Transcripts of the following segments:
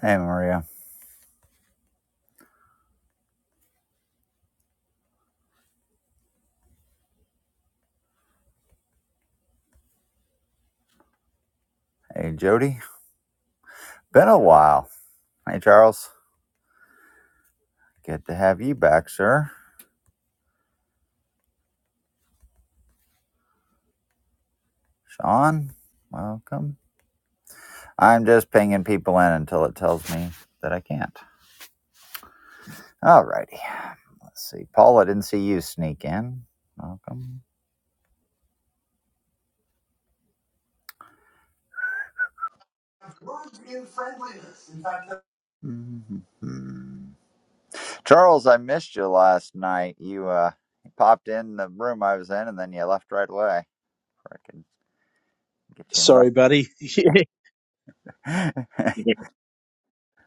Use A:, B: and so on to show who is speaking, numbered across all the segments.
A: Hey, Maria. Hey, Jody. Been a while. Hey, Charles. Good to have you back, sir. Sean, welcome. I'm just pinging people in until it tells me that I can't. Alrighty. Let's see. Paul, I didn't see you sneak in. Welcome.
B: He in friendliness. in fact.
A: Mhm. Charles, I missed you last night. You uh you popped in the room I was in and then you left right away. Before I could get
C: Sorry, buddy.
A: you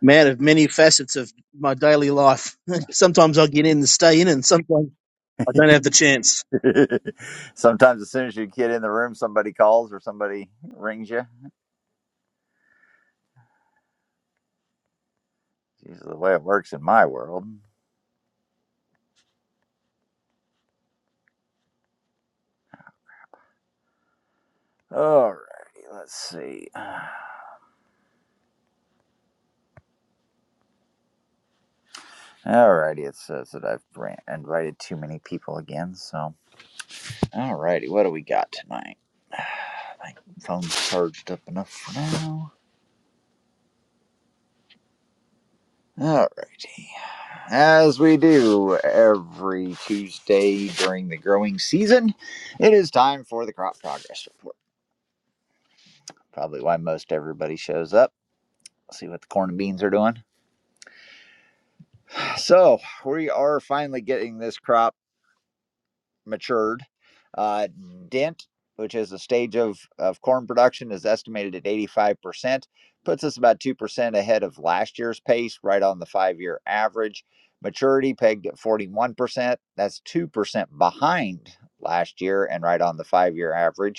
C: Man of many facets of my daily life. Sometimes I get in and stay in, and sometimes
A: invited.
C: I don't have the chance.
A: Sometimes, as soon as you get in the room, somebody calls or somebody rings you. It's usually the way it works in my world. Alrighty, let's see. Alrighty, it says that I've invited too many people again. So, alrighty, what do we got tonight? I think phone's charged up enough for now. Alrighty, as we do every Tuesday during the growing season, it is time for the crop progress report. Probably why most everybody shows up Let's see what the corn and beans are doing. So we are finally getting this crop matured. Uh, Dent, which is a stage of, of corn production, is estimated at 85%, puts us about 2% ahead of last year's pace, right on the five year average. Maturity pegged at 41%. That's 2% behind last year and right on the five year average.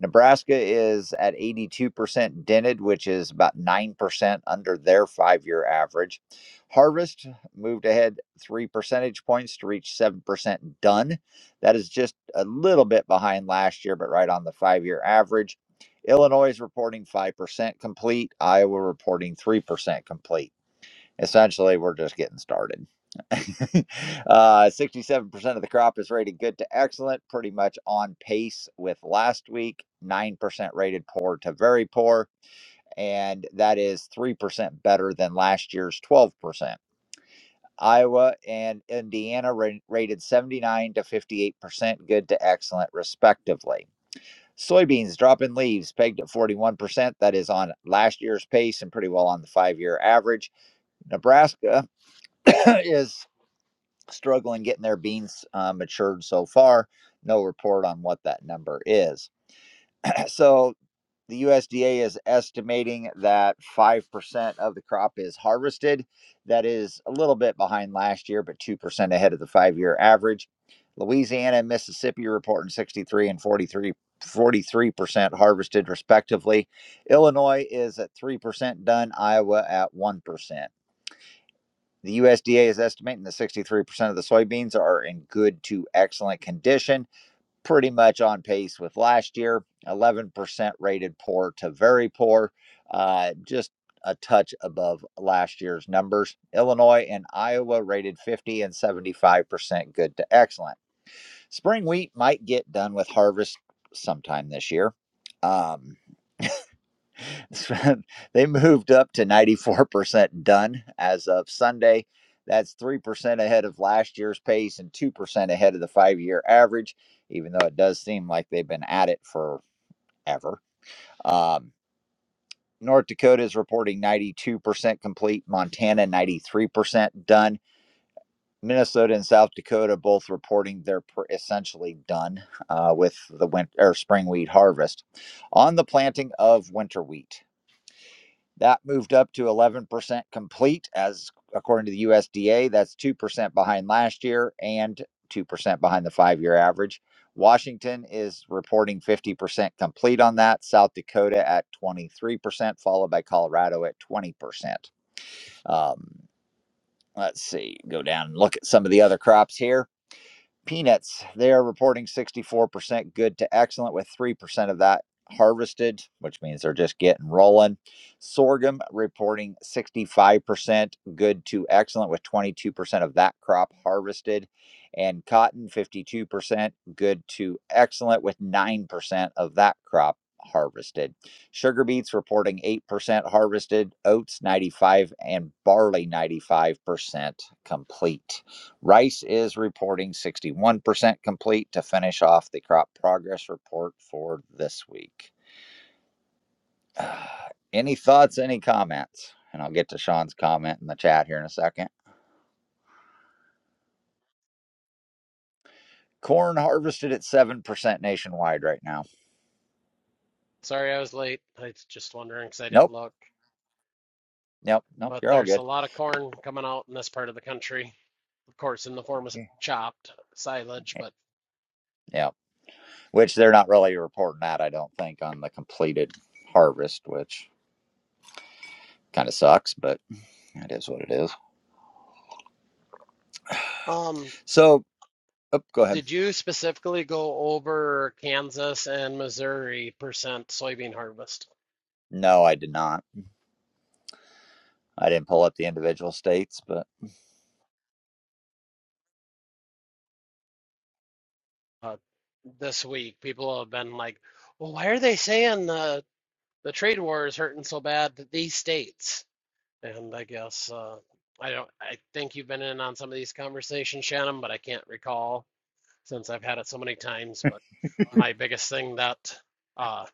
A: Nebraska is at 82% dented, which is about 9% under their five year average. Harvest moved ahead three percentage points to reach 7% done. That is just a little bit behind last year, but right on the five year average. Illinois is reporting 5% complete, Iowa reporting 3% complete essentially we're just getting started. uh, 67% of the crop is rated good to excellent, pretty much on pace with last week. 9% rated poor to very poor, and that is 3% better than last year's 12%. Iowa and Indiana ra- rated 79 to 58% good to excellent, respectively. Soybeans dropping leaves pegged at 41%. That is on last year's pace and pretty well on the five year average. Nebraska is struggling getting their beans uh, matured so far. No report on what that number is. so the USDA is estimating that 5% of the crop is harvested. That is a little bit behind last year, but 2% ahead of the five year average. Louisiana and Mississippi reporting 63 and forty-three, forty-three percent harvested respectively. Illinois is at 3% done, Iowa at 1%. The USDA is estimating that 63% of the soybeans are in good to excellent condition, pretty much on pace with last year. 11% rated poor to very poor, uh, just a touch above last year's numbers. Illinois and Iowa rated 50 and 75% good to excellent. Spring wheat might get done with harvest sometime this year. Um, they moved up to 94% done as of Sunday. That's 3% ahead of last year's pace and 2% ahead of the five year average, even though it does seem like they've been at it forever. Um, North Dakota is reporting 92% complete, Montana 93% done. Minnesota and South Dakota both reporting they're essentially done uh, with the winter or spring wheat harvest on the planting of winter wheat. That moved up to 11% complete, as according to the USDA. That's 2% behind last year and 2% behind the five year average. Washington is reporting 50% complete on that, South Dakota at 23%, followed by Colorado at 20%. Um, let's see, go down and look at some of the other crops here. Peanuts, they are reporting 64% good to excellent, with 3% of that harvested, which means they're just getting rolling. Sorghum reporting 65% good to excellent, with 22% of that crop harvested. And cotton, 52% good to excellent, with 9% of that crop harvested. Sugar beets reporting 8% harvested, oats 95, and barley 95% complete. Rice is reporting 61% complete to finish off the crop progress report for this week. Uh, any thoughts, any comments? And I'll get to Sean's comment in the chat here in a second. Corn harvested at 7% nationwide right now.
D: Sorry I was late. I was just wondering because I didn't
A: Nope,
D: look.
A: nope, nope,
D: But
A: you're all
D: there's a
A: good.
D: lot of corn coming out in this part of the country, of course, in the form of chopped silage. But
A: Yeah, which they're not really reporting that, I don't think, on the completed harvest, which kind of sucks, but it is what it is.
D: um,
A: So, oh, go ahead.
D: did you specifically go over Kansas and Missouri percent soybean harvest
A: No, I did not. I didn't pull up the individual states, but.
D: uh, this week? People have been like, "Well, why are they saying the the trade war is hurting so bad to these states?" And I guess uh, I don't. I think you've been in on some of these conversations, Shannon, but I can't recall. since I've had it so many times. But my biggest thing that uh,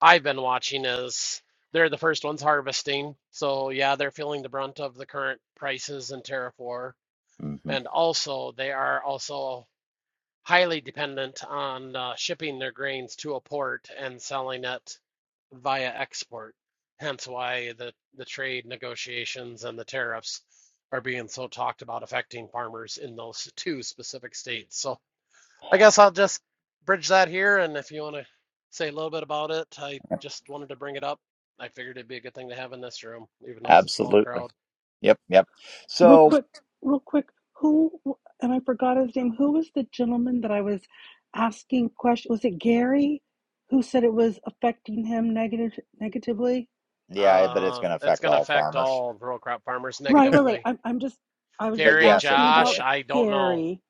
D: I've been watching is they're the first ones harvesting. So, yeah, they're feeling the brunt of the current prices in tariff war.
A: Mm-hmm.
D: And also, they are also highly dependent on uh, shipping their grains to a port and selling it via export. Hence why the, the trade negotiations and the tariffs are being so talked about affecting farmers in those two specific states. So I guess I'll just bridge that here, and if you want to say a little bit about it, I just wanted to bring it up. I figured it'd be a good thing to have in this room, even though it's a small
A: Absolutely.
D: crowd.
A: Yep. Yep.
E: Real
A: So,
E: quick, real quick. Who and I forgot his name. Who was the gentleman that I was asking questions? Was it Gary who said it was affecting him negative negatively?
A: yeah, but it's going
D: Um,
A: to
D: it's
A: affect
D: going to
A: all
D: affect
A: farmers.
D: all rural crop farmers
E: Right, right, right.
D: negatively.
E: I'm, I'm just I was just
A: But
D: Gary,
A: yes, it
E: asking
A: was
D: Josh,
E: about
A: Gary.
D: I don't know.
E: Gary.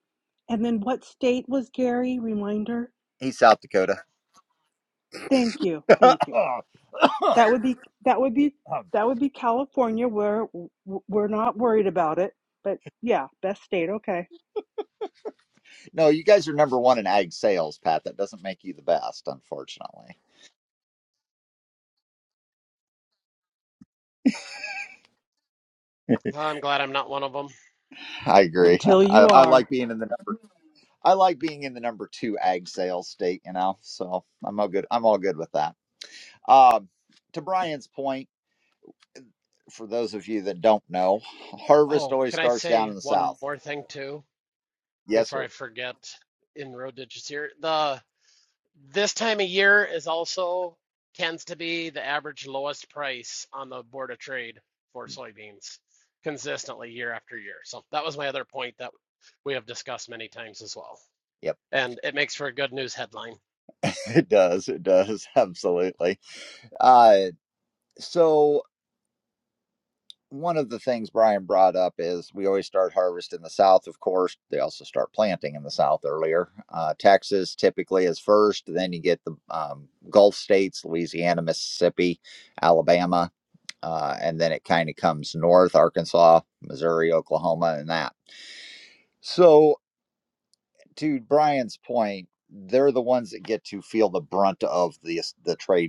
E: And then what state was Gary? Reminder.
A: He's South Dakota.
E: Thank you. Thank you. That would be that would be that would be California where w- we're not worried about it. But yeah, best state. Okay.
A: no, you guys are number one in ag sales, Pat. That doesn't make you the best, unfortunately.
D: I'm glad I'm not one of them.
A: I agree.
E: Until
A: I,
E: you
A: I
E: are.
A: like being in the number. I like being in the number two ag sales state. You know, so I'm all good. I'm all good with that. Um, to Brian's point, for those of you that don't know, harvest
D: Oh,
A: always
D: can I
A: starts down in
D: say
A: the
D: one
A: South.
D: more thing too
A: Yes,
D: before I
A: sir.
D: forget? In road ditches here, the This time of year is also tends to be the average lowest price on the Board of Trade for soybeans consistently year after year. So that was my other point that we have discussed many times as well.
A: Yep.
D: And it makes for a good news headline.
A: It does. It does. Absolutely. Uh, so, one of the things Brian brought up is we always start harvest in the South, of course. They also start planting in the South earlier. Uh, Texas typically is first. Then you get the um, Gulf states, Louisiana, Mississippi, Alabama. Uh, and then it kind of comes north, Arkansas, Missouri, Oklahoma, and that. So, to Brian's point, they're the ones that get to feel the brunt of the, the trade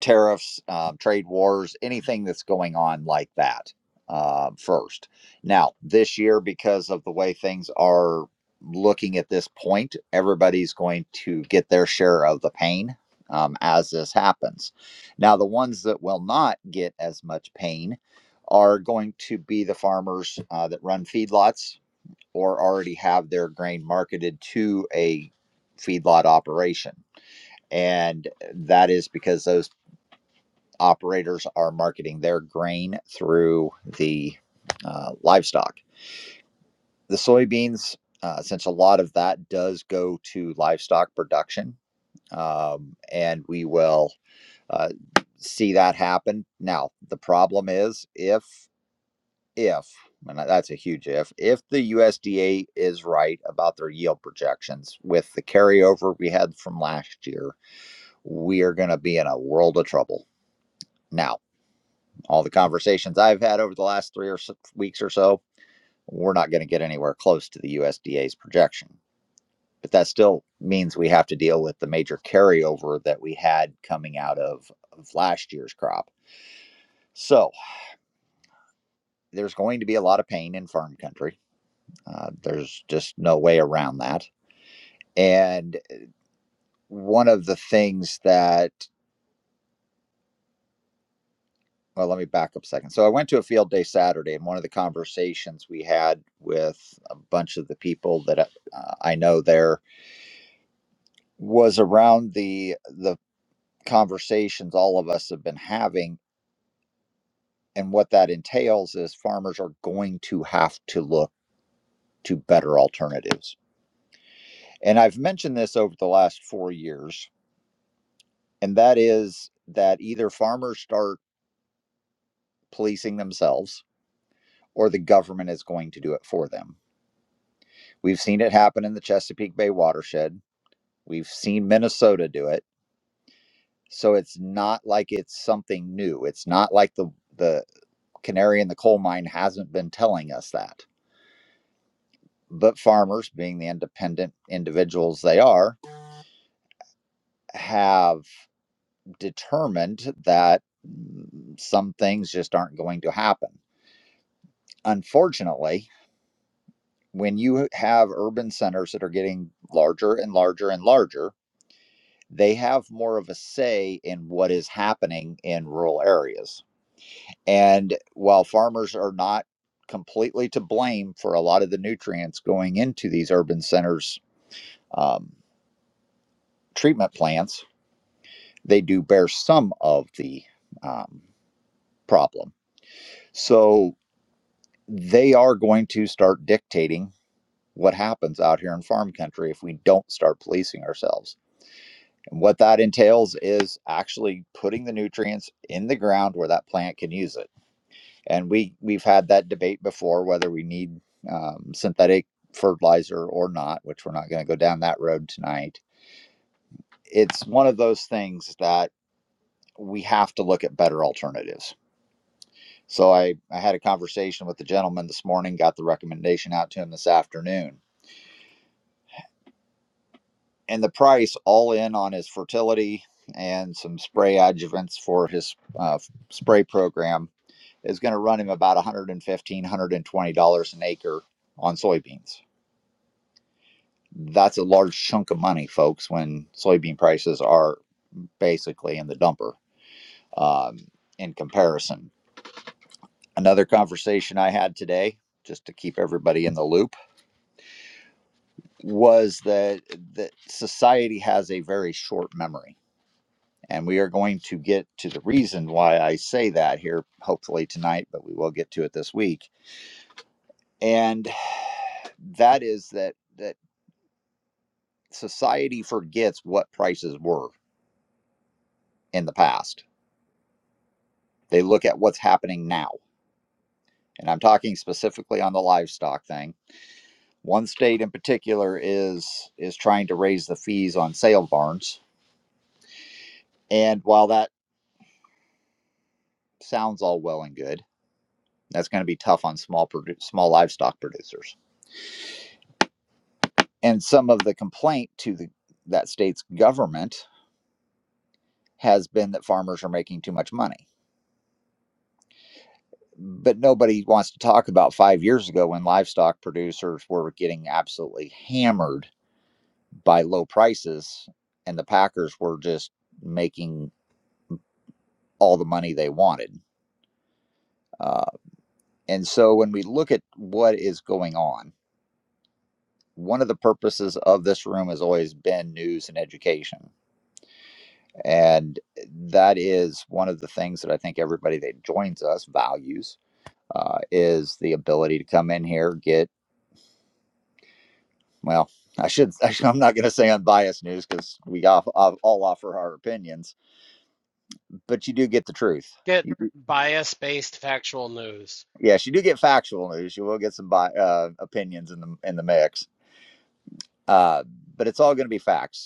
A: tariffs, um, trade wars, anything that's going on like that uh, first. Now, this year, because of the way things are looking at this point, everybody's going to get their share of the pain um, as this happens. Now, the ones that will not get as much pain are going to be the farmers uh, that run feedlots or already have their grain marketed to a feedlot operation. And that is because those operators are marketing their grain through the uh, livestock. The soybeans, uh, since a lot of that does go to livestock production, um, and we will uh, see that happen. Now, the problem is if if and that's a huge if if the USDA is right about their yield projections with the carryover we had from last year, we are going to be in a world of trouble. Now, all the conversations I've had over the last three or six weeks or so, we're not going to get anywhere close to the USDA's projection. But that still means we have to deal with the major carryover that we had coming out of, of last year's crop. So there's going to be a lot of pain in farm country. Uh, there's just no way around that. And one of the things that, well, let me back up a second. So I went to a field day Saturday, and one of the conversations we had with a bunch of the people that uh, I know there was around the the conversations all of us have been having and what that entails is farmers are going to have to look to better alternatives and i've mentioned this over the last 4 years and that is that either farmers start policing themselves or the government is going to do it for them we've seen it happen in the chesapeake bay watershed we've seen minnesota do it so it's not like it's something new it's not like the the canary in the coal mine hasn't been telling us that. But farmers, being the independent individuals they are, have determined that mm, some things just aren't going to happen. Unfortunately, when you have urban centers that are getting larger and larger and larger, they have more of a say in what is happening in rural areas. And while farmers are not completely to blame for a lot of the nutrients going into these urban centers um, treatment plants, they do bear some of the um, problem. So they are going to start dictating what happens out here in farm country if we don't start policing ourselves. And what that entails is actually putting the nutrients in the ground where that plant can use it. And we we've had that debate before whether we need um, synthetic fertilizer or not, which we're not going to go down that road tonight. It's one of those things that we have to look at better alternatives. So I, I had a conversation with the gentleman this morning, got the recommendation out to him this afternoon. And the price all in on his fertility and some spray adjuvants for his uh, spray program is going to run him about $115, $120 an acre on soybeans. That's a large chunk of money, folks, when soybean prices are basically in the dumper um, in comparison another conversation I had today, just to keep everybody in the loop, was that that society has a very short memory. And we are going to get to the reason why I say that here, hopefully tonight, but we will get to it this week. And that is that that society forgets what prices were in the past. They look at what's happening now. And I'm talking specifically on the livestock thing. One state in particular is is trying to raise the fees on sale barns And while that sounds all well and good, that's going to be tough on small produ- small livestock producers. And some of the complaint to the, that state's government has been that farmers are making too much money. But nobody wants to talk about five years ago when livestock producers were getting absolutely hammered by low prices, and the packers were just making all the money they wanted. Uh, and so when we look at what is going on, one of the purposes of this room has always been news and education. And that is one of the things that I think everybody that joins us values uh, is the ability to come in here, get, well, I should, I I'm not going to say unbiased news because we all offer our opinions, but you do get the truth.
D: Get
A: You,
D: bias-based factual news.
A: yes, you do get factual news. You will get some uh, opinions in the, in the mix, uh, but it's all going to be facts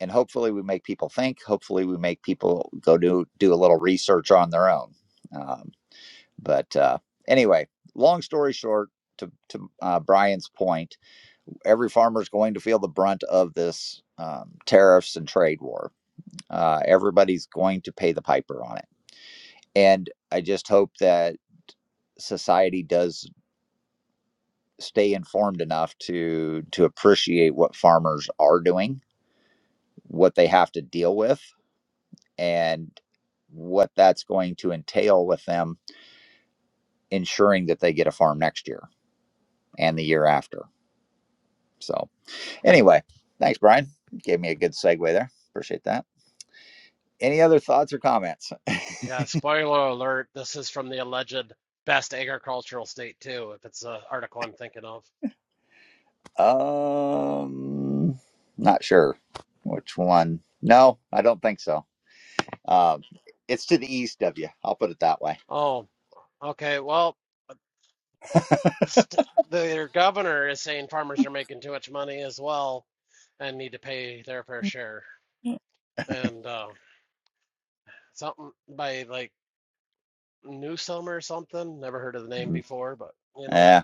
A: and hopefully we make people think hopefully we make people go do do a little research on their own um, but uh, anyway long story short to, to uh, brian's point every farmer is going to feel the brunt of this um, tariffs and trade war uh, everybody's going to pay the piper on it and i just hope that society does stay informed enough to to appreciate what farmers are doing what they have to deal with and what that's going to entail with them ensuring that they get a farm next year and the year after. So, anyway, thanks, Brian. Gave me a good segue there. Appreciate that. Any other thoughts or comments?
D: Yeah, spoiler alert, this is from the alleged best agricultural state too, if it's an article I'm thinking of.
A: Um, not sure which one. No, I don't think so. Um, it's to the east of you. I'll put it that way.
D: Oh, okay. Well, st their governor is saying farmers are making too much money as well. and need to pay their fair share. And uh, something by like Newsome or something, never heard of the name
A: Mm.
D: before, but you know,
A: Yeah,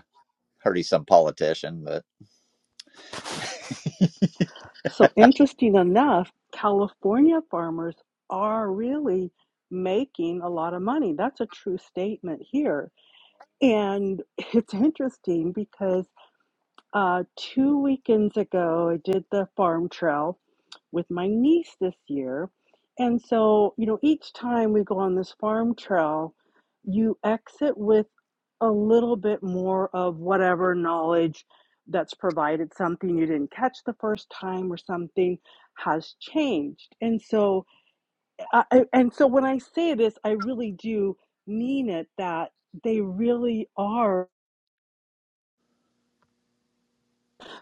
A: heard he's some politician, but
E: So interesting enough, California farmers are really making a lot of money. That's a true statement here. And it's interesting because uh, two weekends ago, I did the farm trail with my niece this year. And so, you know, each time we go on this farm trail, you exit with a little bit more of whatever knowledge that's provided, something you didn't catch the first time or something has changed. And so, I, and so when I say this, I really do mean it that they really are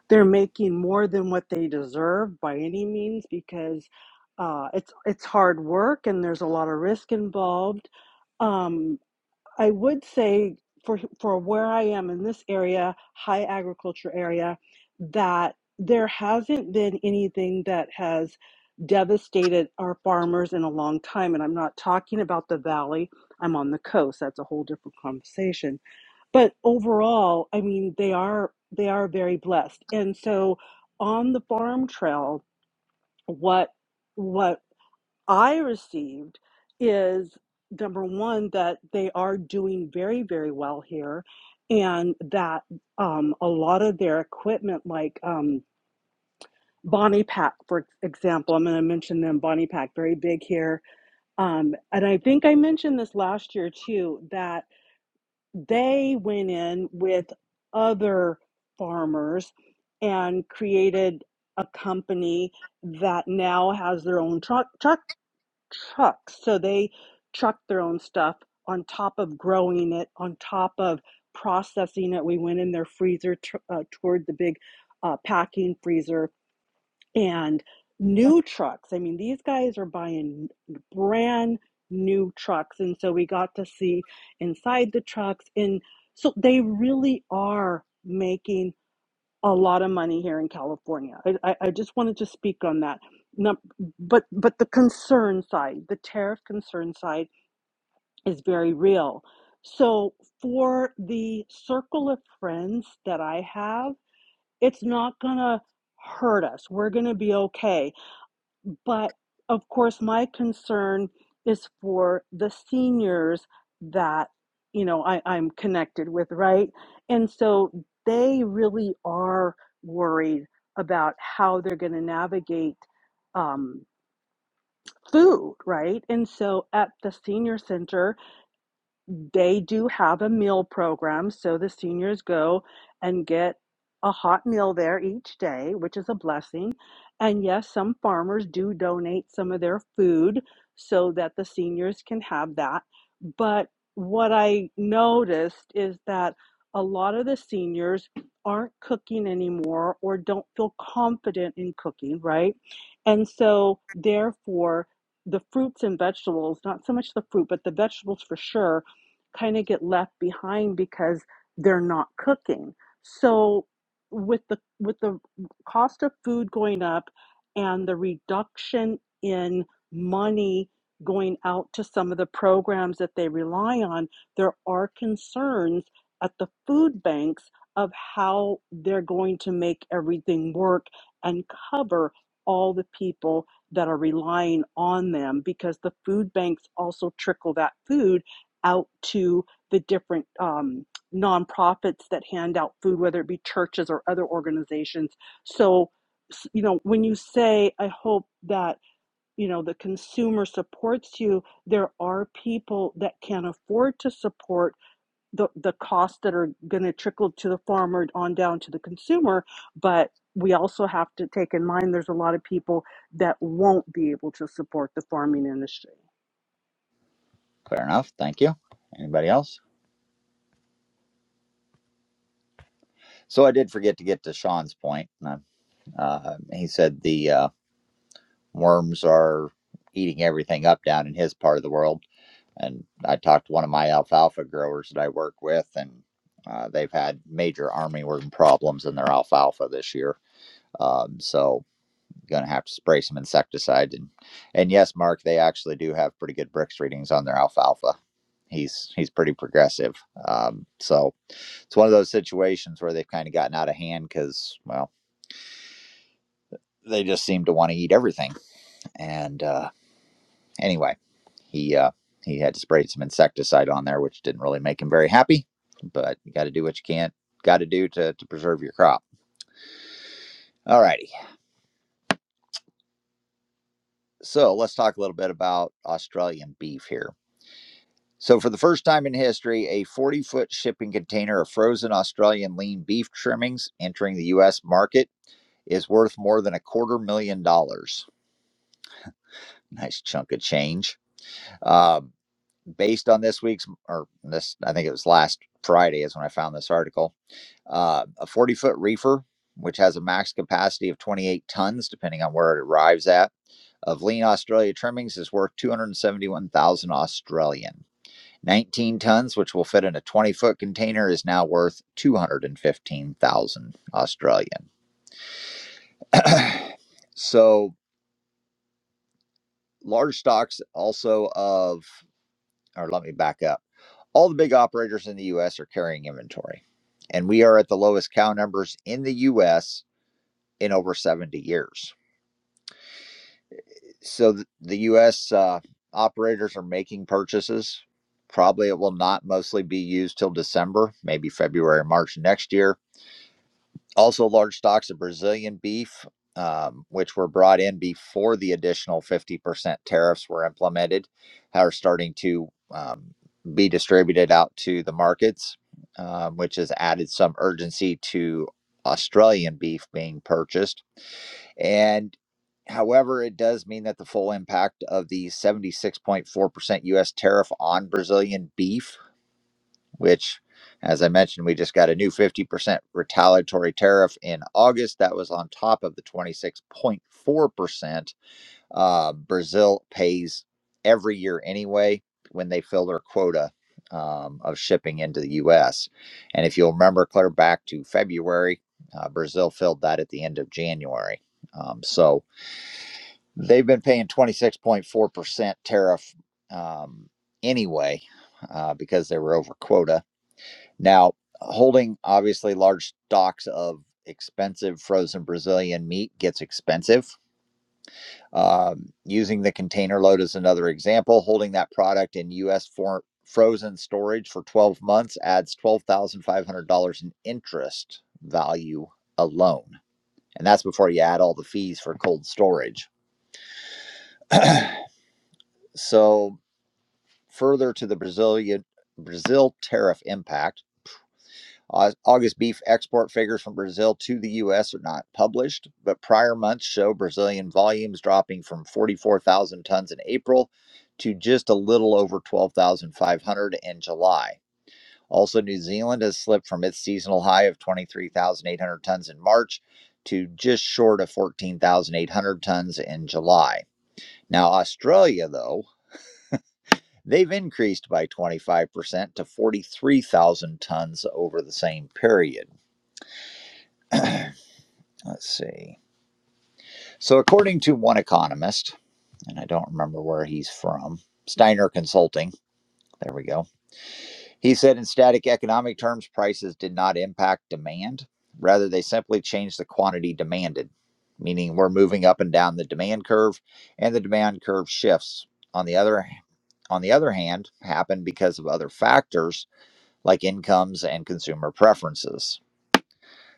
E: they're making more than what they deserve by any means because uh, it's it's hard work and there's a lot of risk involved. Um, I would say for for where I am in this area, high agriculture area, that there hasn't been anything that has devastated our farmers in a long time. And I'm not talking about the valley. I'm on the coast. That's a whole different conversation but overall i mean they are they are very blessed and so on the farm trail what what i received is number one that they are doing very very well here and that um, a lot of their equipment like um, bonnie pack for example i'm going to mention them bonnie pack very big here um, and i think i mentioned this last year too that they went in with other farmers and created a company that now has their own truck truck trucks so they truck their own stuff on top of growing it on top of processing it we went in their freezer tr- uh, toward the big uh, packing freezer and new trucks. I mean, these guys are buying brand new trucks. And so we got to see inside the trucks. And so they really are making a lot of money here in California. I, I, I just wanted to speak on that. No, but but the concern side, the tariff concern side is very real. So for the circle of friends that I have, it's not gonna hurt us. We're gonna be okay but of course, my concern is for the seniors that, you know, I, I'm connected with, right? And so they really are worried about how they're going to navigate um, food, right? And so at the senior center, they do have a meal program, so the seniors go and get a hot meal there each day, which is a blessing. And yes, some farmers do donate some of their food so that the seniors can have that. But what I noticed is that a lot of the seniors aren't cooking anymore or don't feel confident in cooking, right? And so, therefore, the fruits and vegetables, not so much the fruit, but the vegetables for sure, kind of get left behind because they're not cooking. So with the with the cost of food going up and the reduction in money going out to some of the programs that they rely on, there are concerns at the food banks of how they're going to make everything work and cover all the people that are relying on them because the food banks also trickle that food out to the different um, nonprofits that hand out food, whether it be churches or other organizations. So, you know, when you say, I hope that, you know, the consumer supports you, there are people that can afford to support the, the costs that are going to trickle to the farmer on down to the consumer. But we also have to take in mind there's a lot of people that won't be able to support the farming industry.
A: fair enough. Thank you. Anybody else? So I did forget to get to Sean's point. and I Uh, he said the uh, worms are eating everything up down in his part of the world. And I talked to one of my alfalfa growers that I work with, and uh, they've had major armyworm problems in their alfalfa this year. Um, so going to have to spray some insecticide. And, and yes, Mark, they actually do have pretty good Brix readings on their alfalfa. He's he's pretty progressive. Um, so it's one of those situations where they've kind of gotten out of hand because well, they just seem to want to eat everything and. Uh, Anyway, he uh, he had sprayed some insecticide on there, which didn't really make him very happy. But you got to do what you can, got to do to to preserve your crop. All righty. so let's talk a little bit about Australian beef here. So, for the first time in history, a 40 foot shipping container of frozen Australian lean beef trimmings entering the U.S. market is worth more than a quarter million dollars. Nice chunk of change. Um, based on this week's, or this, I think it was last Friday, is when I found this article. uh, a 40 foot reefer, which has a max capacity of 28 tons, depending on where it arrives at, of lean Australia trimmings is worth 271,000 Australian. 19 tons, which will fit in a 20 foot container, is now worth 215,000 Australian. So large stocks also of, or let me back up. All the big operators in the US are carrying inventory, and we are at the lowest cow numbers in the US in over 70 years so th- the U.S. Uh, operators are making purchases. Probably it will not mostly be used till December, maybe February, March next year. Also, large stocks of Brazilian beef, um, which were brought in before the additional 50% tariffs were implemented, are starting to um, be distributed out to the markets, um, which has added some urgency to Australian beef being purchased. And however, it does mean that the full impact of the 76.4% US tariff on Brazilian beef, which, as I mentioned, we just got a new 50% retaliatory tariff in August. That was on top of the 26.4% uh, Brazil pays every year anyway when they fill their quota. Um, of shipping into the US. And if you'll remember, clear back to February, uh, Brazil filled that at the end of January. Um, so, They've been paying 26.4% tariff um, anyway uh, because they were over quota. Now, holding obviously large stocks of expensive frozen Brazilian meat gets expensive. Um, using the container load as another example, holding that product in U.S. For- frozen storage for 12 months adds $12,500 in interest value alone. And that's before you add all the fees for cold storage. So, Further to the Brazilian Brazil tariff impact, Au- August beef export figures from Brazil to the U.S. are not published, but prior months show Brazilian volumes dropping from 44,000 tons in April to just a little over 12,500 in July. Also, New Zealand has slipped from its seasonal high of 23,800 tons in March to just short of 14,800 tons in July. Now, Australia, though, They've increased by 25% to 43,000 tons over the same period. Let's see. So, according to one economist, and I don't remember where he's from, Steiner Consulting, there we go. He said in static economic terms, prices did not impact demand. Rather, they simply changed the quantity demanded, meaning we're moving up and down the demand curve, and the demand curve shifts. On the other on the other hand, happen because of other factors like incomes and consumer preferences.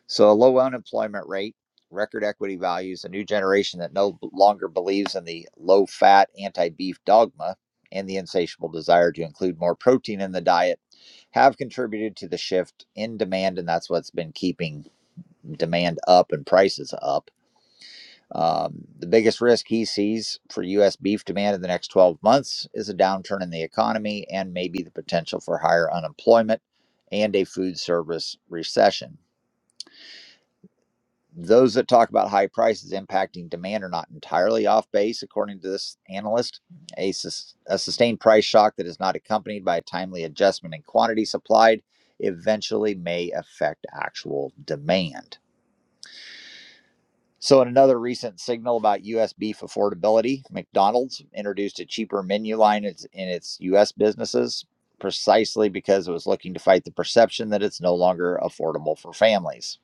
A: So, a low unemployment rate, record equity values, a new generation that no longer believes in the low fat anti beef dogma, and the insatiable desire to include more protein in the diet have contributed to the shift in demand, and that's what's been keeping demand up and prices up. Um, the biggest risk he sees for U.S. beef demand in the next 12 months is a downturn in the economy and maybe the potential for higher unemployment and a food service recession. Those that talk about high prices impacting demand are not entirely off base, according to this analyst. A, sus- a sustained price shock that is not accompanied by a timely adjustment in quantity supplied eventually may affect actual demand. So, in another recent signal about U.S. beef affordability, McDonald's introduced a cheaper menu line in its U.S. businesses precisely because it was looking to fight the perception that it's no longer affordable for families.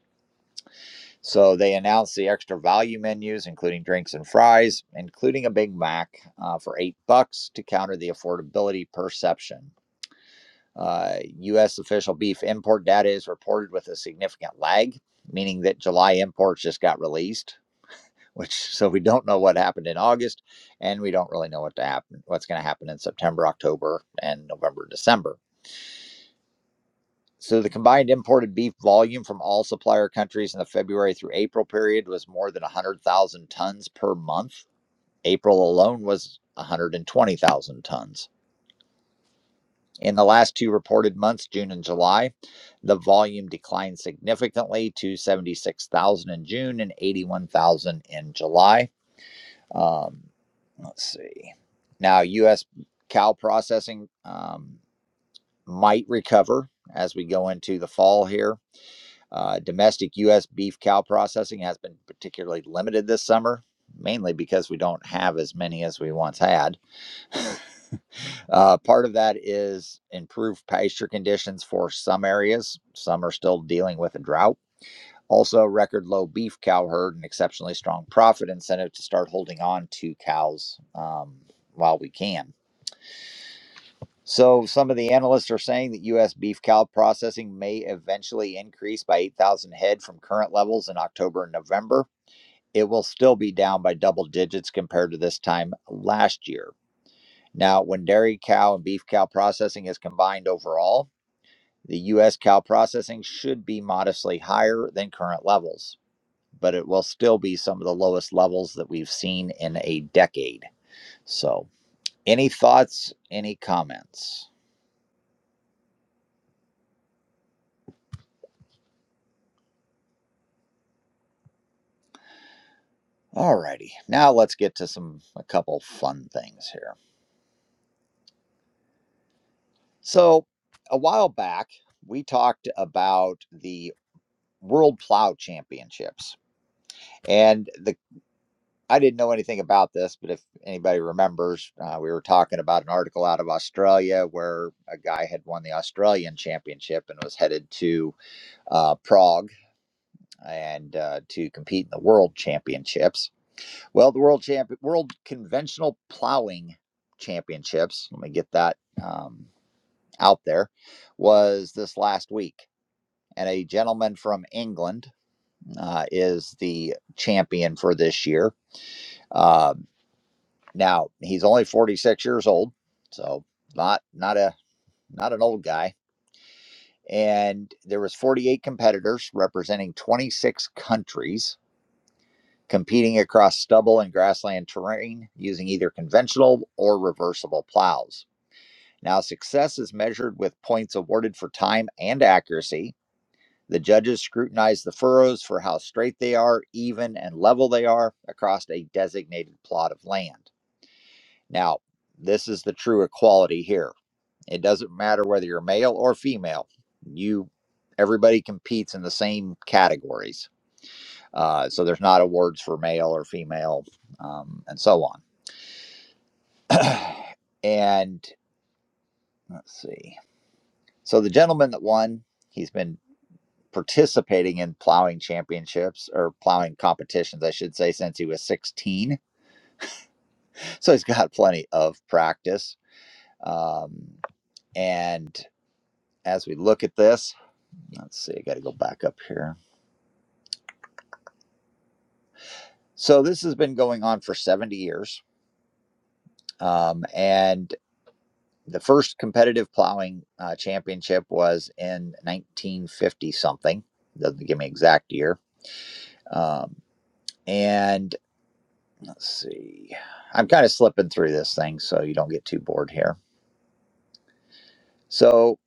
A: So, they announced the extra value menus, including drinks and fries, including a Big Mac uh, for eight bucks to counter the affordability perception. Uh, U.S. official beef import data is reported with a significant lag, meaning that July imports just got released which so we don't know what happened in August, and we don't really know what to happen, what's going to happen in September, October, and November, December. So the combined imported beef volume from all supplier countries in the February through April period was more than 100,000 tons per month. April alone was 120,000 tons. In the last two reported months, June and July, the volume declined significantly to 76,000 in June and 81,000 in July Um, let's see. Now, U.S. cow processing um, might recover as we go into the fall here. Uh, domestic U.S. beef cow processing has been particularly limited this summer, mainly because we don't have as many as we once had. Uh, part of that is improved pasture conditions for some areas. Some are still dealing with a drought. Also, record low beef cow herd and exceptionally strong profit incentive to start holding on to cows um, while we can. So some of the analysts are saying that U.S. beef cow processing may eventually increase by 8,000 head from current levels in October and November. It will still be down by double digits compared to this time last year. Now, when dairy cow and beef cow processing is combined overall, the U.S. cow processing should be modestly higher than current levels, but it will still be some of the lowest levels that we've seen in a decade. So, any thoughts, any comments? Alrighty, now let's get to some a couple fun things here. So a while back, we talked about the World Plow Championships, and the I didn't know anything about this, but if anybody remembers, uh, we were talking about an article out of Australia where a guy had won the Australian Championship and was headed to uh, Prague and uh, to compete in the World Championships Well, the world champion, world conventional plowing championships. Let me get that um, out there. Was this last week, and a gentleman from England uh, is the champion for this year. Um, now he's only 46 years old, so not not a not an old guy. And there was 48 competitors representing 26 countries competing across stubble and grassland terrain using either conventional or reversible plows. Now, success is measured with points awarded for time and accuracy. The judges scrutinize the furrows for how straight they are, even, and level they are across a designated plot of land. Now, this is the true equality here. It doesn't matter whether you're male or female. You, everybody competes in the same categories. Uh, so there's not awards for male or female, um, and so on. And let's see. So the gentleman that won, he's been participating in plowing championships or plowing competitions, I should say, since he was 16. So he's got plenty of practice. Um, and as we look at this, let's see, I got to go back up here. So this has been going on for 70 years. Um, and the first competitive plowing uh, championship was in 1950 something. Doesn't give me exact year. Um, and Let's see. I'm kind of slipping through this thing so you don't get too bored here. So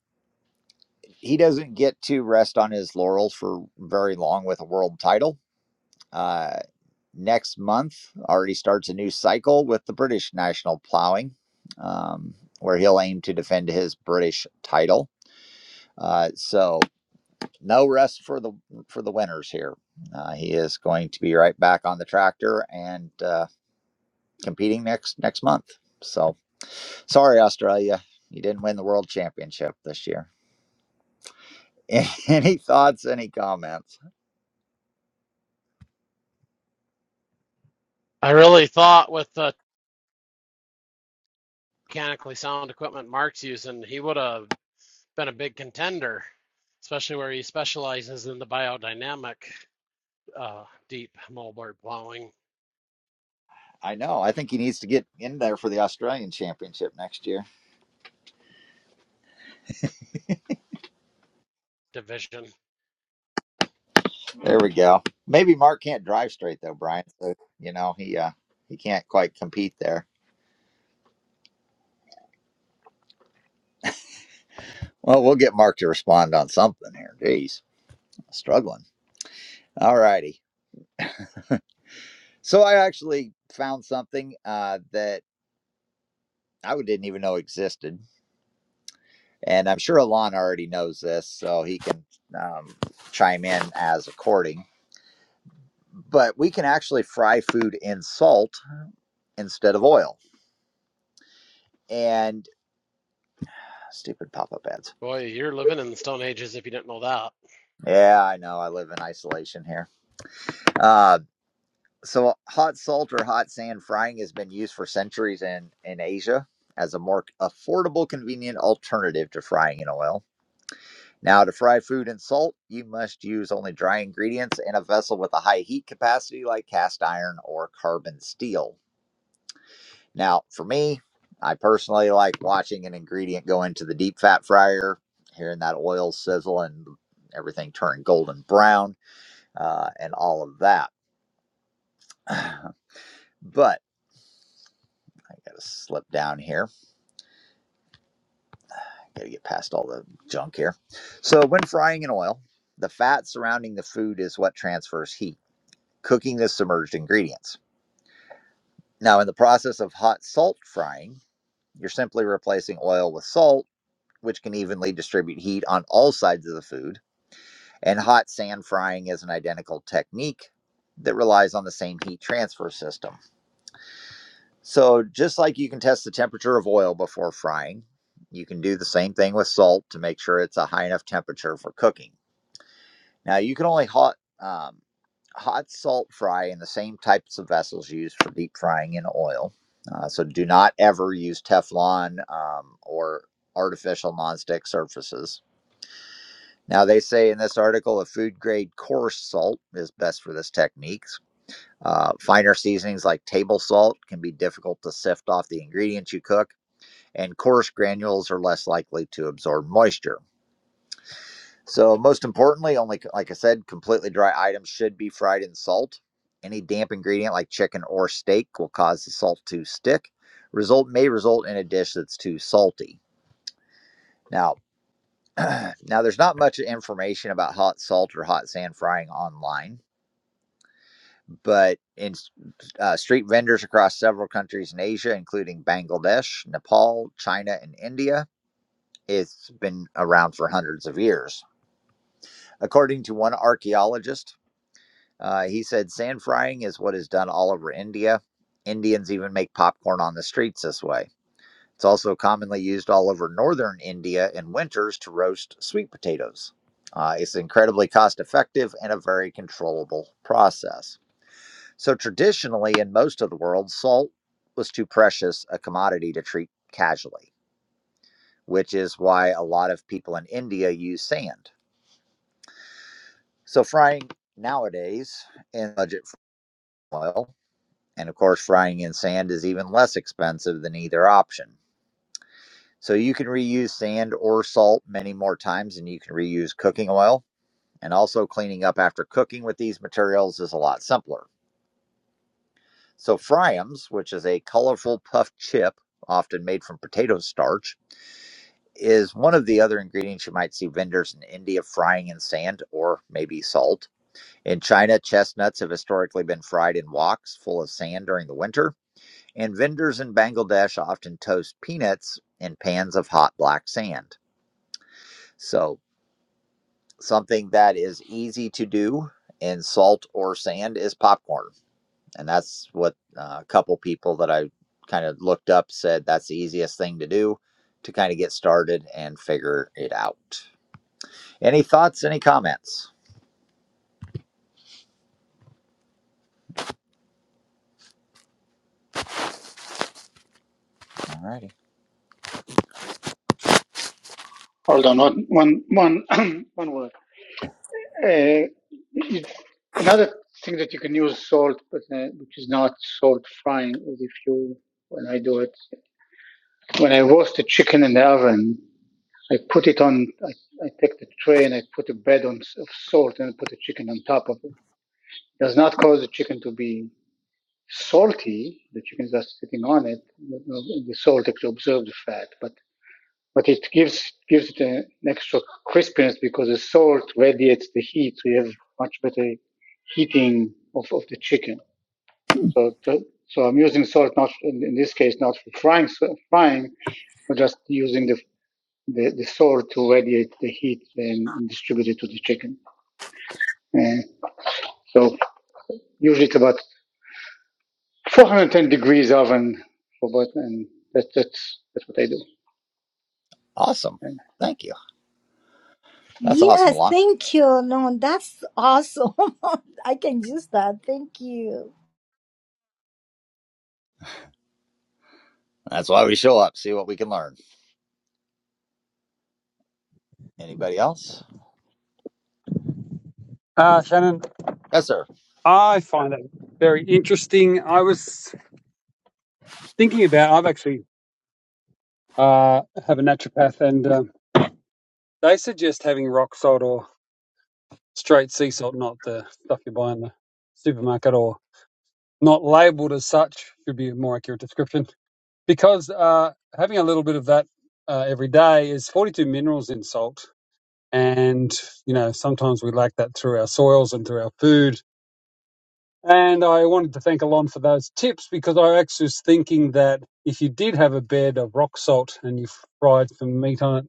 A: he doesn't get to rest on his laurels for very long with a world title. Uh, next month already starts a new cycle with the British National Plowing, um, where he'll aim to defend his British title. Uh, so no rest for the for the winners here. Uh, he is going to be right back on the tractor and uh, competing next next month. So sorry, Australia, you didn't win the world championship this year. Any thoughts? Any comments?
D: I really thought with the mechanically sound equipment Mark's using, he would have been a big contender, especially where he specializes in the biodynamic uh, deep moldboard plowing
A: I know. I think he needs to get in there for the Australian Championship next year.
D: division.
A: There we go. Maybe Mark can't drive straight though, Brian. So you know he uh, he can't quite compete there. Well, we'll get Mark to respond on something here. Jeez, struggling. All righty. So I actually found something uh, that I didn't even know existed. And I'm sure Alon already knows this, so he can um, chime in as according. But we can actually fry food in salt instead of oil. And stupid pop up ads.
D: Boy, you're living in the Stone Ages if you didn't know that.
A: Yeah, I know. I live in isolation here. Uh, so, hot salt or hot sand frying has been used for centuries in, in Asia as a more affordable, convenient alternative to frying in oil. Now, to fry food in salt, you must use only dry ingredients in a vessel with a high heat capacity like cast iron or carbon steel. Now, for me, I personally like watching an ingredient go into the deep fat fryer, hearing that oil sizzle and everything turn golden brown uh, and all of that. but I gotta slip down here. I gotta get past all the junk here. So, when frying in oil, the fat surrounding the food is what transfers heat, cooking the submerged ingredients. Now, in the process of hot salt frying, you're simply replacing oil with salt, which can evenly distribute heat on all sides of the food. And hot sand frying is an identical technique that relies on the same heat transfer system. So, just like you can test the temperature of oil before frying, you can do the same thing with salt to make sure it's a high enough temperature for cooking. Now you can only hot um, hot salt fry in the same types of vessels used for deep frying in oil. Uh, so do not ever use Teflon um, or artificial nonstick surfaces. Now they say in this article, a food grade coarse salt is best for this technique. Uh, finer seasonings like table salt can be difficult to sift off the ingredients you cook, and coarse granules are less likely to absorb moisture. So most importantly, only like like I said, completely dry items should be fried in salt. Any damp ingredient like chicken or steak will cause the salt to stick. Result may result in a dish that's too salty. Now, now there's not much information about hot salt or hot sand frying online, but in uh, street vendors across several countries in Asia, including Bangladesh, Nepal, China, and India, it's been around for hundreds of years. According to one archaeologist, Uh, he said sand frying is what is done all over India. Indians even make popcorn on the streets this way. It's also commonly used all over northern India in winters to roast sweet potatoes. Uh, it's incredibly cost effective and a very controllable process. So, traditionally, in most of the world, salt was too precious a commodity to treat casually, which is why a lot of people in India use sand. So, frying nowadays in budget oil And of course, frying in sand is even less expensive than either option. So you can reuse sand or salt many more times than you can reuse cooking oil. And also, cleaning up after cooking with these materials is a lot simpler. So, Fryams, which is a colorful puffed chip, often made from potato starch, is one of the other ingredients you might see vendors in India frying in sand or maybe salt. In China, chestnuts have historically been fried in woks full of sand during the winter and vendors in Bangladesh often toast peanuts in pans of hot black sand. So, something that is easy to do in salt or sand is popcorn. And that's what uh, a couple people that I kind of looked up said that's the easiest thing to do to kind of get started and figure it out. Any thoughts, any comments? Alrighty,
F: Hold on, one, one, one, one word. Uh, it- another thing that you can use salt, but uh, which is not salt frying, is if you, when I do it, when I roast the chicken in the oven, I put it on, I, I take the tray and I put a bed on of salt and I put the chicken on top of it. It Does not cause the chicken to be salty. The chicken is just sitting on it. The the salt actually absorbs the fat, but but it gives gives it an extra crispiness because the salt radiates the heat, so you have much better heating of, of the chicken. So to, so I'm using salt not in, in this case not for frying so frying, but just using the the, the salt to radiate the heat and, and distribute it to the chicken. And so usually it's about 410 degrees oven for about, and that, that's that's what I do.
A: Awesome.
F: Uh,
A: Thank you. That's awesome,
G: Yes,
A: Alon.
G: thank you. No, that's awesome. I can use that. Thank you.
A: That's why we show up, see what we can learn. Anybody else?
H: Uh, Shannon,
A: Yes, sir.
H: I find that very interesting. I was thinking about, I've actually uh, have a naturopath, and uh, they suggest having rock salt or straight sea salt, not the stuff you buy in the supermarket or not labeled as such, should be a more accurate description. Because uh, having a little bit of that uh, every day is 42 minerals in salt. And, you know, sometimes we lack that through our soils and through our food. And I wanted to thank Alon for those tips because I actually was thinking that if you did have a bed of rock salt and you fried some meat on it,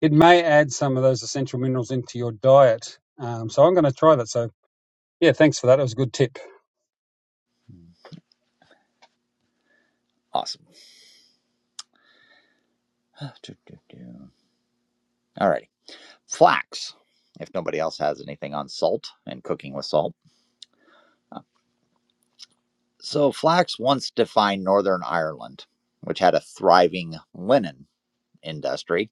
H: it may add some of those essential minerals into your diet. Um, so I'm going to try that. So, yeah, thanks for that. It was a good tip.
A: Awesome. All right. Flax, if nobody else has anything on salt and cooking with salt. Uh, So, flax once defined Northern Ireland, which had a thriving linen industry.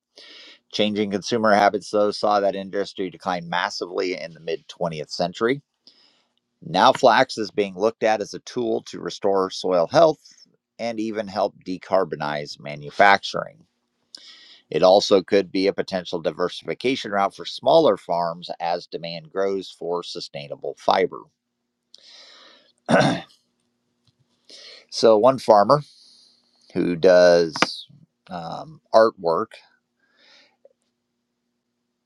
A: Changing consumer habits, though, saw that industry decline massively in the mid 20th century. Now, flax is being looked at as a tool to restore soil health and even help decarbonize manufacturing. It also could be a potential diversification route for smaller farms as demand grows for sustainable fiber. So, one farmer who does um, artwork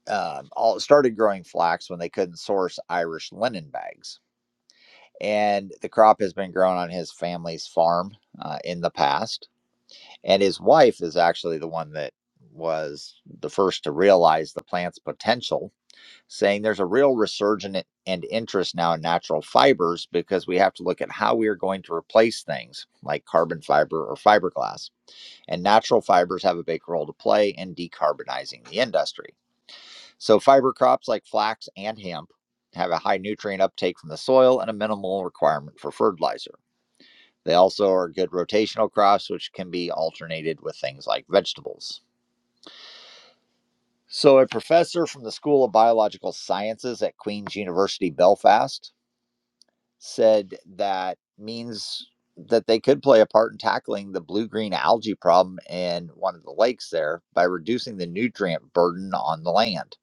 A: um, all, started growing flax when they couldn't source Irish linen bags. And the crop has been grown on his family's farm uh, in the past. And his wife is actually the one that was the first to realize the plant's potential saying there's a real resurgence and interest now in natural fibers because we have to look at how we are going to replace things like carbon fiber or fiberglass. And natural fibers have a big role to play in decarbonizing the industry. So, fiber crops like flax and hemp have a high nutrient uptake from the soil and a minimal requirement for fertilizer. They also are good rotational crops, which can be alternated with things like vegetables. So, a professor from the School of Biological Sciences at Queen's University Belfast said that means that they could play a part in tackling the blue green algae problem in one of the lakes there by reducing the nutrient burden on the land.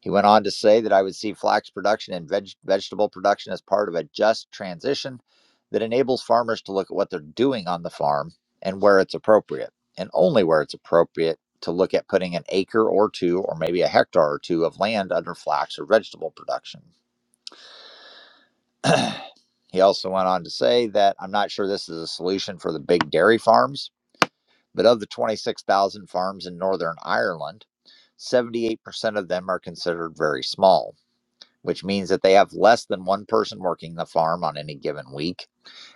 A: He went on to say that I would see flax production and veg- vegetable production as part of a just transition that enables farmers to look at what they're doing on the farm and where it's appropriate, and only where it's appropriate to look at putting an acre or two, or maybe a hectare or two of land under flax or vegetable production. He also went on to say that I'm not sure this is a solution for the big dairy farms, but of the 26,000 farms in Northern Ireland, 78% of them are considered very small, which means that they have less than one person working the farm on any given week.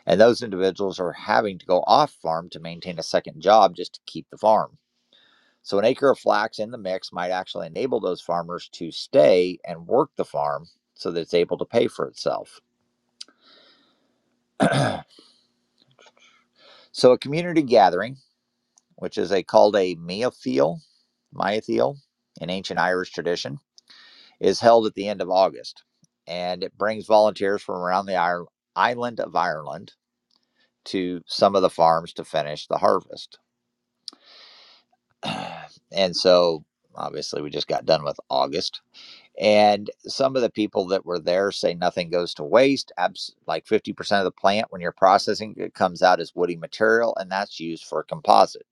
A: And those individuals are having to go off farm to maintain a second job just to keep the farm. So, an acre of flax in the mix might actually enable those farmers to stay and work the farm so that it's able to pay for itself. So, a community gathering which is a called a meatheal, meatheal in ancient Irish tradition, is held at the end of August, and it brings volunteers from around the island of Ireland to some of the farms to finish the harvest. and so, obviously, we just got done with August. And some of the people that were there say nothing goes to waste. Abs- like 50% of the plant, when you're processing, it comes out as woody material, and that's used for composite.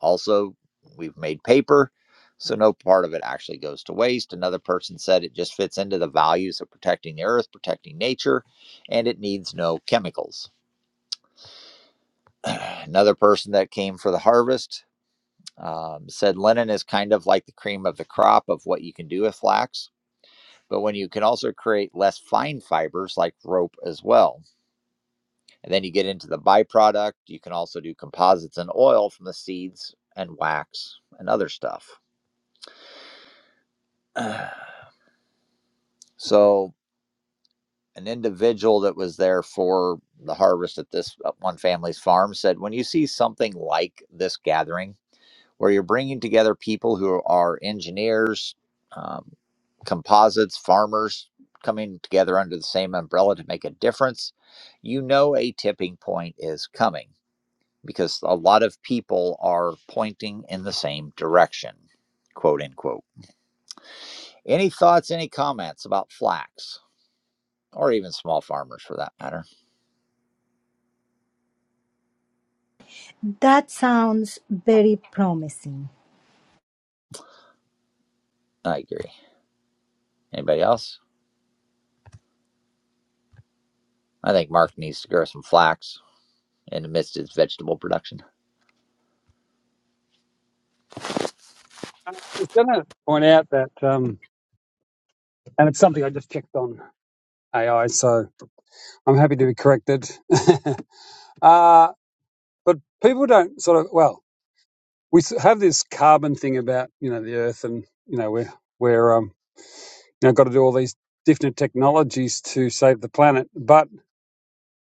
A: Also, we've made paper, so no part of it actually goes to waste. Another person said it just fits into the values of protecting the earth, protecting nature, and it needs no chemicals. Another person that came for the harvest um, said linen is kind of like the cream of the crop of what you can do with flax. But when you can also create less fine fibers like rope as well. And then you get into the byproduct. You can also do composites and oil from the seeds and wax and other stuff. So an individual that was there for the harvest at this uh, one family's farm said, when you see something like this gathering, where you're bringing together people who are engineers, um, composites, farmers, coming together under the same umbrella to make a difference, you know a tipping point is coming because a lot of people are pointing in the same direction, quote unquote. Any thoughts, any comments about flax or even small farmers for that matter?
G: That sounds very promising.
A: I agree. Anybody else? I think Mark needs to grow some flax in the midst of his vegetable production.
H: I'm just going to point out that, um, and it's something I just checked on AI, so I'm happy to be corrected. uh, but people don't sort of, well, we have this carbon thing about, you know, the earth and, you know, we're, we're um, Now, got to do all these different technologies to save the planet. But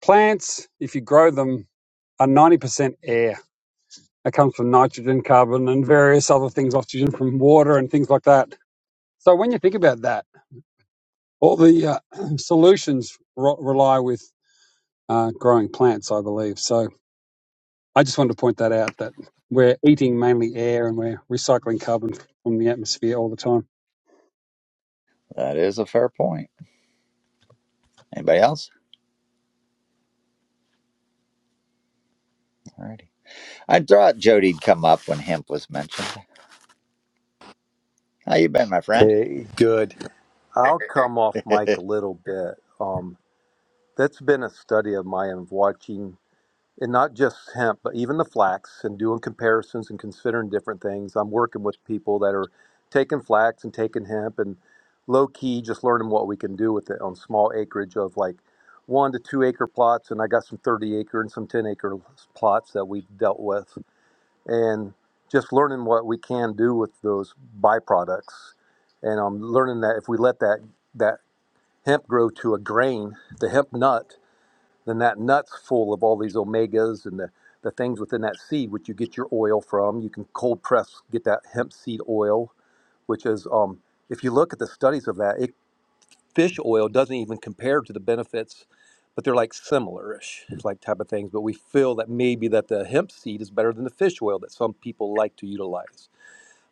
H: plants, if you grow them, are 90% air. It comes from nitrogen, carbon, and various other things, oxygen from water and things like that. So when you think about that, all the uh, solutions ro- rely with uh, growing plants, I believe. So I just wanted to point that out that we're eating mainly air and we're recycling carbon from the atmosphere all the time.
A: That is a fair point. Anybody else? Alrighty. I thought Jody'd come up when hemp was mentioned. How you been, my friend?
I: Hey, good. I'll come off mic a little bit. Um, that's been a study of mine of watching, and not just hemp, but even the flax, and doing comparisons and considering different things. I'm working with people that are taking flax and taking hemp, and low key just learning what we can do with it on small acreage of like one to two acre plots. And I got some 30 acre and some 10 acre plots that we've dealt with and just learning what we can do with those byproducts. And I'm learning that if we let that that hemp grow to a grain, the hemp nut, then that nut's full of all these omegas and the, the things within that seed, which you get your oil from. You can cold press, get that hemp seed oil, which is um, if you look at the studies of that, it fish oil doesn't even compare to the benefits but they're like similar-ish like type of things but we feel that maybe that the hemp seed is better than the fish oil that some people like to utilize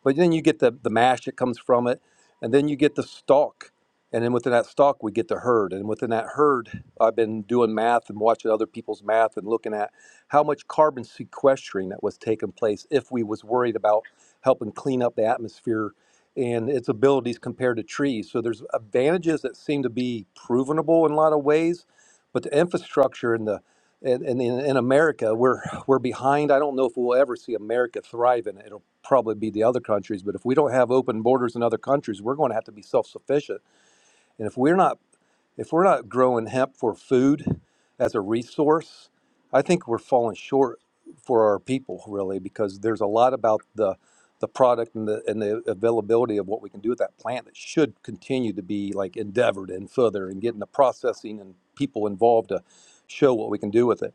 I: but then you get the, the mash that comes from it, and then you get the stalk. And then within that stalk, we get the herd. And within that herd, I've been doing math and watching other people's math and looking at how much carbon sequestering that was taking place if we was worried about helping clean up the atmosphere and its abilities compared to trees. So there's advantages that seem to be provenable in a lot of ways, but the infrastructure and the and, and in, in America, we're we're behind. I don't know if we'll ever see America thriving. it'll probably be the other countries. But if we don't have open borders in other countries, we're going to have to be self-sufficient. And if we're not if we're not growing hemp for food as a resource, I think we're falling short for our people really because there's a lot about the the product and the and the availability of what we can do with that plant that should continue to be like endeavored and further and getting the processing and people involved to show what we can do with it.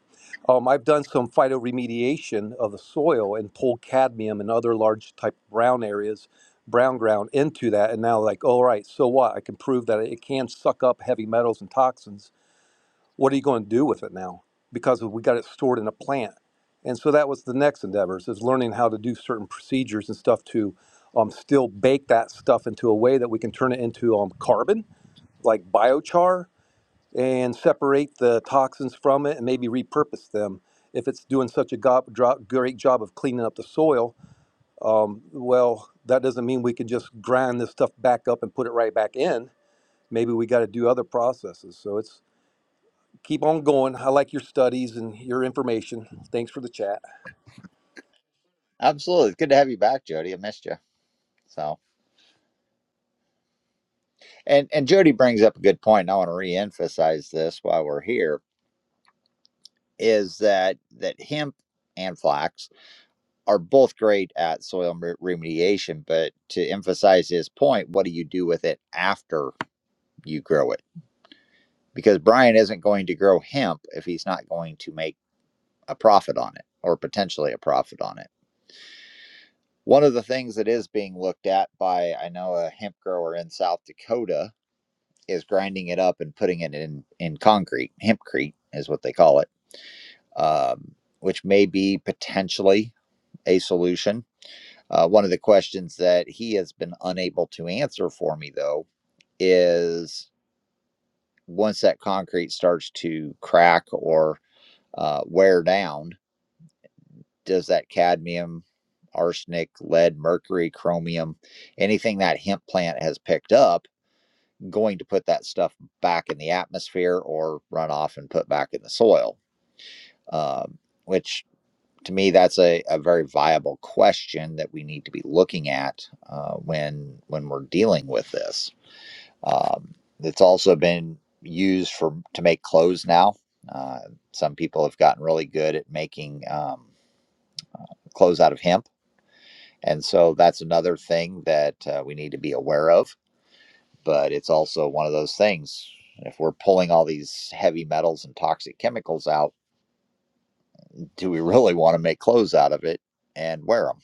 I: Um, I've done some phytoremediation of the soil and pulled cadmium and other large type brown areas brown ground into that and now like all right so what i can prove that it can suck up heavy metals and toxins what are you going to do with it now because we got it stored in a plant and so that was the next endeavors is learning how to do certain procedures and stuff to um, still bake that stuff into a way that we can turn it into um, carbon like biochar and separate the toxins from it and maybe repurpose them if it's doing such a go- dro- great job of cleaning up the soil um, well, that doesn't mean we can just grind this stuff back up and put it right back in. Maybe we got to do other processes. So it's keep on going. I like your studies and your information. Thanks for the chat.
A: Absolutely. It's good to have you back, Jody. I missed you. So and, and Jody brings up a good point. And I want to reemphasize this while we're here, is that that hemp and flax are both great at soil remediation, but to emphasize his point, what do you do with it after you grow it? because Brian isn't going to grow hemp if he's not going to make a profit on it or potentially a profit on it. One of the things that is being looked at by I know a hemp grower in South Dakota is grinding it up and putting it in in concrete. Hempcrete is what they call it, um, which may be potentially a solution. Uh, one of the questions that he has been unable to answer for me though is once that concrete starts to crack or uh, wear down does that cadmium, arsenic, lead, mercury, chromium, anything that hemp plant has picked up, going to put that stuff back in the atmosphere or run off and put back in the soil? Um, which to me, that's a, a very viable question that we need to be looking at uh, when when we're dealing with this. Um, it's also been used for to make clothes now. Uh, some people have gotten really good at making um, clothes out of hemp And so that's another thing that uh, we need to be aware of. But it's also one of those things. If we're pulling all these heavy metals and toxic chemicals out, do we really want to make clothes out of it and wear them?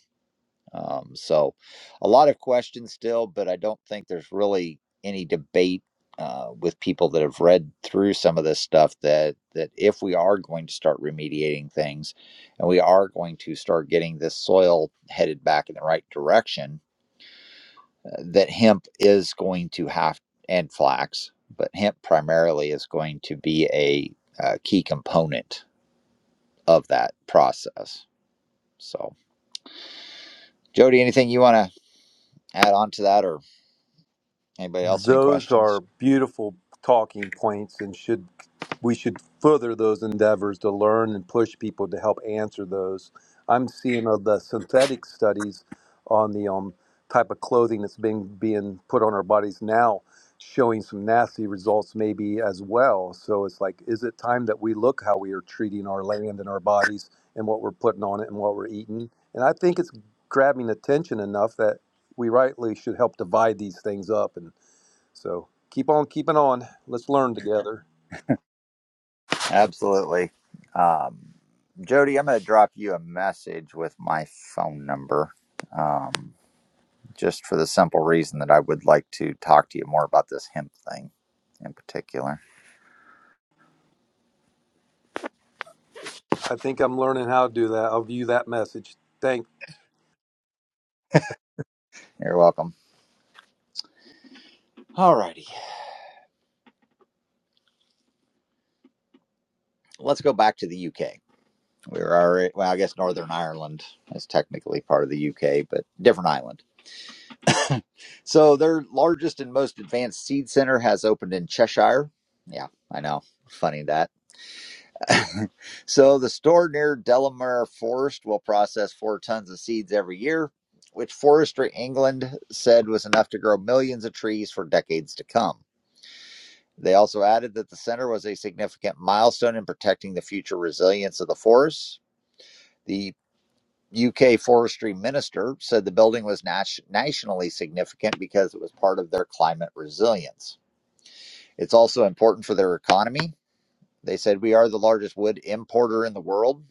A: Um, so, a lot of questions still, but I don't think there's really any debate uh, with people that have read through some of this stuff that that if we are going to start remediating things, and we are going to start getting this soil headed back in the right direction, uh, that hemp is going to have, and flax, but hemp primarily is going to be a uh, key component of that process. So, Jody, anything you want to add on to that, or anybody else, any
I: Those
A: questions?
I: are beautiful talking points and should we should further those endeavors to learn and push people to help answer those. I'm seeing of the synthetic studies on the um, type of clothing that's being being put on our bodies now showing some nasty results maybe as well. So it's like is it time that we look how we are treating our land and our bodies and what we're putting on it and what we're eating? And I think it's grabbing attention enough that we rightly should help divide these things up and so keep on keeping on. Let's learn together.
A: Absolutely. Um, Jody, I'm going to drop you a message with my phone number um, just for the simple reason that I would like to talk to you more about this hemp thing in particular.
I: I think I'm learning how to do that. I'll view that message. Thank.
A: You're welcome. All righty. Let's go back to the UK. We were already, well, I guess Northern Ireland is technically part of the UK, but different island. So their largest and most advanced seed center has opened in Cheshire. Yeah, I know. Funny that. So the store near Delamere Forest will process four tons of seeds every year, which Forestry England said was enough to grow millions of trees for decades to come. They also added that the center was a significant milestone in protecting the future resilience of the forests. The UK forestry minister said the building was nat- nationally significant because it was part of their climate resilience. It's also important for their economy. They said, We are the largest wood importer in the world.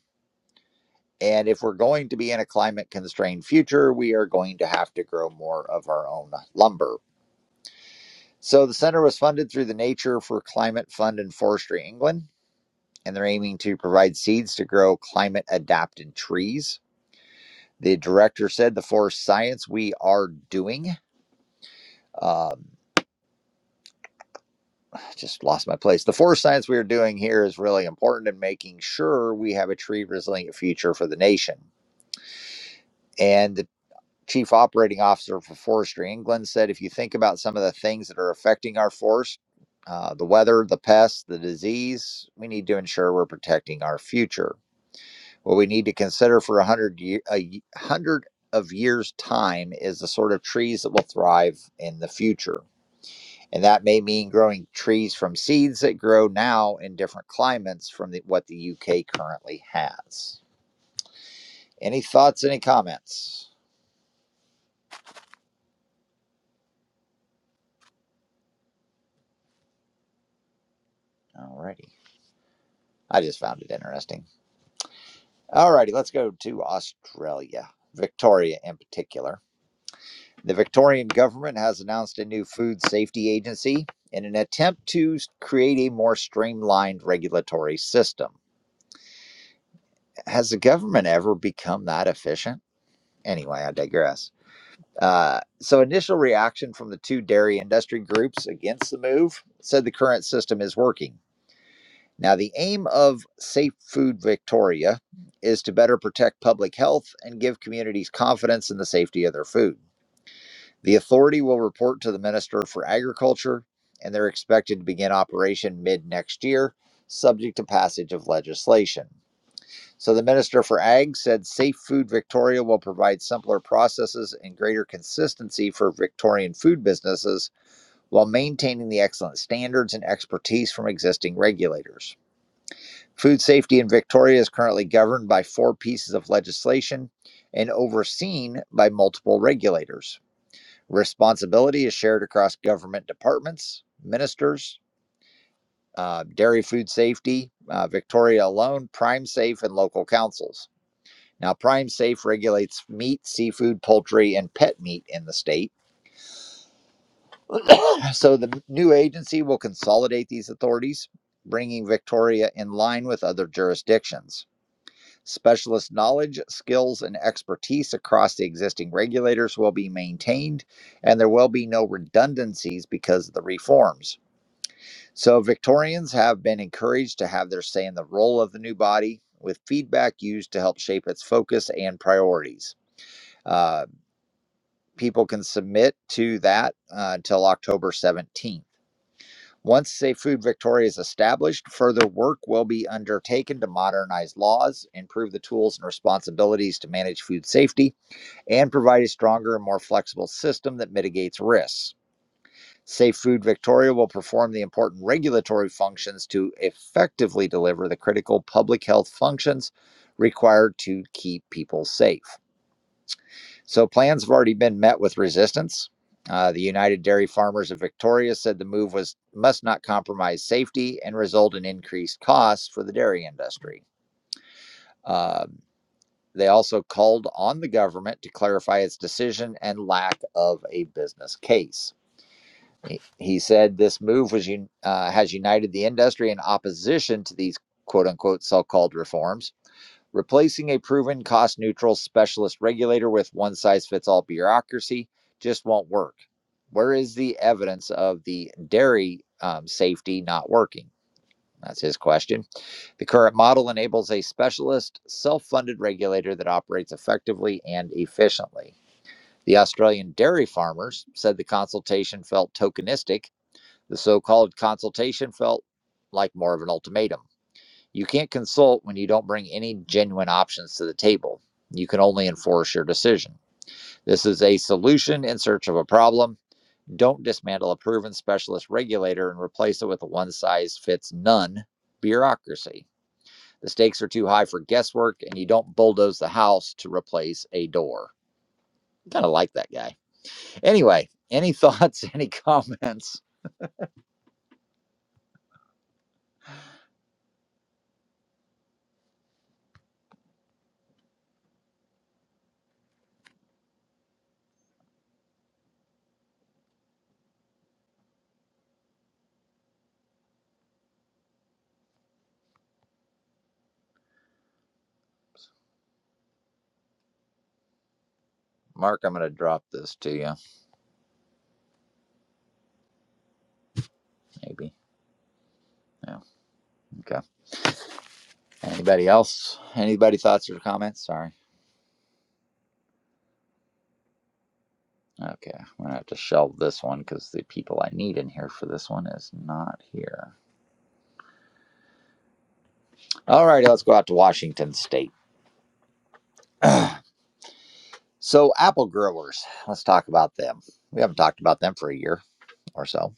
A: And if we're going to be in a climate constrained future, we are going to have to grow more of our own lumber. So the center was funded through the Nature for Climate Fund and Forestry England, and they're aiming to provide seeds to grow climate adapted trees. The director said, The forest science we are doing. um, just lost my place. The forest science we are doing here is really important in making sure we have a tree resilient future for the nation. And the chief operating officer for Forestry England said if you think about some of the things that are affecting our forest, uh, the weather, the pests, the disease, we need to ensure we're protecting our future. What we need to consider for a hundred year, a y- hundred of years time is the sort of trees that will thrive in the future And that may mean growing trees from seeds that grow now in different climates from the, what the UK currently has. Any thoughts, any comments? Alrighty. I just found it interesting. Alrighty, let's go to Australia, Victoria in particular. The Victorian government has announced a new food safety agency in an attempt to create a more streamlined regulatory system. Has the government ever become that efficient? Anyway, I digress. Uh, so, initial reaction from the two dairy industry groups against the move said the current system is working. Now, the aim of Safe Food Victoria is to better protect public health and give communities confidence in the safety of their food. The authority will report to the Minister for Agriculture, and they're expected to begin operation mid next year, subject to passage of legislation. So the Minister for Ag said Safe Food Victoria will provide simpler processes and greater consistency for Victorian food businesses while maintaining the excellent standards and expertise from existing regulators. Food safety in Victoria is currently governed by four pieces of legislation and overseen by multiple regulators. Responsibility is shared across government departments, ministers, uh, dairy food safety, uh, Victoria alone, Prime Safe, and local councils. Now, Prime Safe regulates meat, seafood, poultry, and pet meat in the state. So the new agency will consolidate these authorities, bringing Victoria in line with other jurisdictions. Specialist knowledge, skills, and expertise across the existing regulators will be maintained, and there will be no redundancies because of the reforms. So, Victorians have been encouraged to have their say in the role of the new body, with feedback used to help shape its focus and priorities. Uh, people can submit to that uh, until October 17th. Once Safe Food Victoria is established, further work will be undertaken to modernize laws, improve the tools and responsibilities to manage food safety, and provide a stronger and more flexible system that mitigates risks. Safe Food Victoria will perform the important regulatory functions to effectively deliver the critical public health functions required to keep people safe. So plans have already been met with resistance. Uh, the United Dairy Farmers of Victoria said the move was must not compromise safety and result in increased costs for the dairy industry. Um, they also called on the government to clarify its decision and lack of a business case. He he said this move was uh, has united the industry in opposition to these quote unquote so called reforms Replacing a proven cost neutral specialist regulator with one size fits all bureaucracy just won't work. Where is the evidence of the dairy um, safety not working? That's his question. The current model enables a specialist, self funded regulator that operates effectively and efficiently. The Australian dairy farmers said the consultation felt tokenistic. The so called consultation felt like more of an ultimatum. You can't consult when you don't bring any genuine options to the table. You can only enforce your decision. This is a solution in search of a problem. Don't dismantle a proven specialist regulator and replace it with a one size fits none bureaucracy. The stakes are too high for guesswork, and you don't bulldoze the house to replace a door. Kind of like that guy. Anyway, any thoughts, any comments? Mark, I'm going to drop this to you, maybe. Yeah. Okay. Anybody else? Anybody thoughts or comments? Sorry. Okay, I'm gonna have to shelve this one because the people I need in here for this one is not here. All righty, let's go out to Washington State. So, apple growers, let's talk about them. We haven't talked about them for a year or so.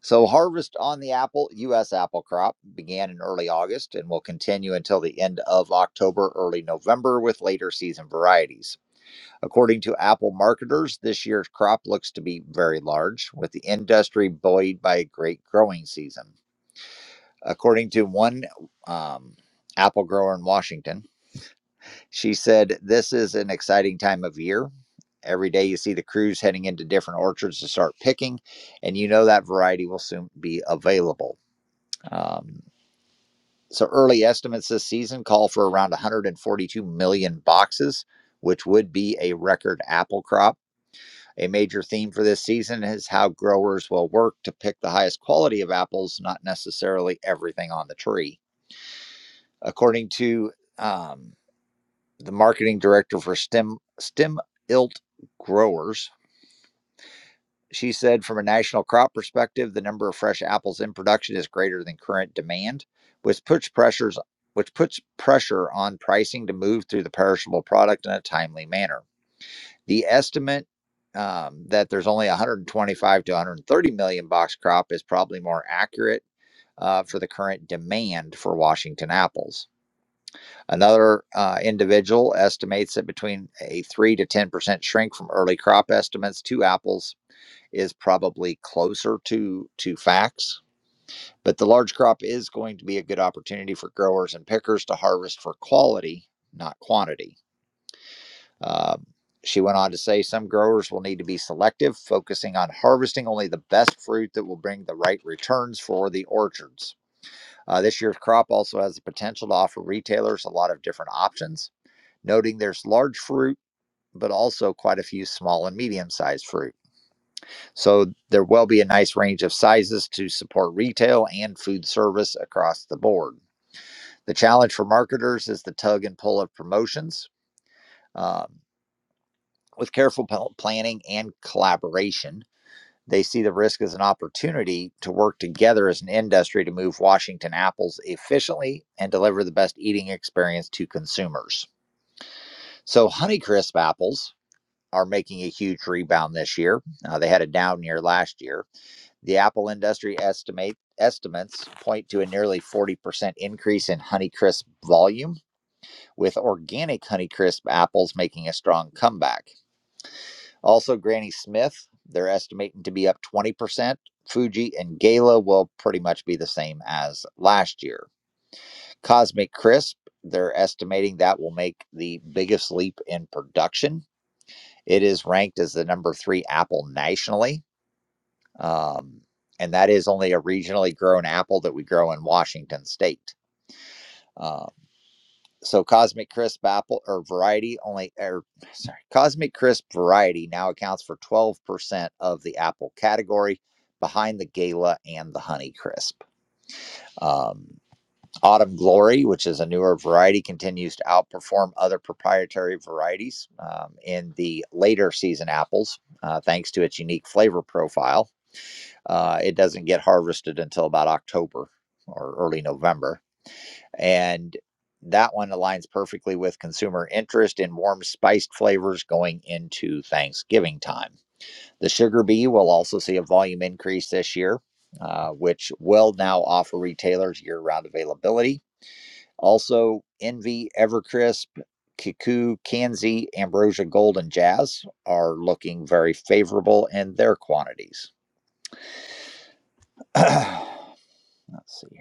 A: So, harvest on the apple, U.S. apple crop began in early August and will continue until the end of October, early November, with later season varieties. According to apple marketers, this year's crop looks to be very large, with the industry buoyed by a great growing season. According to one um, apple grower in Washington, she said, This is an exciting time of year. Every day you see the crews heading into different orchards to start picking, and you know that variety will soon be available. Um, so, early estimates this season call for around 142 million boxes, which would be a record apple crop. A major theme for this season is how growers will work to pick the highest quality of apples, not necessarily everything on the tree. according to um, the marketing director for stem stem ilt growers she said from a national crop perspective the number of fresh apples in production is greater than current demand which puts pressures which puts pressure on pricing to move through the perishable product in a timely manner the estimate um, that there's only 125 to 130 million box crop is probably more accurate uh, for the current demand for washington apples Another uh, individual estimates that between a 3 to 10% shrink from early crop estimates to apples is probably closer to, to facts. But the large crop is going to be a good opportunity for growers and pickers to harvest for quality, not quantity. Um, she went on to say some growers will need to be selective, focusing on harvesting only the best fruit that will bring the right returns for the orchards. Uh, this year's crop also has the potential to offer retailers a lot of different options noting there's large fruit, but also quite a few small and medium sized fruit. So there will be a nice range of sizes to support retail and food service across the board. The challenge for marketers is the tug and pull of promotions. Um, with careful planning and collaboration, they see the risk as an opportunity to work together as an industry to move Washington apples efficiently and deliver the best eating experience to consumers. So, Honeycrisp apples are making a huge rebound this year. Uh, they had a down year last year. The Apple industry estimate estimates point to a nearly 40% increase in Honeycrisp volume, with organic Honeycrisp apples making a strong comeback. Also, Granny Smith, they're estimating to be up 20%. Fuji and Gala will pretty much be the same as last year. Cosmic Crisp, they're estimating that will make the biggest leap in production. It is ranked as the number three apple nationally um, and that is only a regionally grown apple that we grow in Washington State. Uh, so Cosmic Crisp apple or variety only, or sorry, Cosmic Crisp variety now accounts for 12% of the apple category, behind the Gala and the Honey Crisp. Um, Autumn Glory, which is a newer variety, continues to outperform other proprietary varieties um, in the later season apples, uh, thanks to its unique flavor profile. Uh, it doesn't get harvested until about October or early November. And that one aligns perfectly with consumer interest in warm spiced flavors going into Thanksgiving time. The sugar bee will also see a volume increase this year, uh, which will now offer retailers year round availability. Also, Envy, Evercrisp, Kiku, Kanzi, Ambrosia Gold, and Jazz are looking very favorable in their quantities. Let's see here.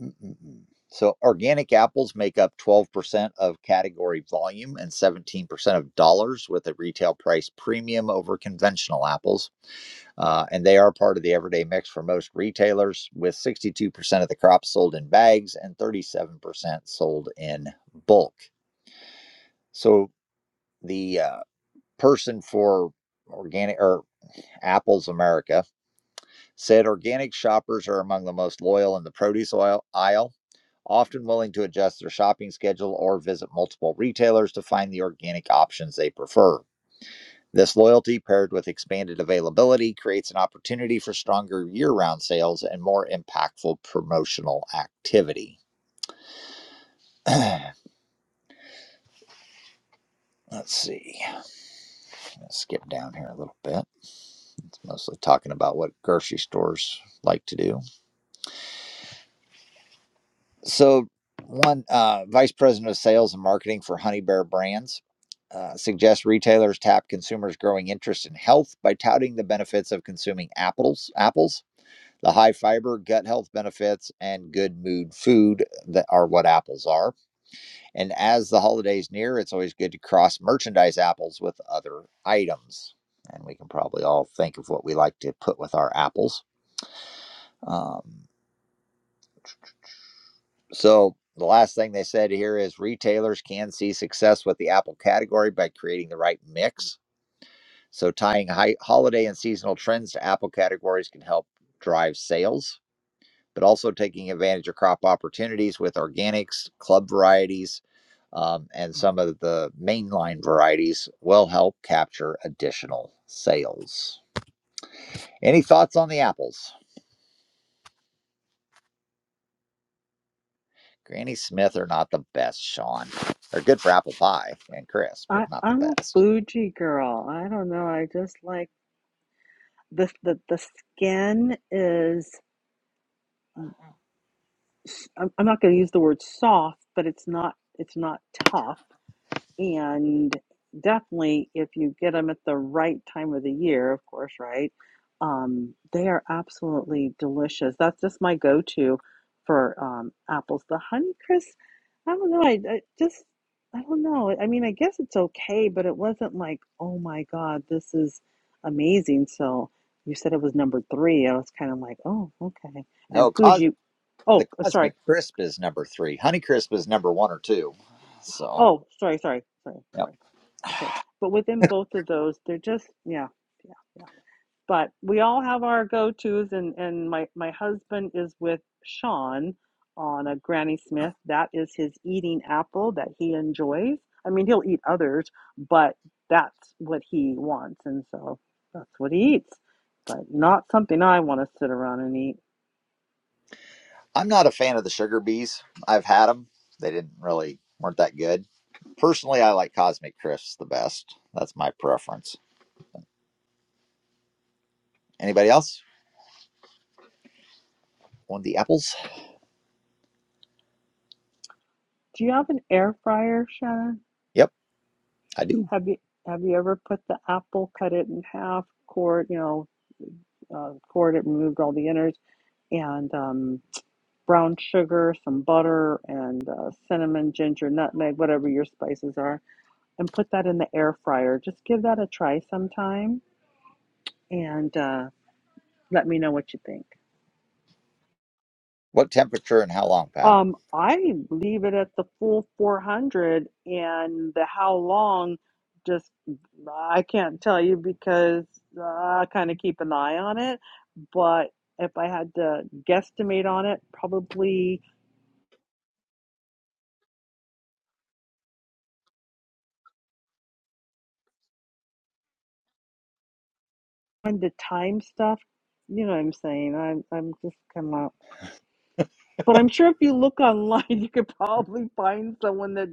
A: Mm-mm-mm. So organic apples make up 12% of category volume and 17% of dollars with a retail price premium over conventional apples. Uh, and they are part of the everyday mix for most retailers, with 62% of the crop sold in bags and 37% sold in bulk. So the uh, person for organic or apples America said organic shoppers are among the most loyal in the produce oil aisle often willing to adjust their shopping schedule or visit multiple retailers to find the organic options they prefer. This loyalty paired with expanded availability creates an opportunity for stronger year round sales and more impactful promotional activity. Let's see. Let's skip down here a little bit. It's mostly talking about what grocery stores like to do. So, one uh, vice president of sales and marketing for Honey Bear Brands uh, suggests retailers tap consumers' growing interest in health by touting the benefits of consuming apples, apples, the high fiber, gut health benefits, and good mood food that are what apples are. And as the holidays near, it's always good to cross merchandise apples with other items. And we can probably all think of what we like to put with our apples. Um, So the last thing they said here is retailers can see success with the Apple category by creating the right mix. So tying high, holiday and seasonal trends to Apple categories can help drive sales, but also taking advantage of crop opportunities with organics, club varieties, um, and some of the mainline varieties will help capture additional sales. Any thoughts on the apples? Granny Smith are not the best, Sean. They're good for apple pie and crisp,
E: I,
A: but not the
E: I'm a
A: best.
E: bougie girl. I don't know. I just like the the the skin is. s- I'm, I'm not going to use the word soft, but it's not it's not tough. and definitely if you get them at the right time of the year of course right um, they are absolutely delicious that's just my go-to for um, apples the honeycrisp i don't know I, I just i don't know i mean i guess it's okay but it wasn't like oh my god this is amazing so you said it was number three i was kind of like oh okay and
A: No, cos
E: fuji oh
A: the
E: uh, sorry
A: Cosmic Crisp is number three. Honey Crisp is number one or two. So,
E: oh sorry sorry sorry
A: yep.
E: sorry Okay. But within both of those, they're just, yeah, yeah, yeah. But we all have our go-tos and and my my husband is with Sean on a Granny Smith. That is his eating apple that he enjoys. I mean, he'll eat others, but that's what he wants and so that's what he eats. But not something I want to sit around and eat.
A: I'm not a fan of the sugar bees. I've had them. They didn't really weren't that good. Personally, I like Cosmic Crisps the best. That's my preference. Anybody else want the apples?
E: Do you have an air fryer, Shannon?
A: Yep, I do.
E: Have you have you ever put the apple, cut it in half, core, you know, uh, poured it, removed all the innards, and um, brown sugar, some butter, and uh, cinnamon, ginger, nutmeg, whatever your spices are, and put that in the air fryer. Just give that a try sometime and uh, let me know what you think.
A: What temperature and how long, Pat?
E: Um, I leave it at the full 400 and the how long just I can't tell you because uh, I kind of keep an eye on it, but if I had to guesstimate on it, probably on the time stuff. You know what I'm saying? I'm I'm just kind of, but I'm sure if you look online, you could probably find someone that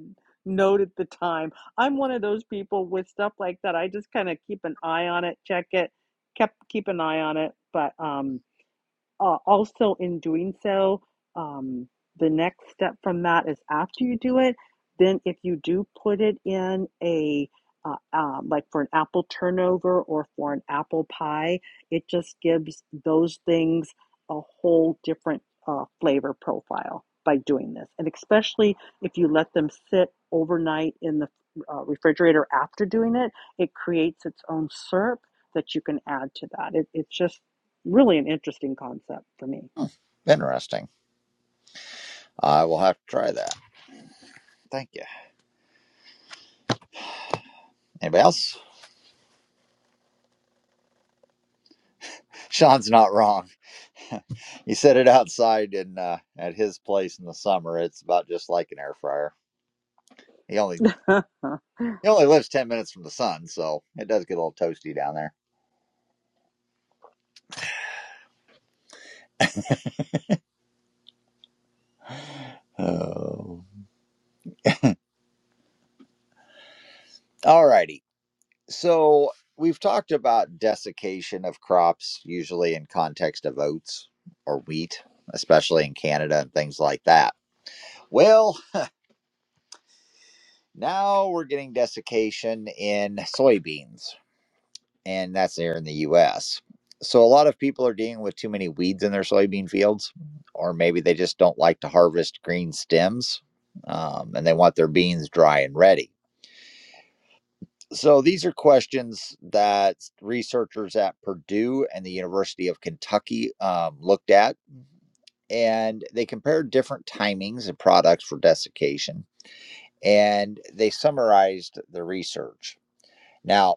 E: noted the time. I'm one of those people with stuff like that. I just kind of keep an eye on it, check it, kept keep an eye on it. But um, uh, also in doing so, um, the next step from that is after you do it, then if you do put it in a uh, um, like for an apple turnover or for an apple pie, it just gives those things a whole different uh, flavor profile by doing this. And especially if you let them sit overnight in the uh, refrigerator after doing it, it creates its own syrup that you can add to that. It, it's just Really an interesting concept for me.
A: Hmm, interesting. I will have to try that. Thank you. Anybody else? Sean's not wrong. he said it outside in uh, at his place in the summer. It's about just like an air fryer. He only he only lives ten minutes from the sun, so it does get a little toasty down there. Oh, all righty. So we've talked about desiccation of crops, usually in context of oats or wheat, especially in Canada and things like that. Well, now we're getting desiccation in soybeans. and that's there in the US. So a lot of people are dealing with too many weeds in their soybean fields, or maybe they just don't like to harvest green stems um, and they want their beans dry and ready. So these are questions that researchers at Purdue and the University of Kentucky um, looked at, and they compared different timings and products for desiccation, and they summarized the research. Now,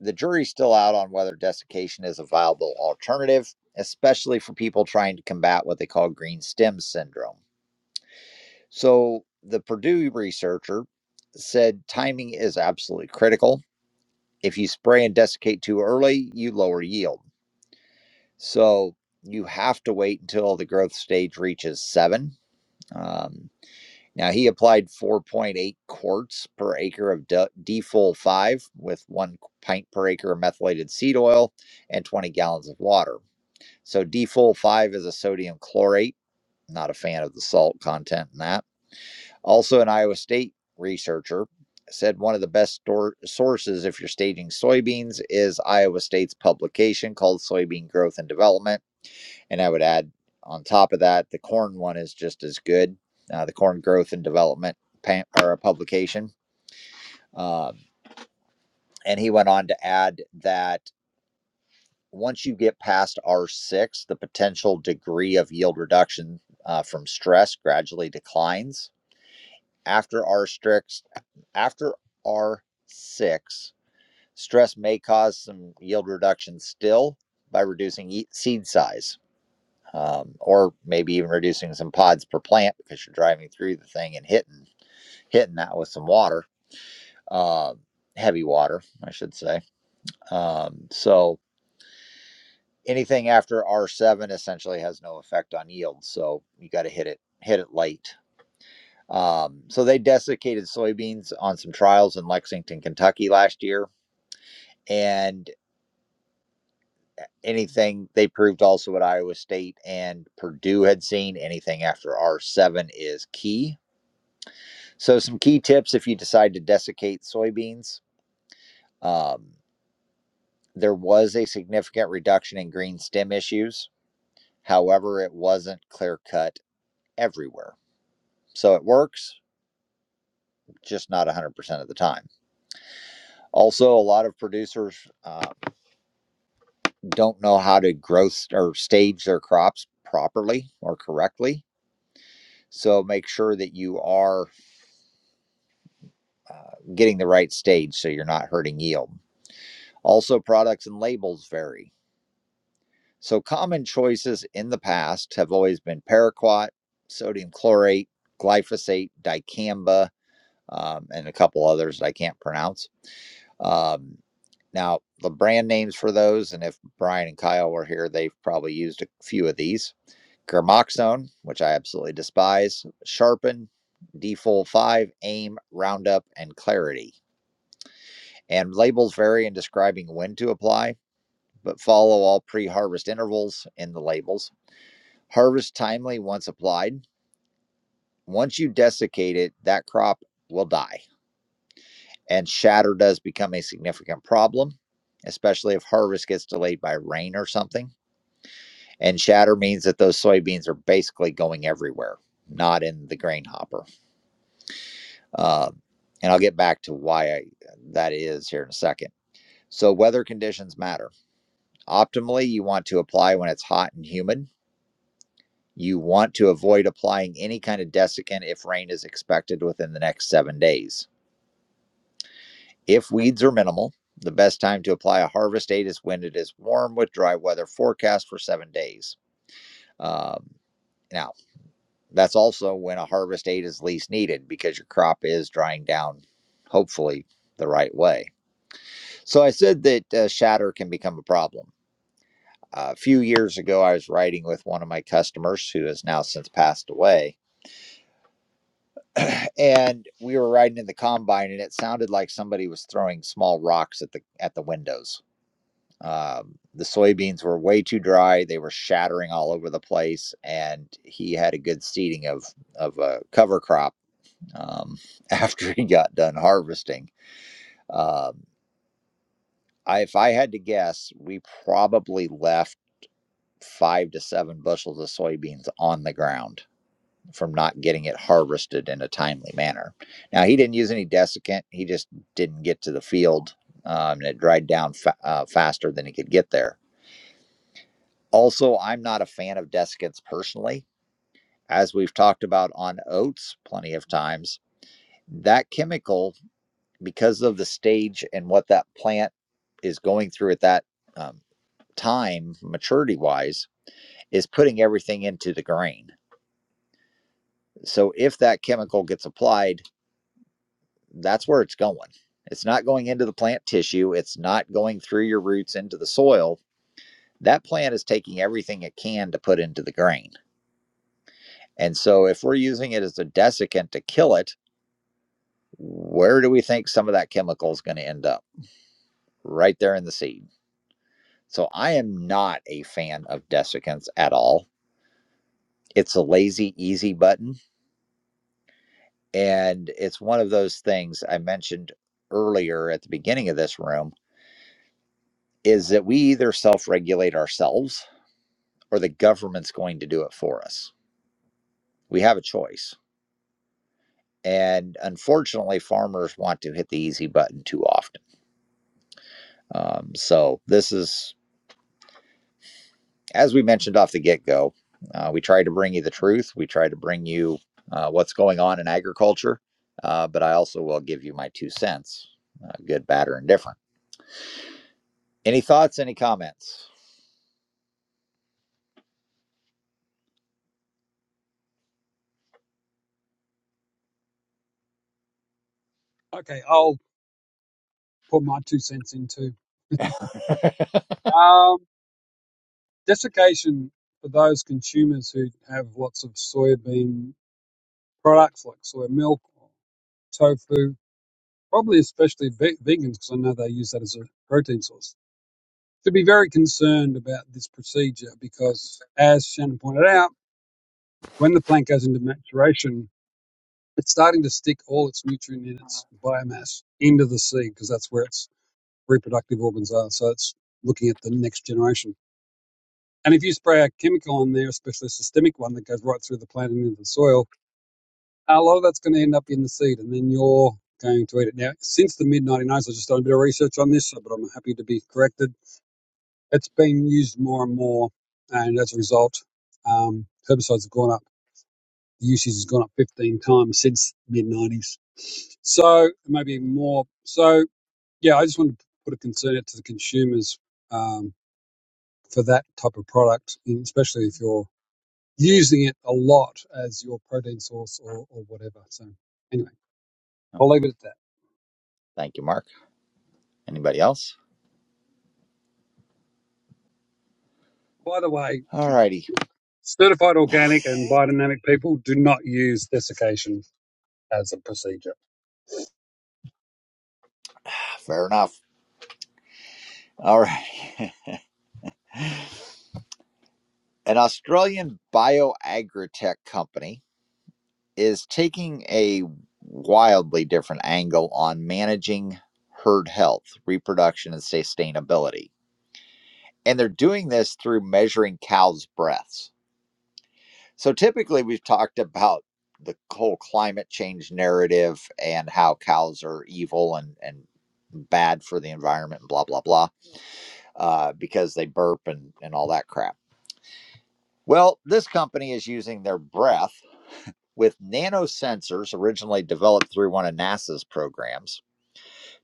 A: the jury's still out on whether desiccation is a viable alternative, especially for people trying to combat what they call green stem syndrome. So, the Purdue researcher said timing is absolutely critical. If you spray and desiccate too early, you lower yield. So, you have to wait until the growth stage reaches seven. Um, Now he applied 4.8 quarts per acre of de- 5 with 1 pint per acre of methylated seed oil and 20 gallons of water. So defull 5 is a sodium chlorate. Not a fan of the salt content in that. Also an Iowa State researcher said one of the best stor- sources if you're staging soybeans is Iowa State's publication called Soybean Growth and Development and I would add on top of that, the corn one is just as good, uh, the corn growth and development pan- or a publication. Um, and he went on to add that once you get past R6, the potential degree of yield reduction uh, from stress gradually declines. After R6, after R6, stress may cause some yield reduction still by reducing seed size um, or maybe even reducing some pods per plant because you're driving through the thing and hitting hitting that with some water, uh, heavy water, I should say. Um, so anything after R seven essentially has no effect on yield. So you got to hit it hit it late. Um, so they desiccated soybeans on some trials in Lexington, Kentucky last year, and anything they proved also at Iowa State and Purdue had seen anything after R seven is key So, some key tips if you decide to desiccate soybeans. Um, there was a significant reduction in green stem issues. However, it wasn't clear cut everywhere. So, it works, just not 100% of the time. Also, a lot of producers uh, don't know how to grow st- or stage their crops properly or correctly. So, make sure that you are uh, getting the right stage so you're not hurting yield. Also, products and labels vary So, common choices in the past have always been paraquat, sodium chlorate, glyphosate, dicamba, um, and a couple others I can't pronounce. Um, now, the brand names for those, and if Brian and Kyle were here, they've probably used a few of these. Germoxone, which I absolutely despise, Sharpen, Defull 5, AIM, Roundup, and Clarity. And labels vary in describing when to apply, but follow all pre harvest intervals in the labels. Harvest timely once applied. Once you desiccate it, that crop will die. And shatter does become a significant problem, especially if harvest gets delayed by rain or something. And shatter means that those soybeans are basically going everywhere, not in the grain hopper. Uh, and I'll get back to why I, that is here in a second. So, weather conditions matter. Optimally, you want to apply when it's hot and humid You want to avoid applying any kind of desiccant if rain is expected within the next seven days. If weeds are minimal, the best time to apply a harvest aid is when it is warm with dry weather forecast for seven days. Um, now, that's also when a harvest aid is least needed because your crop is drying down, hopefully, the right way. So I said that uh, shatter can become a problem. Uh, a few years ago, I was riding with one of my customers who has now since passed away and we were riding in the combine and it sounded like somebody was throwing small rocks at the at the windows um, the soybeans were way too dry they were shattering all over the place and he had a good seeding of of a cover crop um, after he got done harvesting um, I, if i had to guess we probably left five to seven bushels of soybeans on the ground from not getting it harvested in a timely manner. Now, he didn't use any desiccant, he just didn't get to the field um, and it dried down fa- uh, faster than he could get there. Also, I'm not a fan of desiccants personally. As we've talked about on oats plenty of times, that chemical, because of the stage and what that plant is going through at that um, time, maturity wise, is putting everything into the grain. So if that chemical gets applied, that's where it's going. It's not going into the plant tissue, it's not going through your roots into the soil. That plant is taking everything it can to put into the grain. And so, if we're using it as a desiccant to kill it, where do we think some of that chemical is going to end up? Right there in the seed. So, I am not a fan of desiccants at all. It's a lazy, easy button. And it's one of those things I mentioned earlier at the beginning of this room is that we either self regulate ourselves or the government's going to do it for us. We have a choice. And unfortunately, farmers want to hit the easy button too often. Um, so, this is, as we mentioned off the get go, uh, we try to bring you the truth. We try to bring you uh, what's going on in agriculture, uh, but I also will give you my two cents uh, good, bad, or indifferent. Any thoughts, any comments?
H: Okay, I'll put my two cents in too. Um, desiccation for those consumers who have lots of soybean products like soy milk or tofu, probably especially ve- vegans, because I know they use that as a protein source, should be very concerned about this procedure because, as Shannon pointed out, when the plant goes into maturation, it's starting to stick all its nutrient in its biomass into the seed because that's where its reproductive organs are. So it's looking at the next generation. And if you spray a chemical on there, especially a systemic one that goes right through the plant and into the soil, A lot of that's going to end up in the seed, and then you're going to eat it. Now, since the mid 1990s, I've just done a bit of research on this, but I'm happy to be corrected. It's been used more and more, and as a result, um, herbicides have gone up. The usage has gone up 15 times since mid 90s. So maybe more. So yeah, I just wanted to put a concern out to the consumers um, for that type of product, especially if you're using it a lot as your protein source or, or whatever. So anyway,
A: No.
H: I'll leave it at that.
A: Thank you, Mark. Anybody else?
H: By the way,
A: All righty.
H: certified organic and biodynamic people do not use desiccation as a procedure.
A: Fair enough. All right. An Australian bioagritech company is taking a wildly different angle on managing herd health, reproduction, and sustainability. And they're doing this through measuring cows' breaths. So typically, we've talked about the whole climate change narrative and how cows are evil and, and bad for the environment and blah, blah, blah, uh, because they burp and, and all that crap. Well, this company is using their breath with nanosensors originally developed through one of NASA's programs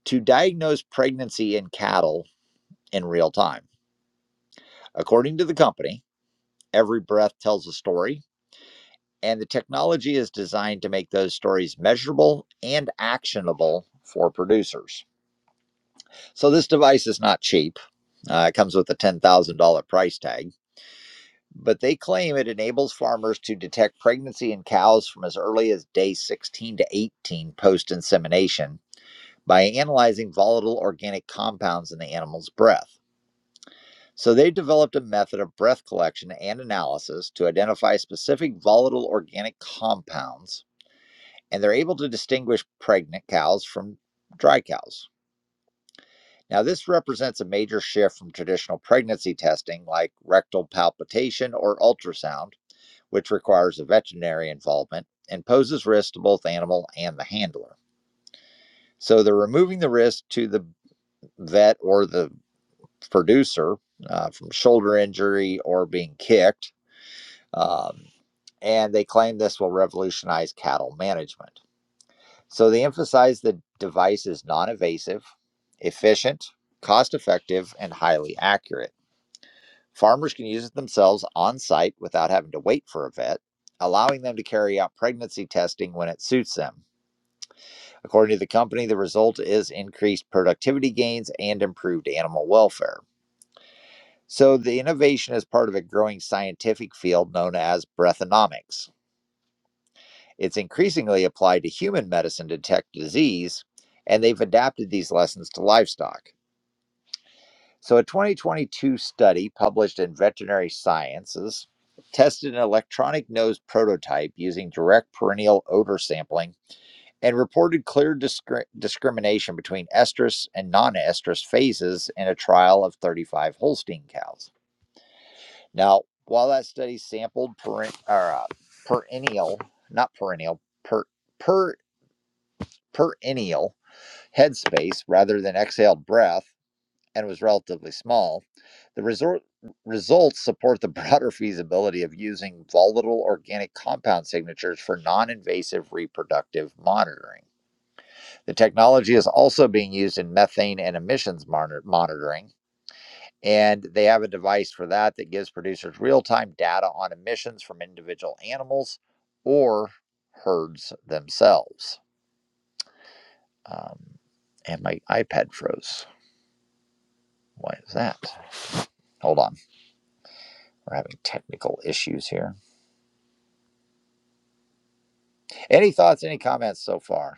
A: to diagnose pregnancy in cattle in real time. According to the company, every breath tells a story, and the technology is designed to make those stories measurable and actionable for producers. So, this device is not cheap. Uh, it comes with a $10,000 price tag, but they claim it enables farmers to detect pregnancy in cows from as early as day 16 to 18 post insemination by analyzing volatile organic compounds in the animal's breath. So they developed a method of breath collection and analysis to identify specific volatile organic compounds, and they're able to distinguish pregnant cows from dry cows. Now, this represents a major shift from traditional pregnancy testing like rectal palpitation or ultrasound, which requires a veterinary involvement and poses risk to both animal and the handler. So they're removing the risk to the vet or the producer uh, from shoulder injury or being kicked. Um, and they claim this will revolutionize cattle management. So they emphasize the device is non invasive efficient, cost effective, and highly accurate. Farmers can use it themselves on site without having to wait for a vet, allowing them to carry out pregnancy testing when it suits them. According to the company, the result is increased productivity gains and improved animal welfare. So, the innovation is part of a growing scientific field known as breathonomics. It's increasingly applied to human medicine to detect disease, and they've adapted these lessons to livestock. So, a 2022 study published in Veterinary Sciences tested an electronic nose prototype using direct perennial odor sampling and reported clear discri- discrimination between estrus and non estrus phases in a trial of 35 Holstein cows. Now, while that study sampled peren- or, uh, perennial, not perennial, per, per, perennial headspace rather than exhaled breath and was relatively small, the resor- results support the broader feasibility of using volatile organic compound signatures for non invasive reproductive monitoring. The technology is also being used in methane and emissions monitor- monitoring And they have a device for that that gives producers real time data on emissions from individual animals or herds themselves. Um, and my iPad froze. Why is that? Hold on. We're having technical issues here. Any thoughts, any comments so far?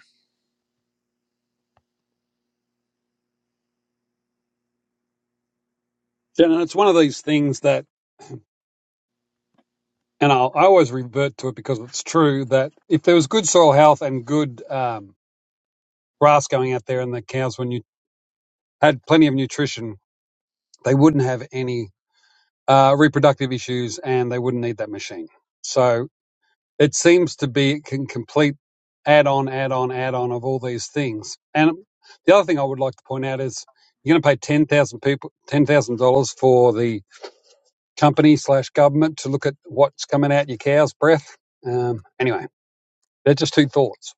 H: Yeah, and it's one of these things that, and I'll, I always revert to it because it's true that if there was good soil health and good um, grass going out there and the cows, when you had plenty of nutrition, they wouldn't have any uh, reproductive issues and they wouldn't need that machine. So it seems to be it can complete add on, add on, add on of all these things. And the other thing I would like to point out is you're going to pay ten thousand people ten thousand dollars for the company slash government to look at what's coming out your cow's breath. Um, anyway, they're just two thoughts.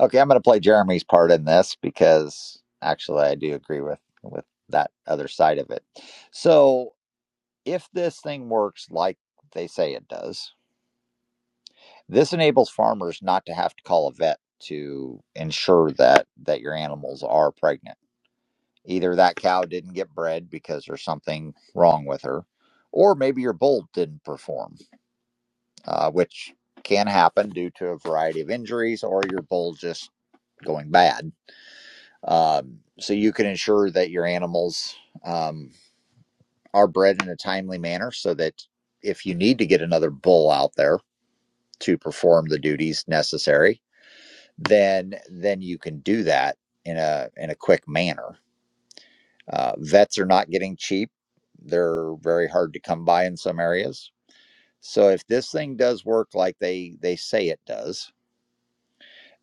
A: Okay, I'm going to play Jeremy's part in this because actually I do agree with, with that other side of it. So if this thing works like they say it does, This enables farmers not to have to call a vet to ensure that that your animals are pregnant. Either that cow didn't get bred because there's something wrong with her, or maybe your bull didn't perform, uh, which can happen due to a variety of injuries or your bull just going bad. Um, so you can ensure that your animals um, are bred in a timely manner so that if you need to get another bull out there to perform the duties necessary, then then you can do that in a in a quick manner. Uh, vets are not getting cheap; they're very hard to come by in some areas. So if this thing does work like they they say it does,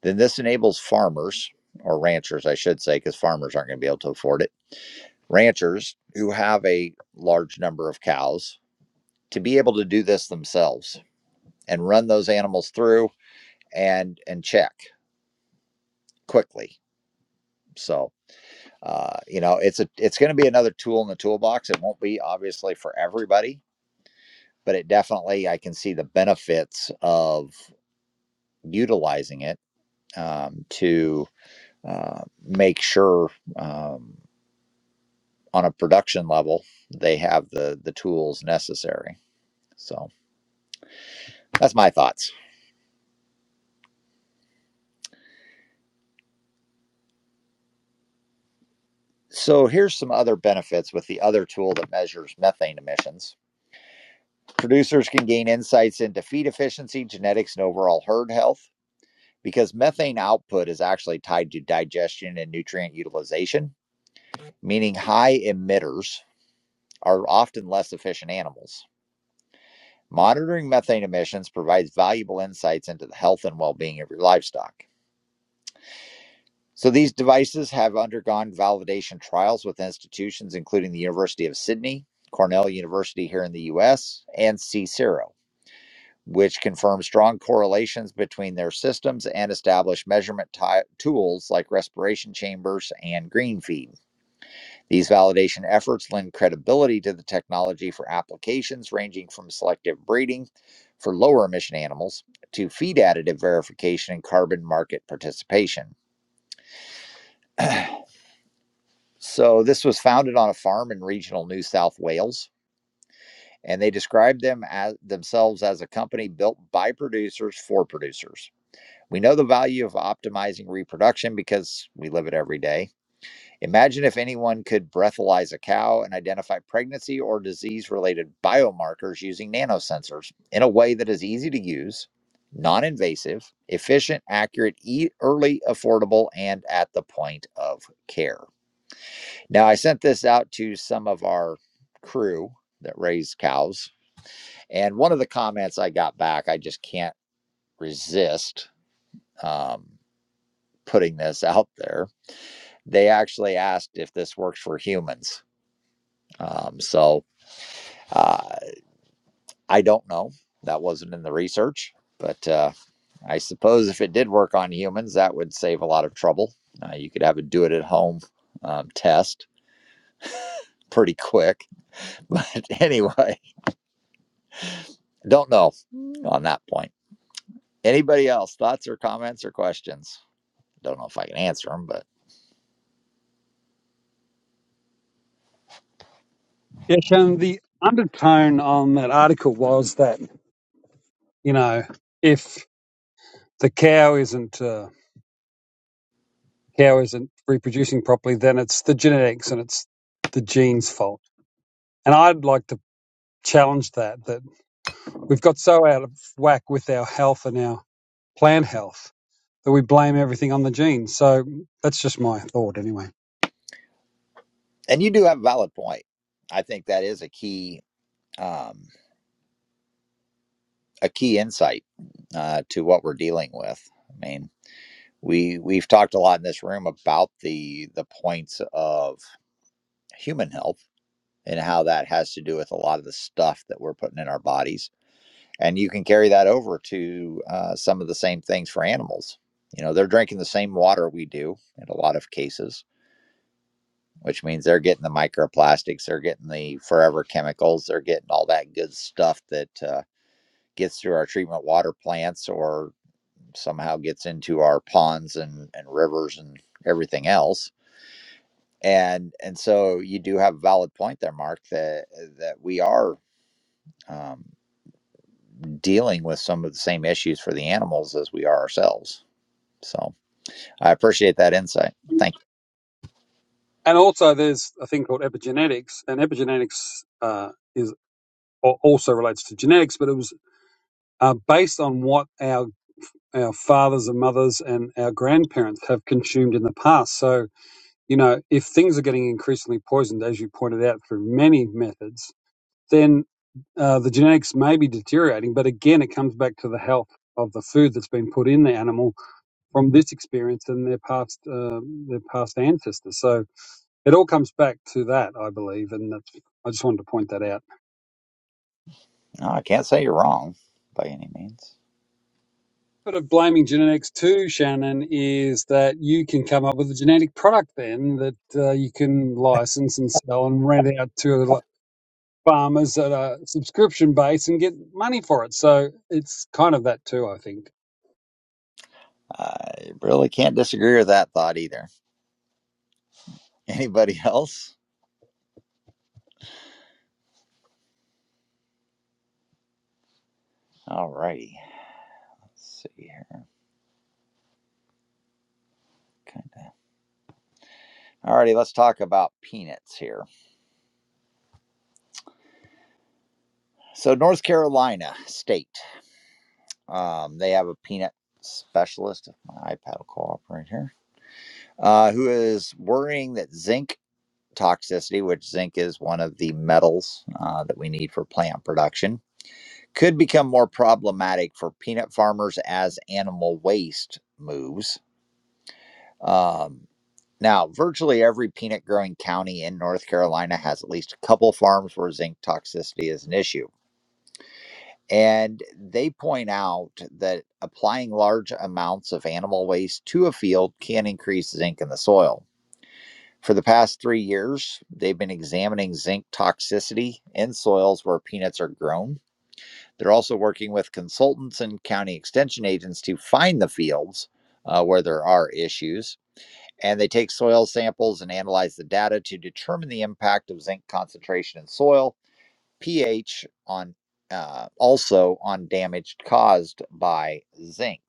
A: then this enables farmers or ranchers, I should say, because farmers aren't going to be able to afford it. Ranchers who have a large number of cows to be able to do this themselves and run those animals through and and check quickly. So uh, you know it's a it's going to be another tool in the toolbox it won't be obviously for everybody but it definitely i can see the benefits of utilizing it um, to uh, make sure um, on a production level they have the the tools necessary so that's my thoughts so here's some other benefits with the other tool that measures methane emissions producers can gain insights into feed efficiency genetics and overall herd health because methane output is actually tied to digestion and nutrient utilization, meaning high emitters are often less efficient animals. Monitoring methane emissions provides valuable insights into the health and well being of your livestock. So, these devices have undergone validation trials with institutions including the University of Sydney, Cornell University here in the US, and CSIRO. which confirms strong correlations between their systems and established measurement ti- tools like respiration chambers and green feed. These validation efforts lend credibility to the technology for applications ranging from selective breeding for lower emission animals to feed additive verification and carbon market participation. So this was founded on a farm in regional New South Wales and they described them as themselves as a company built by producers for producers. We know the value of optimizing reproduction because we live it every day. Imagine if anyone could breathalyze a cow and identify pregnancy or disease related biomarkers using nanosensors in a way that is easy to use, non invasive, efficient, accurate, e- early, affordable, and at the point of care. Now, I sent this out to some of our crew that raise cows, and one of the comments I got back, I just can't resist um, putting this out there they actually asked if this works for humans. Um, so uh, I don't know. That wasn't in the research, but uh, I suppose if it did work on humans, that would save a lot of trouble. Uh, you could have a do it at home um, test pretty quick. But anyway, don't know on that point. Anybody else? Thoughts or comments or questions? Don't know if I can answer them, but
H: Yeah, and the undertone on that article was that you know if the cow isn't uh, cow isn't reproducing properly, then it's the genetics and it's the genes' fault. And I'd like to challenge that that. We've got so out of whack with our health and our plant health that we blame everything on the genes. So that's just my thought, anyway.
A: and you do have a valid point. I think that is a key. Um, a key insight uh, to what we're dealing with. I mean, we we've talked a lot in this room about the the points of human health and how that has to do with a lot of the stuff that we're putting in our bodies, and you can carry that over to uh, some of the same things for animals. You know, they're drinking the same water we do in a lot of cases, which means they're getting the microplastics, they're getting the forever chemicals, they're getting all that good stuff that uh, gets through our treatment water plants or somehow gets into our ponds and, and rivers and everything else. And and so you do have a valid point there, Mark, that that we are um, dealing with some of the same issues for the animals as we are ourselves. So I appreciate that insight. Thank you.
H: And also, there's a thing called epigenetics, and epigenetics uh, is al- also relates to genetics, but it was uh, based on what our our fathers and mothers and our grandparents have consumed in the past. So, you know, if things are getting increasingly poisoned, as you pointed out, through many methods, then uh, the genetics may be deteriorating. But again, it comes back to the health of the food that's been put in the animal from this experience and their past uh, their past ancestors. So it all comes back to that, I believe, and that's, I just wanted to point that out.
A: No, I can't say you're wrong by any means.
H: But of blaming genetics too, Shannon, is that you can come up with a genetic product then that uh, you can license and sell and rent out to farmers at a subscription base and get money for it. So it's kind of that too, I think.
A: I really can't disagree with that thought either. Anybody else? All righty. Let's see here. Okay. All righty, let's talk about peanuts here. So, North Carolina State Um, they have a peanut specialist. if My iPad will cooperate here. Uh, who is worrying that zinc toxicity, which zinc is one of the metals uh, that we need for plant production, could become more problematic for peanut farmers as animal waste moves. Um, now, virtually every peanut growing county in North Carolina has at least a couple farms where zinc toxicity is an issue. And they point out that applying large amounts of animal waste to a field can increase zinc in the soil. For the past three years, they've been examining zinc toxicity in soils where peanuts are grown. They're also working with consultants and county extension agents to find the fields uh, where there are issues. And they take soil samples and analyze the data to determine the impact of zinc concentration in soil pH on uh, also on damage caused by zinc.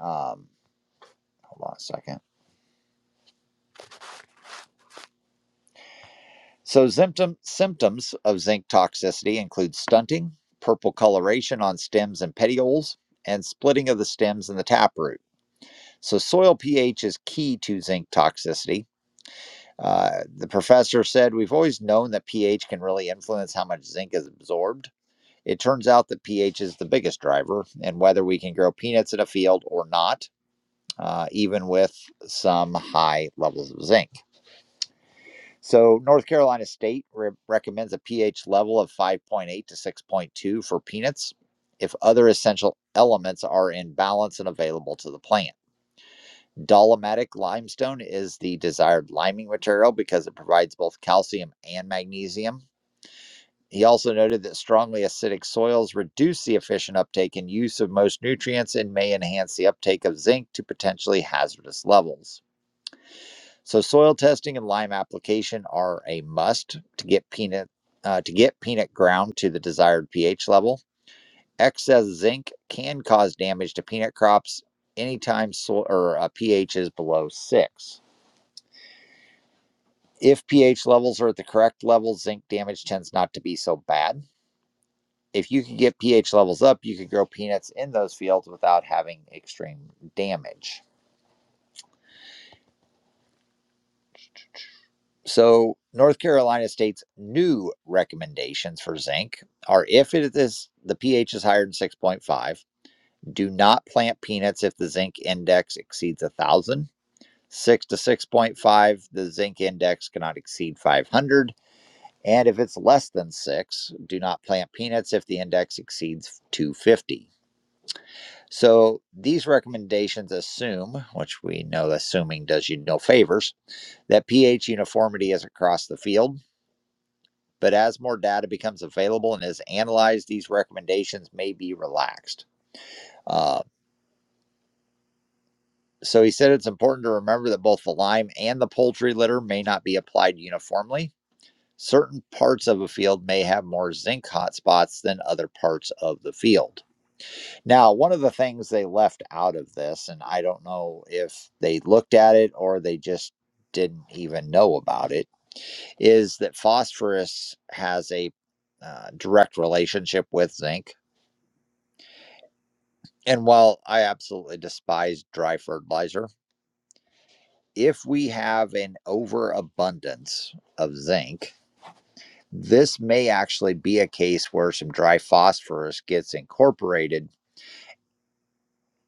A: Um, hold on a second. So symptom, symptoms of zinc toxicity include stunting, purple coloration on stems and petioles, and splitting of the stems and the taproot. So soil pH is key to zinc toxicity. Uh, the professor said we've always known that pH can really influence how much zinc is absorbed. It turns out that pH is the biggest driver, and whether we can grow peanuts in a field or not uh, even with some high levels of zinc. So, North Carolina State re- recommends a pH level of 5.8 to 6.2 for peanuts if other essential elements are in balance and available to the plant. Dolomitic limestone is the desired liming material because it provides both calcium and magnesium. He also noted that strongly acidic soils reduce the efficient uptake and use of most nutrients and may enhance the uptake of zinc to potentially hazardous levels. So soil testing and lime application are a must to get peanut uh, to get peanut ground to the desired pH level. Excess zinc can cause damage to peanut crops anytime soil or uh, pH is below six. If pH levels are at the correct level, zinc damage tends not to be so bad. If you can get pH levels up, you can grow peanuts in those fields without having extreme damage. So, North Carolina State's new recommendations for zinc are if it is the pH is higher than 6.5, do not plant peanuts if the zinc index exceeds 1,000. 6 to 6.5, the zinc index cannot exceed 500. And if it's less than 6, do not plant peanuts if the index exceeds 250. So, these recommendations assume, which we know assuming does you no favors, that pH uniformity is across the field but as more data becomes available and is analyzed, these recommendations may be relaxed. Uh, so he said it's important to remember that both the lime and the poultry litter may not be applied uniformly. Certain parts of a field may have more zinc hotspots than other parts of the field. Now, one of the things they left out of this, and I don't know if they looked at it or they just didn't even know about it, is that phosphorus has a uh, direct relationship with zinc And while I absolutely despise dry fertilizer, if we have an overabundance of zinc, this may actually be a case where some dry phosphorus gets incorporated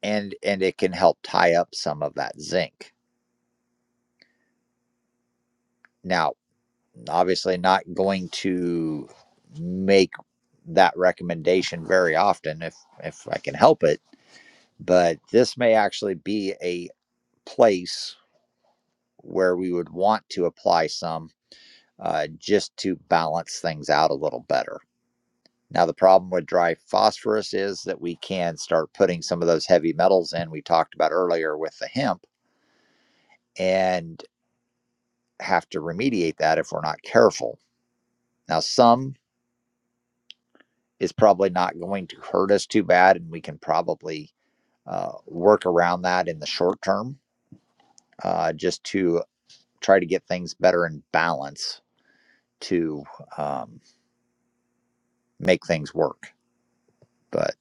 A: and and it can help tie up some of that zinc. Now, obviously not going to make that recommendation very often if if I can help it, but this may actually be a place where we would want to apply some uh, just to balance things out a little better. Now, the problem with dry phosphorus is that we can start putting some of those heavy metals in we talked about earlier with the hemp and have to remediate that if we're not careful. Now, some is probably not going to hurt us too bad, and we can probably uh, work around that in the short term uh, just to try to get things better in balance to um, make things work. But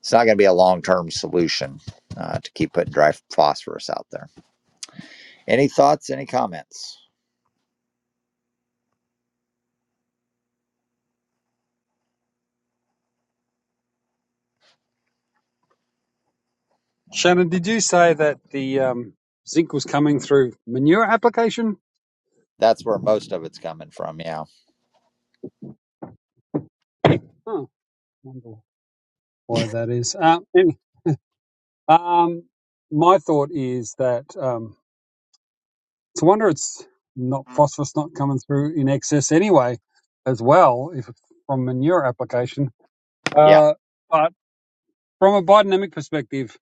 A: It's not going to be a long term solution uh, to keep putting dry phosphorus out there. Any thoughts? Any comments? Uh,
H: Shannon, did you say that the um, zinc was coming through manure application?
A: that's where most of it's coming from. Yeah.
H: Oh, I wonder why that is. Uh, any- um, my thought is that um, it's a wonder it's not phosphorus not coming through in excess anyway, as well, if it's from manure application.
A: Yeah.
H: Uh, but from a biodynamic perspective,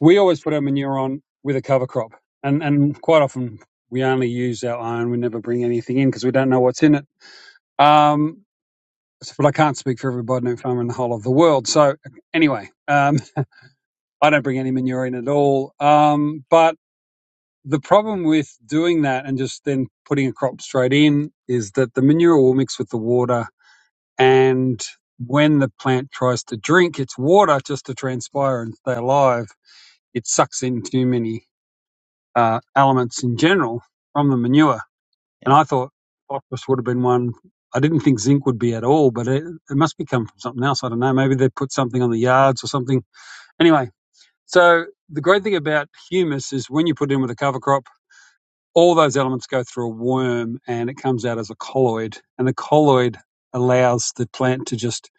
H: we always put our manure on with a cover crop, and and quite often we only use our own. We never bring anything in because we don't know what's in it. Um, But I can't speak for every biodynamic farmer in the whole of the world. So anyway, um, I don't bring any manure in at all. Um, but the problem with doing that and just then putting a crop straight in is that the manure will mix with the water, and when the plant tries to drink its water just to transpire and stay alive, it sucks in too many uh, elements in general from the manure And
A: Yeah.
H: I thought phosphorus would have been one. I didn't think zinc would be at all, but it, it must be come from something else. I don't know. Maybe they put something on the yards or something. Anyway, so the great thing about humus is when you put it in with a cover crop, all those elements go through a worm and it comes out as a colloid. And the colloid allows the plant to just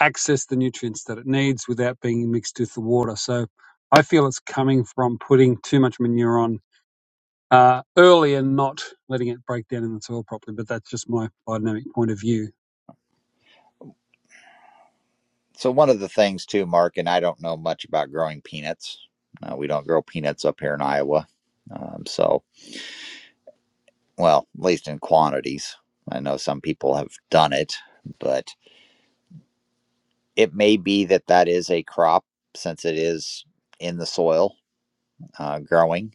H: access the nutrients that it needs without being mixed with the water. So I feel it's coming from putting too much manure on uh, early and not letting it break down in the soil properly. But that's just my biodynamic point of view.
A: So, one of the things, too, Mark, and I don't know much about growing peanuts. Uh, we don't grow peanuts up here in Iowa. Um, so, well, at least in quantities. I know some people have done it, but it may be that that is a crop since it is in the soil uh, growing.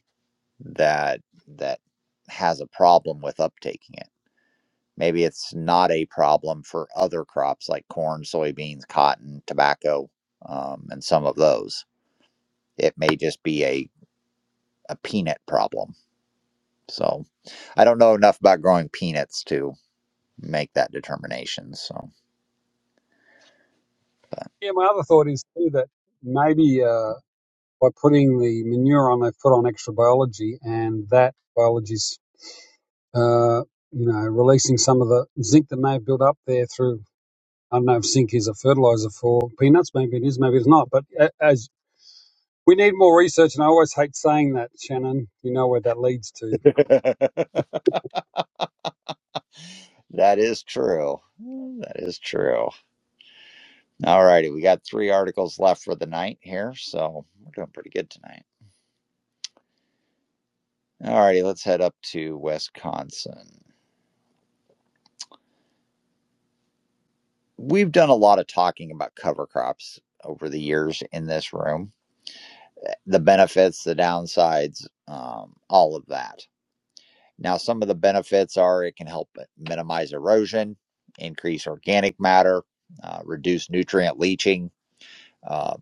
A: that that has a problem with uptaking it. Maybe it's not a problem for other crops like corn, soybeans, cotton, tobacco, um, and some of those. It may just be a, a peanut problem. So I don't know enough about growing peanuts to make that determination. So
H: Yeah, my other thought is too that maybe uh, by putting the manure on, they put on extra biology, and that biology's uh, you know releasing some of the zinc that may have built up there through. I don't know if zinc is a fertilizer for peanuts. Maybe it is. Maybe it's not. But a- as we need more research, and I always hate saying that, Shannon. You know where that leads to.
A: that is true. That is true. All righty. We got three articles left for the night here. So we're doing pretty good tonight. All righty. Let's head up to Wisconsin. we've done a lot of talking about cover crops over the years in this room eh, the benefits the downsides um, all of that now some of the benefits are it can help minimize erosion increase organic matter uh, reduce nutrient leaching uh,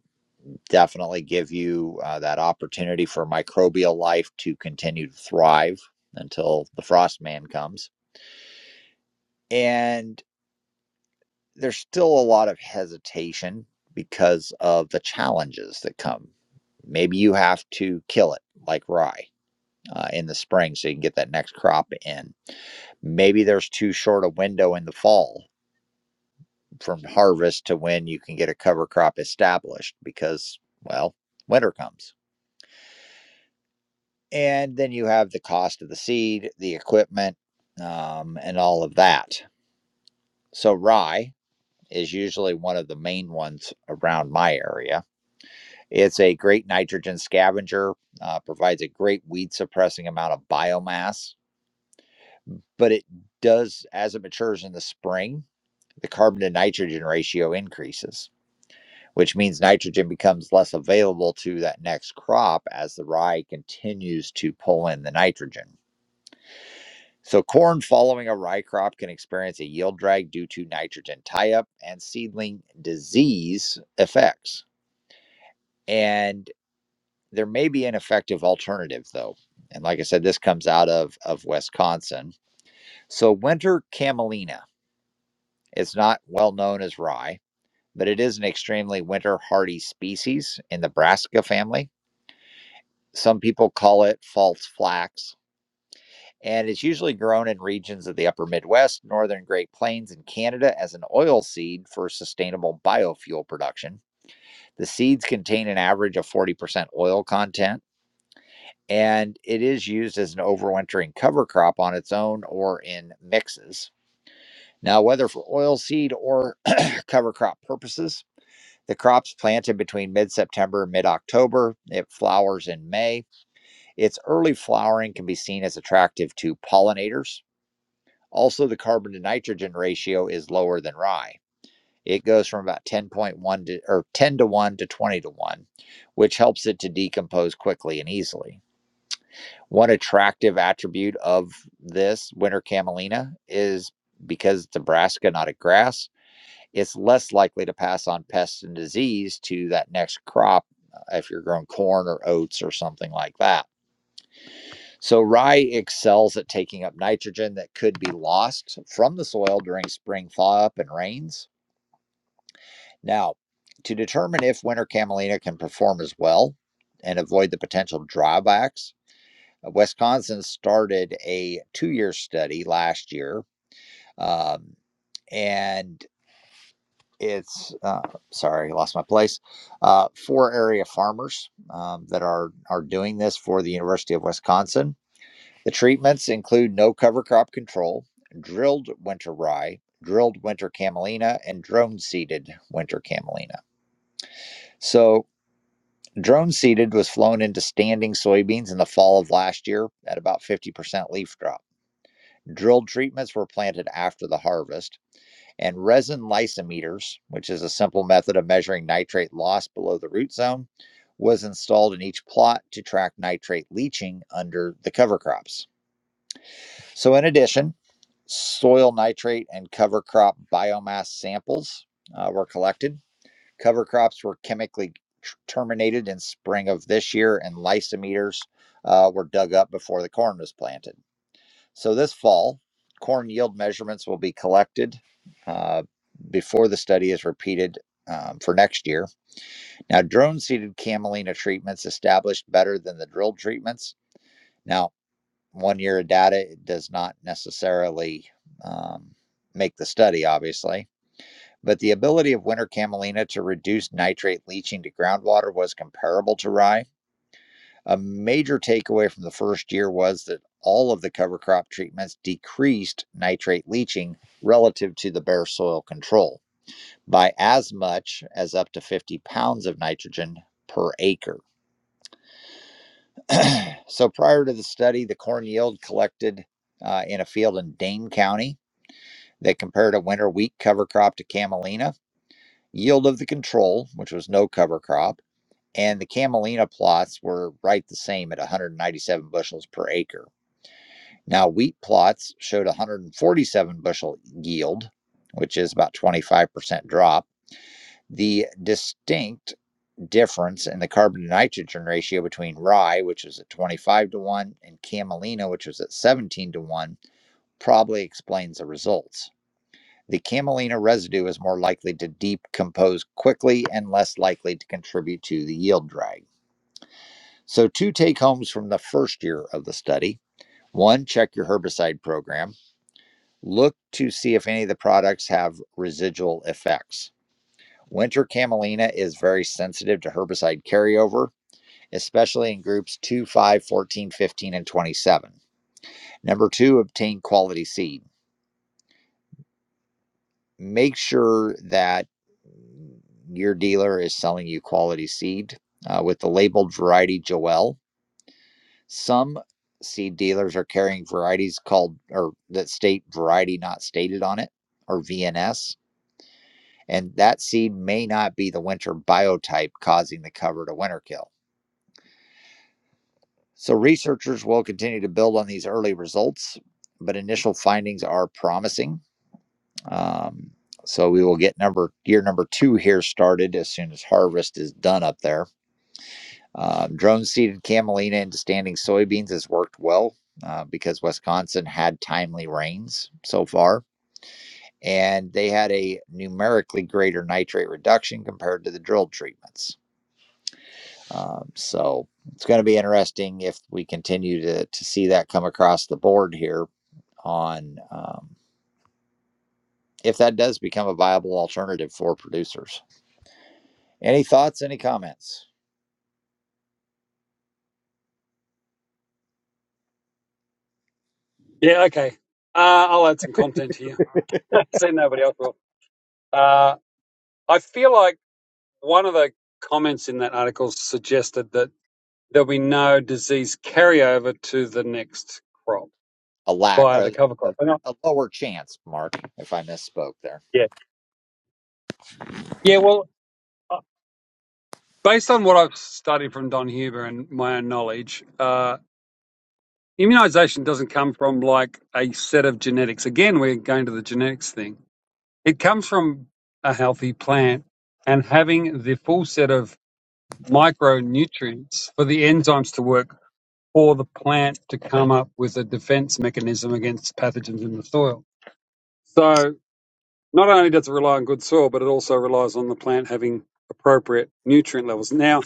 A: definitely give you uh, that opportunity for microbial life to continue to thrive until the frost man comes And. there's still a lot of hesitation because of the challenges that come. Maybe you have to kill it like rye uh, in the spring so you can get that next crop in. Maybe there's too short a window in the fall from harvest to when you can get a cover crop established because, well, winter comes. And then you have the cost of the seed, the equipment, um, and all of that. So, rye is usually one of the main ones around my area It's a great nitrogen scavenger, uh, provides a great weed suppressing amount of biomass, but it does, as it matures in the spring, the carbon to nitrogen ratio increases, which means nitrogen becomes less available to that next crop as the rye continues to pull in the nitrogen. So, corn following a rye crop can experience a yield drag due to nitrogen tie up and seedling disease effects. And There may be an effective alternative, though. And like I said, this comes out of, of Wisconsin. So, winter camelina is not well known as rye, but it is an extremely winter hardy species in the brassica family. Some people call it false flax, and it's usually grown in regions of the upper Midwest, northern Great Plains, and Canada as an oil seed for sustainable biofuel production. The seeds contain an average of 40% oil content and it is used as an overwintering cover crop on its own or in mixes. Now, whether for oilseed or cover crop purposes, the crop's planted between mid September and mid October. It flowers in May. Its early flowering can be seen as attractive to pollinators. Also, the carbon to nitrogen ratio is lower than rye. It goes from about 10.1 to, or 10 to 1 to 20 to 1, which helps it to decompose quickly and easily. One attractive attribute of this winter camelina is because it's a brassica, not a grass, it's less likely to pass on pests and disease to that next crop uh, if you're growing corn or oats or something like that. So, rye excels at taking up nitrogen that could be lost from the soil during spring thaw up and rains. Now, to determine if winter camelina can perform as well and avoid the potential drawbacks, Uh, Wisconsin started a two year study last year. Um, and it's, uh, sorry, I lost my place, uh, four area farmers um, that are, are doing this for the University of Wisconsin. The treatments include no cover crop control, drilled winter rye, drilled winter camelina, and drone seeded winter camelina. So, drone seeded was flown into standing soybeans in the fall of last year at about 50% leaf drop. Drill treatments were planted after the harvest, and resin lysimeters, which is a simple method of measuring nitrate loss below the root zone, was installed in each plot to track nitrate leaching under the cover crops. So, in addition, soil nitrate and cover crop biomass samples uh, were collected. Cover crops were chemically terminated in spring of this year, and lysimeters uh, were dug up before the corn was planted. So this fall, corn yield measurements will be collected uh, before the study is repeated um, for next year. Now, drone seeded camelina treatments established better than the drilled treatments. Now, one year of data does not necessarily um, make the study, obviously. But the ability of winter camelina to reduce nitrate leaching to groundwater was comparable to rye a major takeaway from the first year was that all of the cover crop treatments decreased nitrate leaching relative to the bare soil control by as much as up to 50 pounds of nitrogen per acre. So prior to the study, the corn yield collected uh, in a field in Dane County they compared a winter wheat cover crop to camelina, yield of the control, which was no cover crop, and the camelina plots were right the same at 197 bushels per acre. Now, wheat plots showed 147 bushel yield, which is about 25% drop. The distinct difference in the carbon to nitrogen ratio between rye, which was at 25 to 1, and camelina, which was at 17 to 1, probably explains the results. The camelina residue is more likely to decompose quickly and less likely to contribute to the yield drag. So, two take homes from the first year of the study one, check your herbicide program. Look to see if any of the products have residual effects. Winter camelina is very sensitive to herbicide carryover, especially in groups 2, five, fourteen, fifteen, and 27. Number two, obtain quality seed. Make sure that your dealer is selling you quality seed uh, with the labeled variety Joel. Some seed dealers are carrying varieties called or that state variety not stated on it or VNS and that seed may not be the winter biotype causing the cover to winter kill. So, researchers will continue to build on these early results, but initial findings are promising. Um, so, we will get number year number two here started as soon as harvest is done up there. Um, drone seeded camelina into standing soybeans has worked well uh, because Wisconsin had timely rains so far, and they had a numerically greater nitrate reduction compared to the drilled treatments. Um, so it's going to be interesting if we continue to, to see that come across the board here on um, if that does become a viable alternative for producers. Any thoughts? Any comments?
H: Yeah. Okay. Uh, I'll add some content here. See, nobody else will. Uh, I feel like one of the comments in that article suggested that there'll be no disease carryover to the next crop
A: A lack,
H: via the
A: a,
H: cover
A: a,
H: crop. And I,
A: a lower chance, Mark, if I misspoke there.
H: yeah. Yeah. Well, uh, based on what I've studied from Don Huber and my own knowledge, uh, immunization doesn't come from like a set of genetics. Again, we're going to the genetics thing. It comes from a healthy plant and having the full set of micronutrients for the enzymes to work for the plant to come up with a defense mechanism against pathogens in the soil. So not only does it rely on good soil, but it also relies on the plant having appropriate nutrient levels. Now,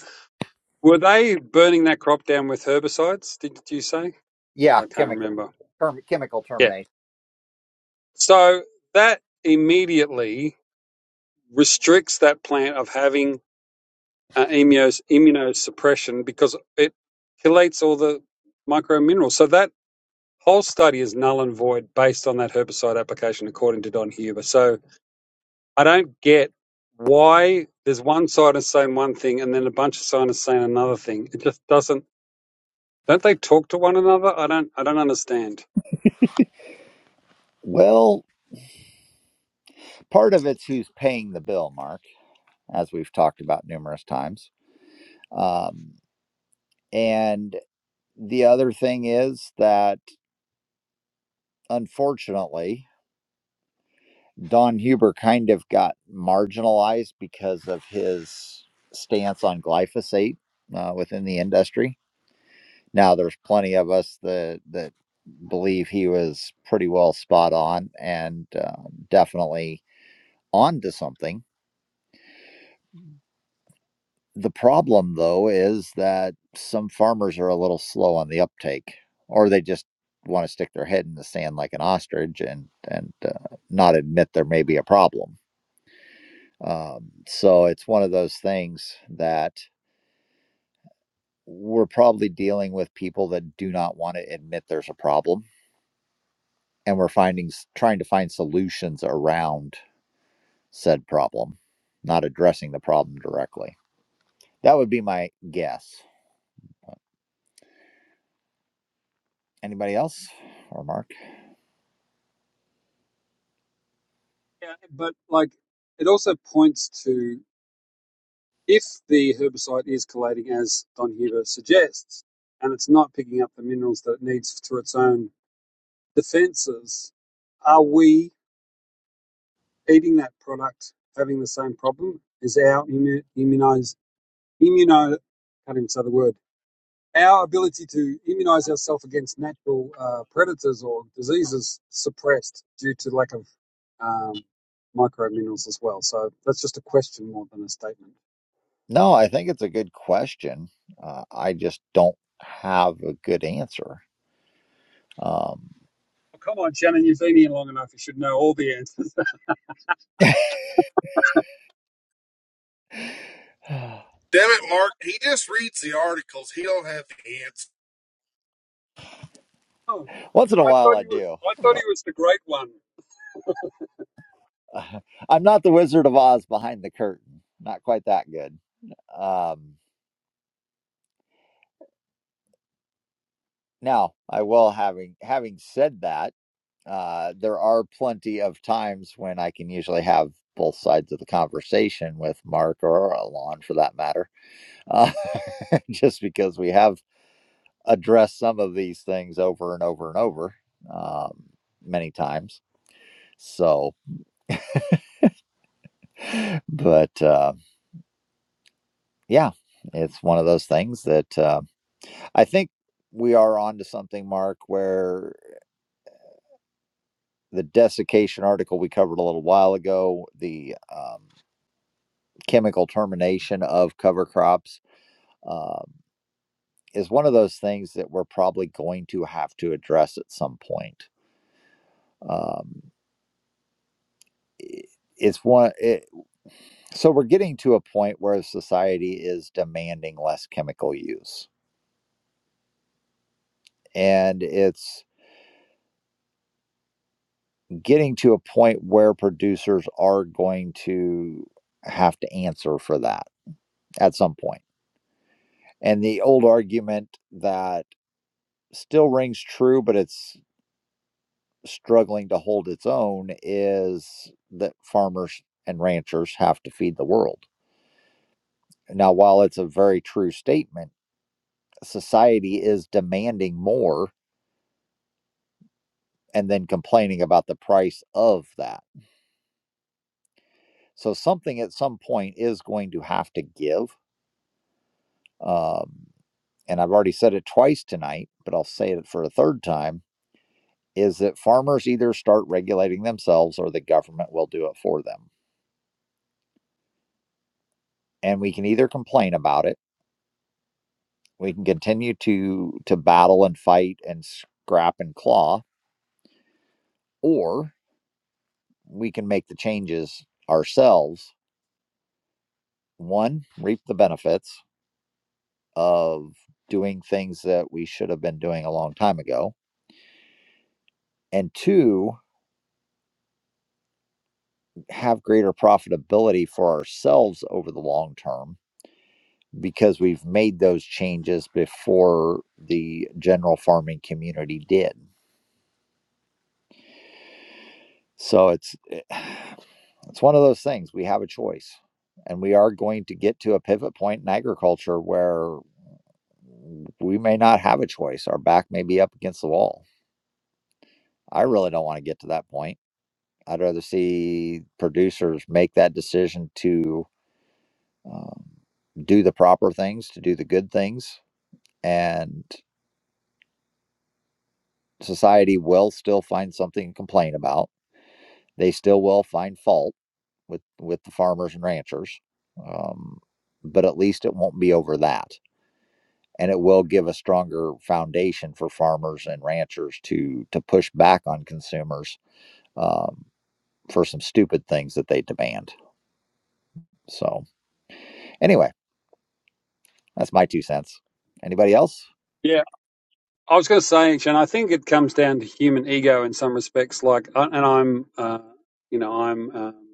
H: were they burning that crop down with herbicides? Did you say?
A: Yeah,
H: I can't
A: chemical,
H: remember.
A: term, chemical
H: Yeah.
A: termination.
H: So that immediately restricts that plant of having uh, immunos, immunosuppression because it chelates all the micro minerals. So that Whole study is null and void based on that herbicide application, according to Don Huber. So I don't get why there's one scientist saying one thing and then a bunch of scientists saying another thing. It just doesn't. Don't they talk to one another? I don't. I don't understand.
A: Well, part of it's who's paying the bill, Mark, as we've talked about numerous times. Um, and the other thing is that, unfortunately, Don Huber kind of got marginalized because of his stance on glyphosate uh, within the industry. Now, there's plenty of us that that believe he was pretty well spot on and uh, definitely onto something. The problem, though, is that some farmers are a little slow on the uptake, or they just want to stick their head in the sand like an ostrich and and uh, not admit there may be a problem Um, so it's one of those things that we're probably dealing with people that do not want to admit there's a problem, and we're finding s- trying to find solutions around said problem, not addressing the problem directly. That would be my guess. Anybody else or Mark?
H: Yeah, but like, it also points to if the herbicide is collating as Don Huber suggests, and it's not picking up the minerals that it needs through its own defenses. Are we eating that product, having the same problem is our immu- immunize, immuno, I didn't say the word, our ability to immunize ourselves against natural uh, predators or diseases suppressed due to lack of um, micro as well. So that's just a question more than a statement.
A: No, I think it's a good question. Uh, I just don't have a good answer. Um,
H: Oh, come on, Shannon, you've been here long enough. You should know all the answers.
J: Damn it, Mark. He just reads the articles. He don't have the answer.
H: oh,
A: once in a
H: I
A: while,
H: thought
A: I
H: he was,
A: do,
H: I thought he was the great one.
A: I'm not the Wizard of Oz behind the curtain. Not quite that good. Um, now, I will having having said that, uh, there are plenty of times when I can usually have both sides of the conversation with Mark or Alon, for that matter, uh, just because we have addressed some of these things over and over and over um, many times. So, but uh, yeah, it's one of those things that. uh, I think we are onto something, Mark, where the desiccation article we covered a little while ago, the um, chemical termination of cover crops, um, is one of those things that we're probably going to have to address at some point. Um, i- it's one, it, so we're getting to a point where society is demanding less chemical use. And it's getting to a point where producers are going to have to answer for that at some point. And the old argument that still rings true, but it's struggling to hold its own is that farmers and ranchers have to feed the world. Now, while it's a very true statement, society is demanding more and then complaining about the price of that. So, something at some point is going to have to give. Um, and I've already said it twice tonight, but I'll say it for a third time. is that farmers either start regulating themselves or the government will do it for them. And we can either complain about it, we can continue to to battle and fight and scrap and claw, or we can make the changes ourselves. One, reap the benefits of doing things that we should have been doing a long time ago. And two, have greater profitability for ourselves over the long term because we've made those changes before the general farming community did. So it's it's one of those things we have a choice and we are going to get to a pivot point in agriculture where we may not have a choice. Our back may be up against the wall. I really don't want to get to that point. I'd rather see producers make that decision to um, do the proper things, to do the good things, and society will still find something to complain about They still will find fault with with the farmers and ranchers, um, but at least it won't be over that, and it will give a stronger foundation for farmers and ranchers to to push back on consumers um, for some stupid things that they demand. So anyway, that's my two cents. Anybody else?
H: Yeah. I was going to say, Jen, I think it comes down to human ego in some respects. Like, I- and I'm, uh, you know, I'm um,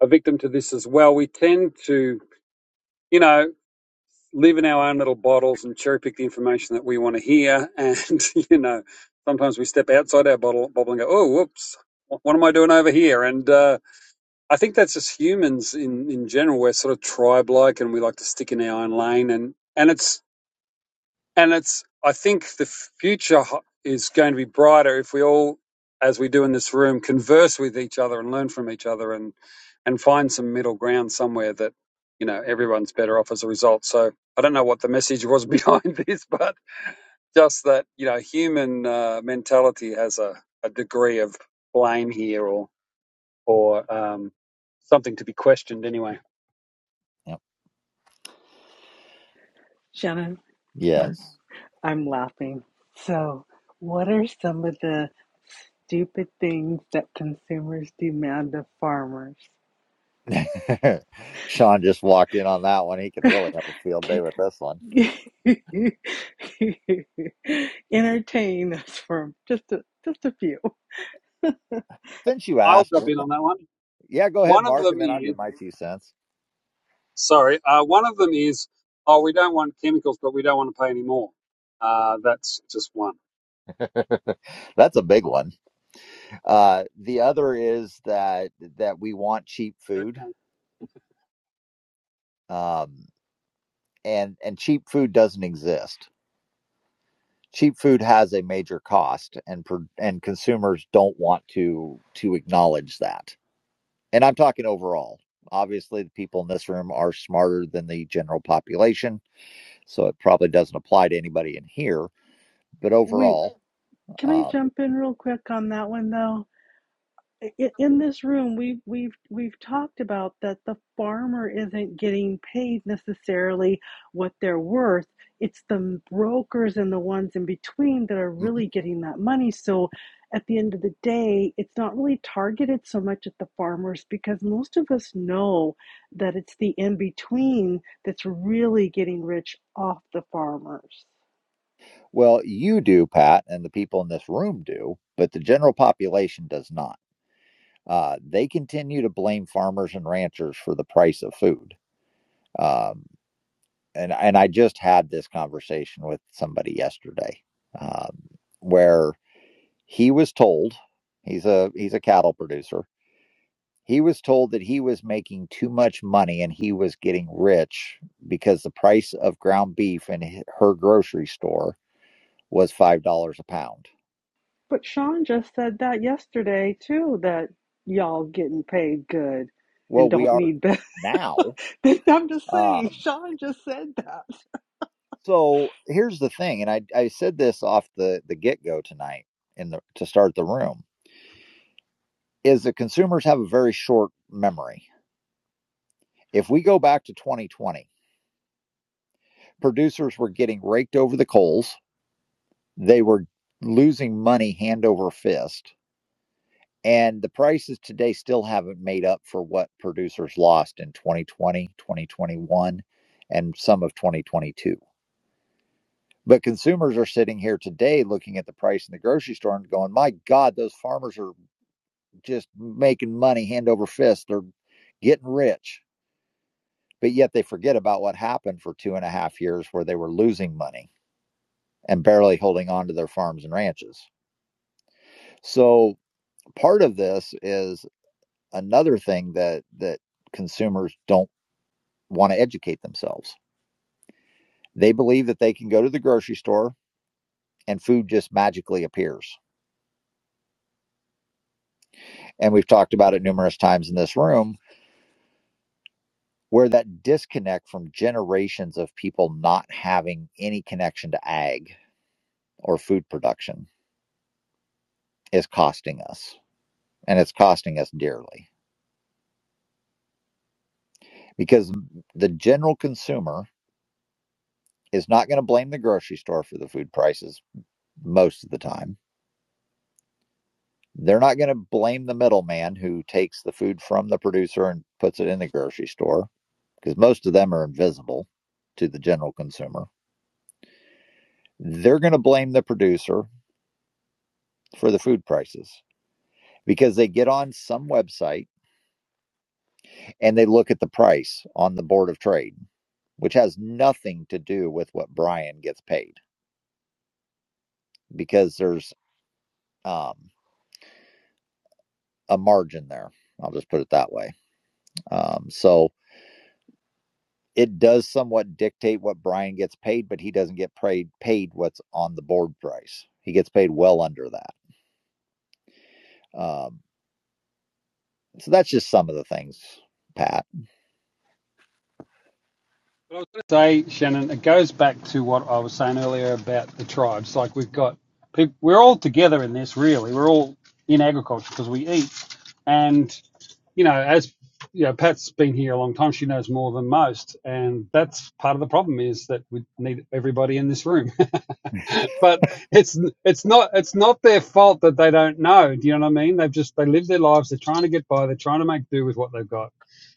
H: a victim to this as well. We tend to, you know, live in our own little bottles and cherry pick the information that we want to hear. And, you know, sometimes we step outside our bottle, bubble and go, oh, whoops, wh- what am I doing over here? And uh, I think that's just humans in, in general. We're sort of tribe like and we like to stick in our own lane. And, and it's, and it's, I think the future ho- is going to be brighter if we all, as we do in this room, converse with each other and learn from each other and, and find some middle ground somewhere that, you know, everyone's better off as a result. So I don't know what the message was behind this, but just that, you know, human uh, mentality has a, a degree of blame here or, or um, something to be questioned anyway.
A: Yep.
E: Shannon,
A: Yes.
E: I'm laughing. So, what are some of the stupid things that consumers demand of farmers?
A: Sean just walked in on that one. He could really have a field day with this one.
E: Entertain us for just a, just a few.
A: Since you
H: I'll
A: asked,
H: jump in on that one.
A: yeah, go ahead,
H: One of
A: Mark,
H: them
A: and then I'll
H: is
A: give my two cents.
H: Sorry. Uh, one of them is, oh, we don't want chemicals, but we don't want to pay any more. Uh, that's just one.
A: That's a big one. Uh, the other is that that we want cheap
H: Go,
A: food,
H: Shannon.
A: um, and and cheap food doesn't exist. Cheap food has a major cost, and pro- and consumers don't want to to acknowledge that. And I'm talking overall. Obviously, the people in this room are smarter than the general population, so it probably doesn't apply to anybody in here. But
E: Wait,
A: overall,
E: can I
A: Um,
E: jump in real quick on that one though? i- in this room we've we've we've talked about that the farmer isn't getting paid necessarily what they're worth it's the brokers and the ones in between that are really
A: mhm.
E: getting that money so at the end of the day it's not really targeted so much at the farmers because most of us know that it's the in between that's really getting rich off the farmers
A: Well, you do, Pat, and the people in this room do, but the general population does not. Uh, they continue to blame farmers and ranchers for the price of food. Um, and and I just had this conversation with somebody yesterday, um, where He was told he's a he's a cattle producer. He was told that he was making too much money and he was getting rich because the price of ground beef in her grocery store was five dollars a pound.
E: But Sean just said that yesterday too, that y'all getting paid good and
A: Well, we
E: don't
A: are
E: need that.
A: now.
E: I'm just saying,
A: Um,
E: Sean just said that.
A: so here's the thing, and I, I said this off the the get go tonight in the to start the room is that consumers have a very short memory. If we go back to 2020, producers were getting raked over the coals they were losing money hand over fist. And the prices today still haven't made up for what producers lost in 2020, 2021, and some of 2022. But consumers are sitting here today looking at the price in the grocery store and going, my God, those farmers are just making money hand over fist. They're getting rich. But yet they forget about what happened for two and a half years where they were losing money and barely holding on to their farms and ranches. So part of this is another thing that that consumers don't want to educate themselves. They believe that they can go to the grocery store and food just magically appears. And we've talked about it numerous times in this room where that disconnect from generations of people not having any connection to ag or food production is costing us and it's costing us dearly because the general consumer is not going to blame the grocery store for the food prices most of the time They're not going to blame the middleman who takes the food from the producer and puts it in the grocery store because most of them are invisible to the general consumer. They're going to blame the producer for the food prices because they get on some website and they look at the price on the board of trade, which has nothing to do with what Brian gets paid because there's um, a margin there. I'll just put it that way. Um, so it does somewhat dictate what Brian gets paid, but he doesn't get paid paid what's on the board price. He gets paid well under that. Um, so that's just some of the things, Pat.
H: But I was going to say, Shannon, it goes back to what I was saying earlier about the tribes. Like we've got, peop we're all together in this, really. We're all in agriculture because we eat. And, you know, as you know, Pat's been here a long time. She knows more than most, and that's part of the problem is that we need everybody in this room. but it's it's not it's not their fault that they don't know. Do you know what I mean? They've just they live their lives. They're trying to get by. They're trying to make do with what they've got,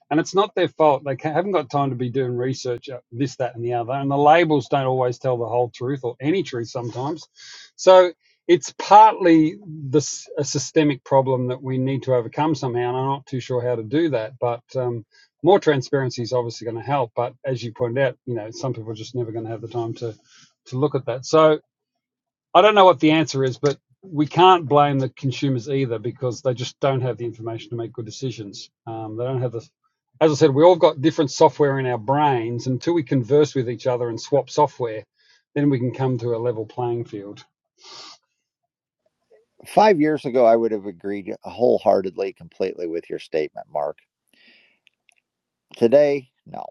H: and it's not their fault. They ca haven't got time to be doing research, uh, this, that, and the other. And the labels don't always tell the whole truth or any truth sometimes. So it's partly this a systemic problem that we need to overcome somehow. And I'm not too sure how to do that, but. Um, more transparency is obviously going to help, but as you pointed out, you know some people are just never going to have the time to to look at that. So I don't know what the answer is, but we can't blame the consumers either because they just don't have the information to make good decisions. Um, they don't have the, as I said, we all got different software in our brains. Until we converse with each other and swap software, then we can come to a level playing field.
A: Five years ago, I would have agreed wholeheartedly, completely with your statement, Mark. Today, no.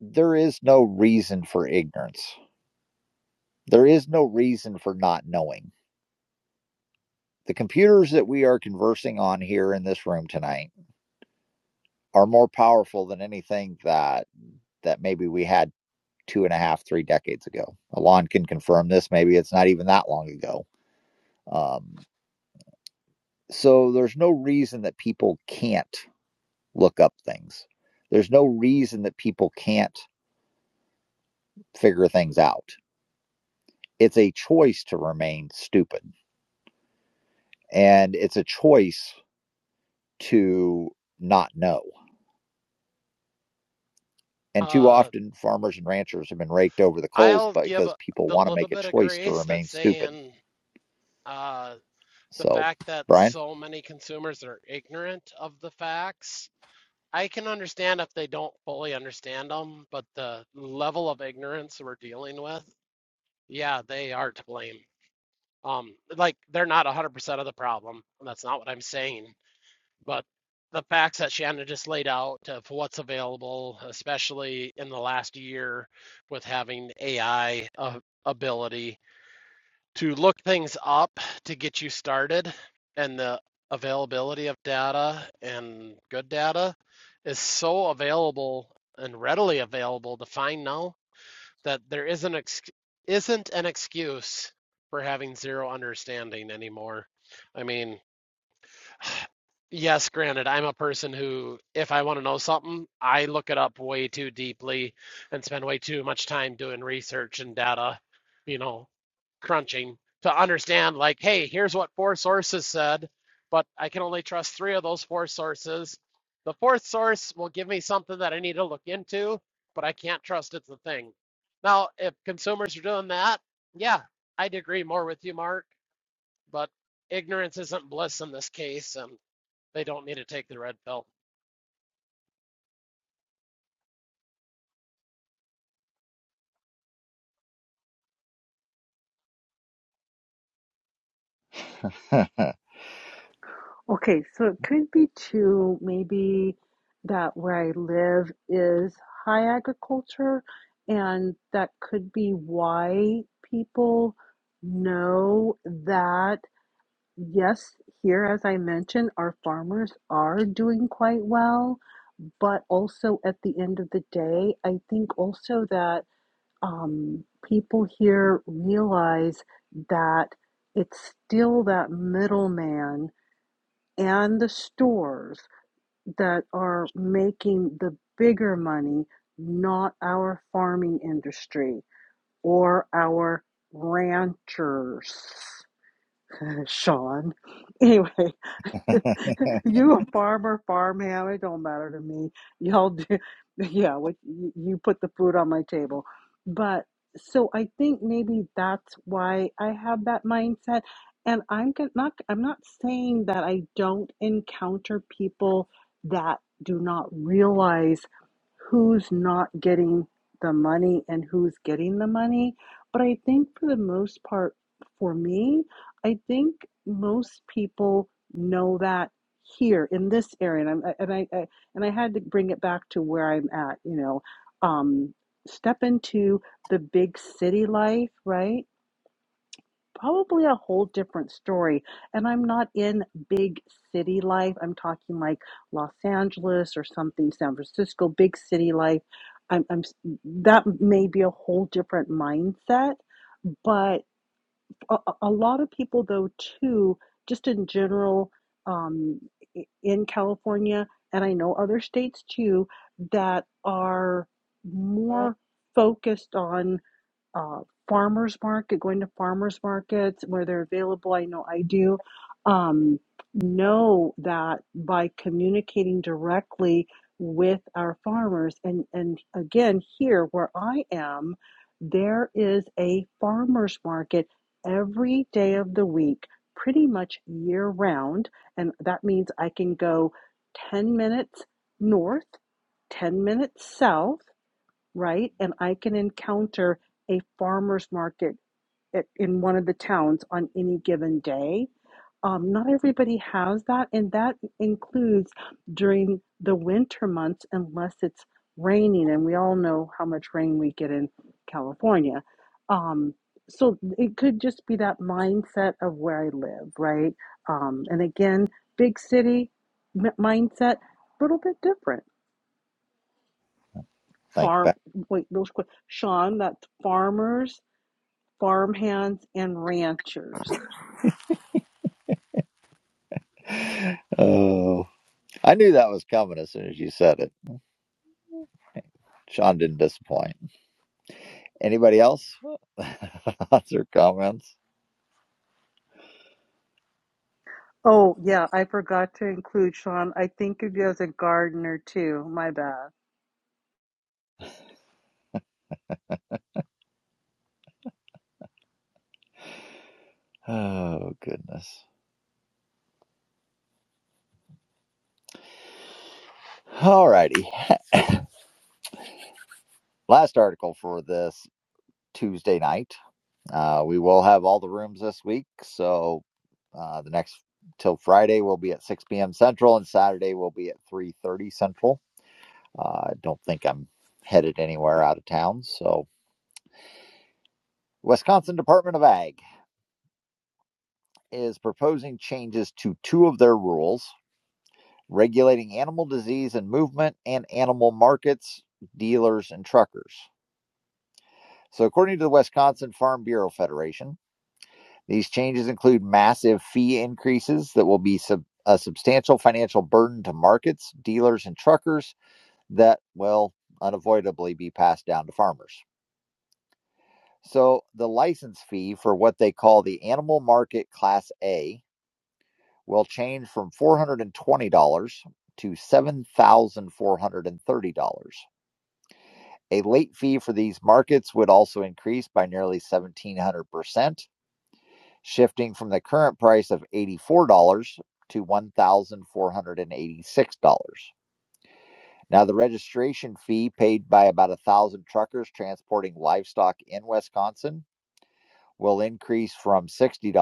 A: There is no reason for ignorance. There is no reason for not knowing. The computers that we are conversing on here in this room tonight are more powerful than anything that that maybe we had two and a half, three decades ago. Alon can confirm this. Maybe it's not even that long ago. Um, so there's no reason that people can't look up things. There's no reason that people can't figure things out. It's a choice to remain stupid, and it's a choice to not know. And too
D: Uh,
A: often, farmers and ranchers have been raked over the coals
D: I'll give
A: because people
D: the
A: want to
D: little
A: make a
D: bit of
A: choice to
D: grace that's
A: remain stupid.
D: saying. uh, the
A: So,
D: fact that
A: Brian,
D: so many consumers are ignorant of the facts. I can understand if they don't fully understand them, but the level of ignorance we're dealing with, yeah, they are to blame. Um, like they're not 100% of the problem. That's not what I'm saying, but the facts that Shannon just laid out of what's available, especially in the last year with having AI uh, ability to look things up to get you started and the availability of data and good data is so available and readily available to find now that there isn't ex- isn't an excuse for having zero understanding anymore. I mean, Yes, granted, I'm a person who, if I want to know something, I look it up way too deeply and spend way too much time doing research and data, you know, crunching to understand, like, hey, here's what four sources said, but I can only trust three of those four sources. The fourth source will give me something that I need to look into, but I can't trust it's a thing. Now, if consumers are doing that, yeah, I'd agree more with you, Mark, but ignorance isn't bliss in this case, and. They don't need to take the red pill.
A: thank
E: Okay, so it could be two, maybe that where I live is high agriculture, and that could be why people know that Yes, here, as I mentioned, our farmers are doing quite well, but also at the end of the day, I think also that um, people here realize that it's still that middleman and the stores that are making the bigger money, not our farming industry or our ranchers, Sean. Anyway. You a farmer, farm hand, it don't matter to me. Y'all do, yeah, what you you put the food on my table. But so I think maybe that's why I have that mindset. And I'm gon- not, I'm not saying that I don't encounter people that do not realize who's not getting the money and who's getting the money. But I think for the most part, for me, I think most people know that here in this area and I'm, and I, I and I had to bring it back to where I'm at you know um step into the big city life right probably a whole different story and I'm not in big city life I'm talking like Los Angeles or something San Francisco big city life I'm, I'm that may be a whole different mindset but a, a lot of people though too just in general um, in california and i know other states too that are more focused on uh, farmers market, going to farmers markets where they're available. I know I do. Um, know that by communicating directly with our farmers, and and again here where I am, there is a farmers market every day of the week, pretty much year round, and that means I can go ten minutes north, ten minutes south right? And I can encounter a farmer's market at, in one of the towns on any given day. Um, not everybody has that, and that includes during the winter months, unless it's raining, and we all know how much rain we get in California. Um, so it could just be that mindset of where I live, right? Um, and again, big city m- mindset, a little bit different
A: you,
E: farm
A: Pat.
E: wait those que- Sean that's farmers farmhands and ranchers
A: Oh, I knew that was coming as soon as you said it. Sean didn't disappoint. Anybody else? Thoughts or comments?
E: oh yeah I forgot to include Sean I think of you as a gardener too my bad
A: Oh, goodness. All righty. Last article for this Tuesday night. Uh, we will have all the rooms this week. So uh, the next till Friday will be at 6 p.m. Central, and Saturday will be at 3:30 Central. Uh, I don't think I'm headed anywhere out of town. So, Wisconsin Department of Ag is proposing changes to two of their rules regulating animal disease and movement and animal markets, dealers, and truckers. So, according to the Wisconsin Farm Bureau Federation, these changes include massive fee increases that will be sub- a substantial financial burden to markets, dealers, and truckers that will unavoidably be passed down to farmers. So, the license fee for what they call the animal market class A will change from $420 to $7,430. A late fee for these markets would also increase by nearly 1,700%, shifting from the current price of $84 to $1,486. Now, the registration fee paid by about a thousand truckers transporting livestock in Wisconsin will increase from $60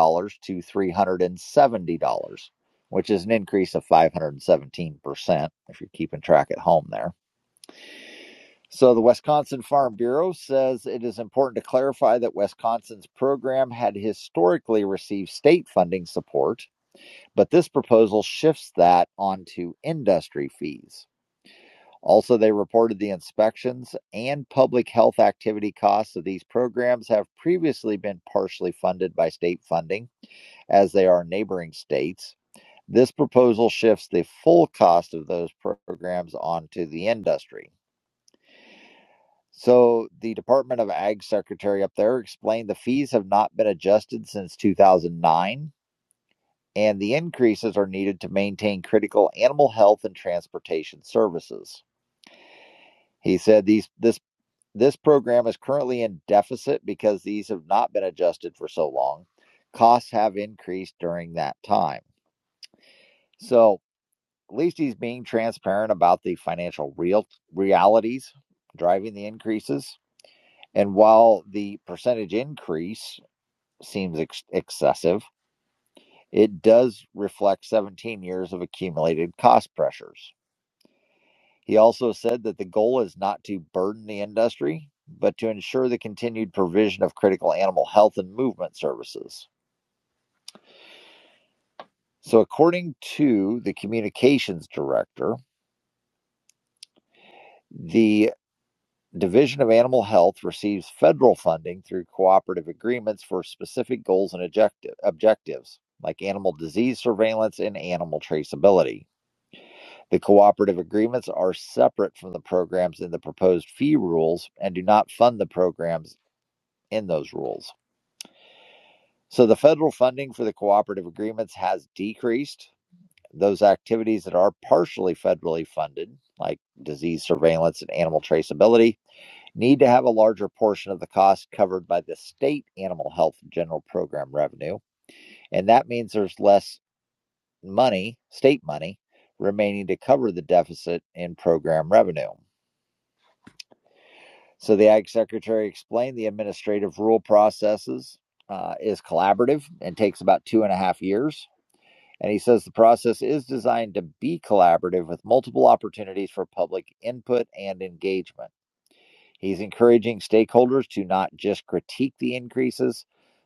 A: to $370, which is an increase of 517%, if you're keeping track at home there. So the Wisconsin Farm Bureau says it is important to clarify that Wisconsin's program had historically received state funding support, but this proposal shifts that onto industry fees. Also, they reported the inspections and public health activity costs of these programs have previously been partially funded by state funding, as they are neighboring states. This proposal shifts the full cost of those programs onto the industry. So the Department of Ag secretary up there explained the fees have not been adjusted since 2009, and the increases are needed to maintain critical animal health and transportation services. He said these this this program is currently in deficit because these have not been adjusted for so long. Costs have increased during that time. So at least he's being transparent about the financial real realities driving the increases. And while the percentage increase seems ex- excessive. It does reflect 17 years of accumulated cost pressures. He also said that the goal is not to burden the industry, but to ensure the continued provision of critical animal health and movement services. So, according to the communications director, the Division of Animal Health receives federal funding through cooperative agreements for specific goals and objective objectives, like animal disease surveillance and animal traceability. The cooperative agreements are separate from the programs in the proposed fee rules and do not fund the programs in those rules. So the federal funding for the cooperative agreements has decreased. Those activities that are partially federally funded, like disease surveillance and animal traceability, need to have a larger portion of the cost covered by the state animal health general program revenue. And that means there's less money, state money, remaining to cover the deficit in program revenue. So the Ag Secretary explained the administrative rule processes uh, is collaborative and takes about two and a half years. And he says the process is designed to be collaborative with multiple opportunities for public input and engagement. He's encouraging stakeholders to not just critique the increases,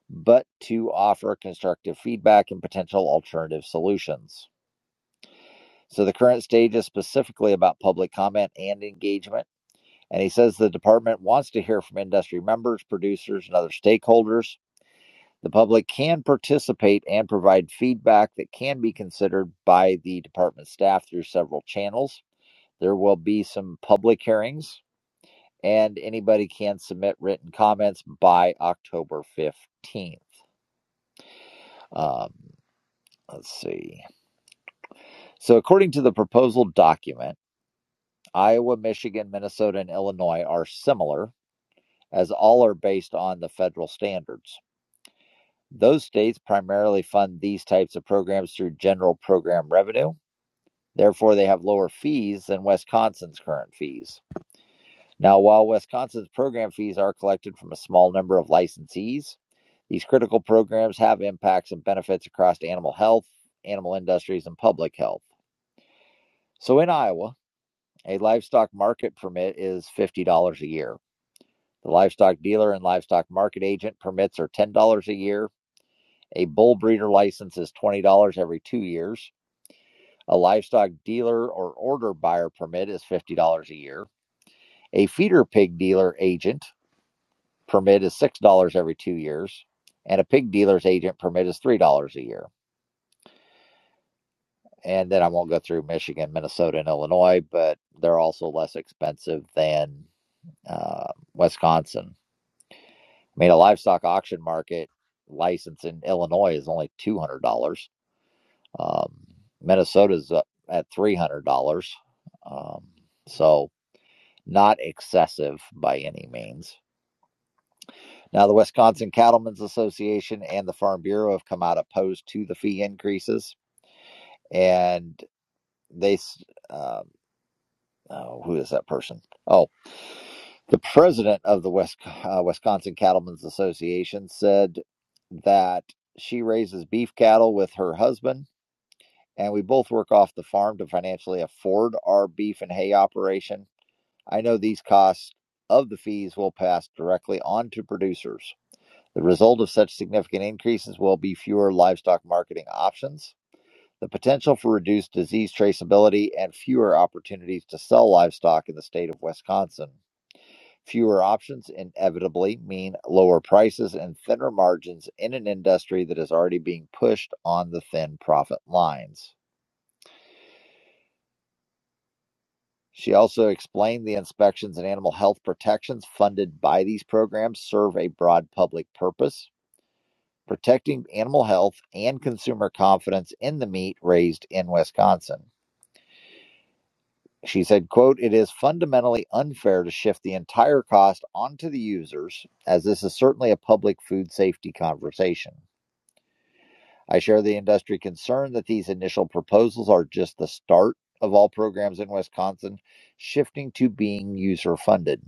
A: but to offer constructive feedback and potential alternative solutions. So the current stage is specifically about public comment and engagement and he says the department wants to hear from industry members, producers, and other stakeholders. The public can participate and provide feedback that can be considered by the department staff through several channels. There will be some public hearings, and anybody can submit written comments by October 15th. Um, let's see. So, according to the proposal document, Iowa, Michigan, Minnesota, and Illinois are similar, as all are based on the federal standards. Those states primarily fund these types of programs through general program revenue. Therefore, they have lower fees than Wisconsin's current fees. Now, while Wisconsin's program fees are collected from a small number of licensees, these critical programs have impacts and benefits across animal health, animal industries, and public health. So in Iowa, a livestock market permit is $50 a year. The livestock dealer and livestock market agent permits are $10 a year. A bull breeder license is $20 every two years. A livestock dealer or order buyer permit is $50 a year. A feeder pig dealer agent permit is $6 every two years. And a pig dealer's agent permit is $3 a year. And then I won't go through Michigan, Minnesota, and Illinois, but they're also less expensive than uh, Wisconsin. I mean, a livestock auction market license in Illinois is only $200. Um, Minnesota's uh, at $300. Um, so, not excessive by any means. Now, the Wisconsin Cattlemen's Association and the Farm Bureau have come out opposed to the fee increases, and they, s- um, oh, who is that person? Oh, the president of the West, uh, Wisconsin Cattlemen's Association said that she raises beef cattle with her husband, and we both work off the farm to financially afford our beef and hay operation I know these costs of the fees will pass directly on to producers. The result of such significant increases will be fewer livestock marketing options, the potential for reduced disease traceability, and fewer opportunities to sell livestock in the state of Wisconsin. Fewer options inevitably mean lower prices and thinner margins in an industry that is already being pushed on the thin profit lines. She also explained the inspections and animal health protections funded by these programs serve a broad public purpose, protecting animal health and consumer confidence in the meat raised in Wisconsin. She said, quote, it is fundamentally unfair to shift the entire cost onto the users, as this is certainly a public food safety conversation. I share the industry concern that these initial proposals are just the start of all programs in Wisconsin shifting to being user funded.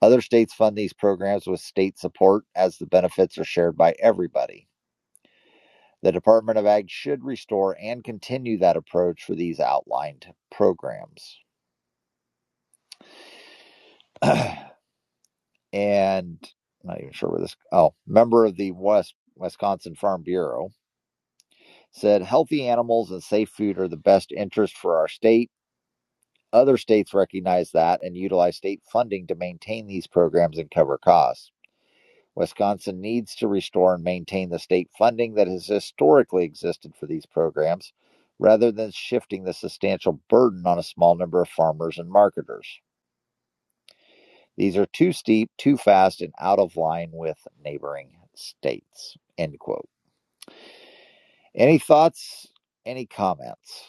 A: Other states fund these programs with state support as the benefits are shared by everybody. The Department of Ag should restore and continue that approach for these outlined programs. And I'm not even sure where this oh, member of the West Wisconsin Farm Bureau said healthy animals and safe food are the best interest for our state. Other states recognize that and utilize state funding to maintain these programs and cover costs. Wisconsin needs to restore and maintain the state funding that has historically existed for these programs rather than shifting the substantial burden on a small number of farmers and marketers. These are too steep, too fast, and out of line with neighboring states. End quote. Any thoughts? Any comments?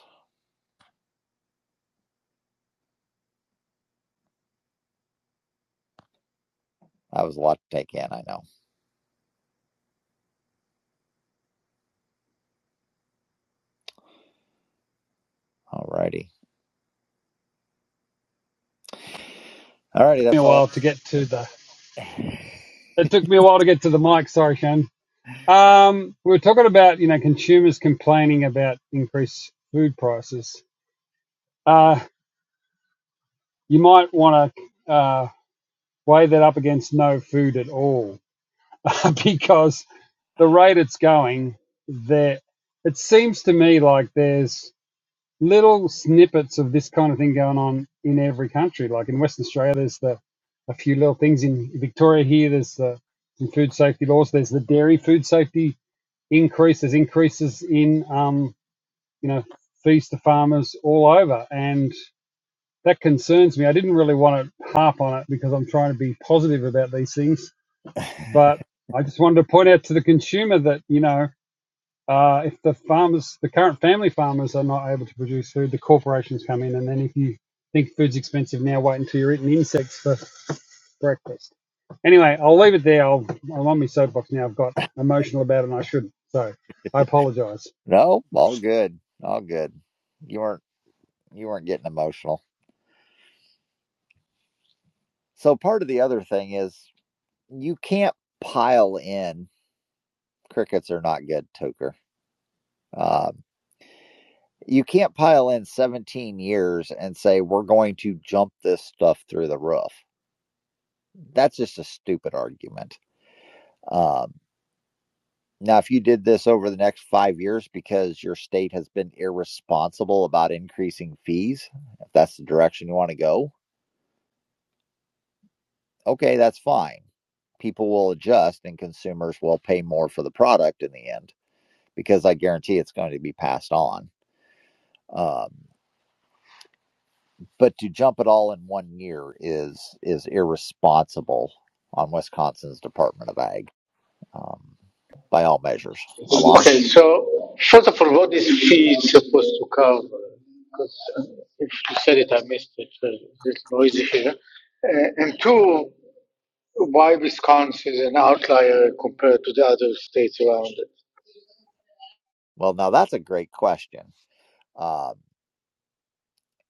A: That was a lot to take in, I know. All righty. All righty,
H: It took me a
A: that's all.
H: while to get to the. It took me a while to get to the mic. Sorry, Shane. Um, we were talking about you know consumers complaining about increased food prices. Uh, you might want to uh, weigh that up against no food at all because the rate it's going, there it seems to me like there's little snippets of this kind of thing going on in every country. Like in Western Australia, there's the a few little things in Victoria here. There's the some food safety laws. There's the dairy food safety increase. There's increases in um, you know fees to farmers all over, and that concerns me. I didn't really want to harp on it because I'm trying to be positive about these things but I just wanted to point out to the consumer that, you know, uh, if the farmers, the current family farmers are not able to produce food, the corporations come in. And then if you think food's expensive now, wait until you're eating insects for breakfast. Anyway, I'll leave it there. I'll, I'm on my soapbox now. I've got emotional about it and I shouldn't. So I apologize.
A: No, all good. All good. You weren't you weren't getting emotional. So part of the other thing is you can't pile in crickets are not good, Toker. Um, you can't pile in 17 years and say we're going to jump this stuff through the roof. That's just a stupid argument. Um, now, if you did this over the next five years because your state has been irresponsible about increasing fees, if that's the direction you want to go, okay, that's fine. People will adjust and consumers will pay more for the product in the end because I guarantee it's going to be passed on Um, but to jump it all in one year is is irresponsible on Wisconsin's Department of Ag, um, by all measures. Alon,
F: Okay, so first of all, what is fee supposed to cover? Because uh, if you said it, I missed it. So it's noisy here. Uh, and two, why Wisconsin is an outlier compared to the other states around it?
A: well, now that's a great question, um,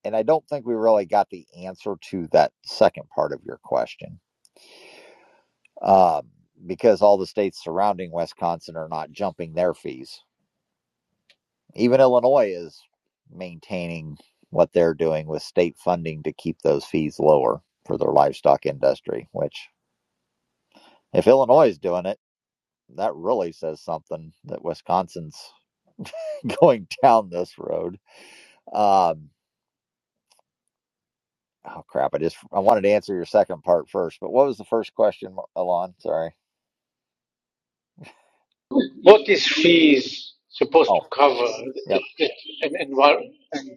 A: and I don't think we really got the answer to that second part of your question um, because all the states surrounding Wisconsin are not jumping their fees. Even Illinois is maintaining what they're doing with state funding to keep those fees lower for their livestock industry, which If Illinois is doing it, that really says something that Wisconsin's going down this road. Um, oh crap! I just I wanted to answer your second part first, but what was the first question, Alon? Sorry.
F: What is fees supposed
A: Oh,
F: to cover?
A: yep,
F: It, it, and, and, why- and,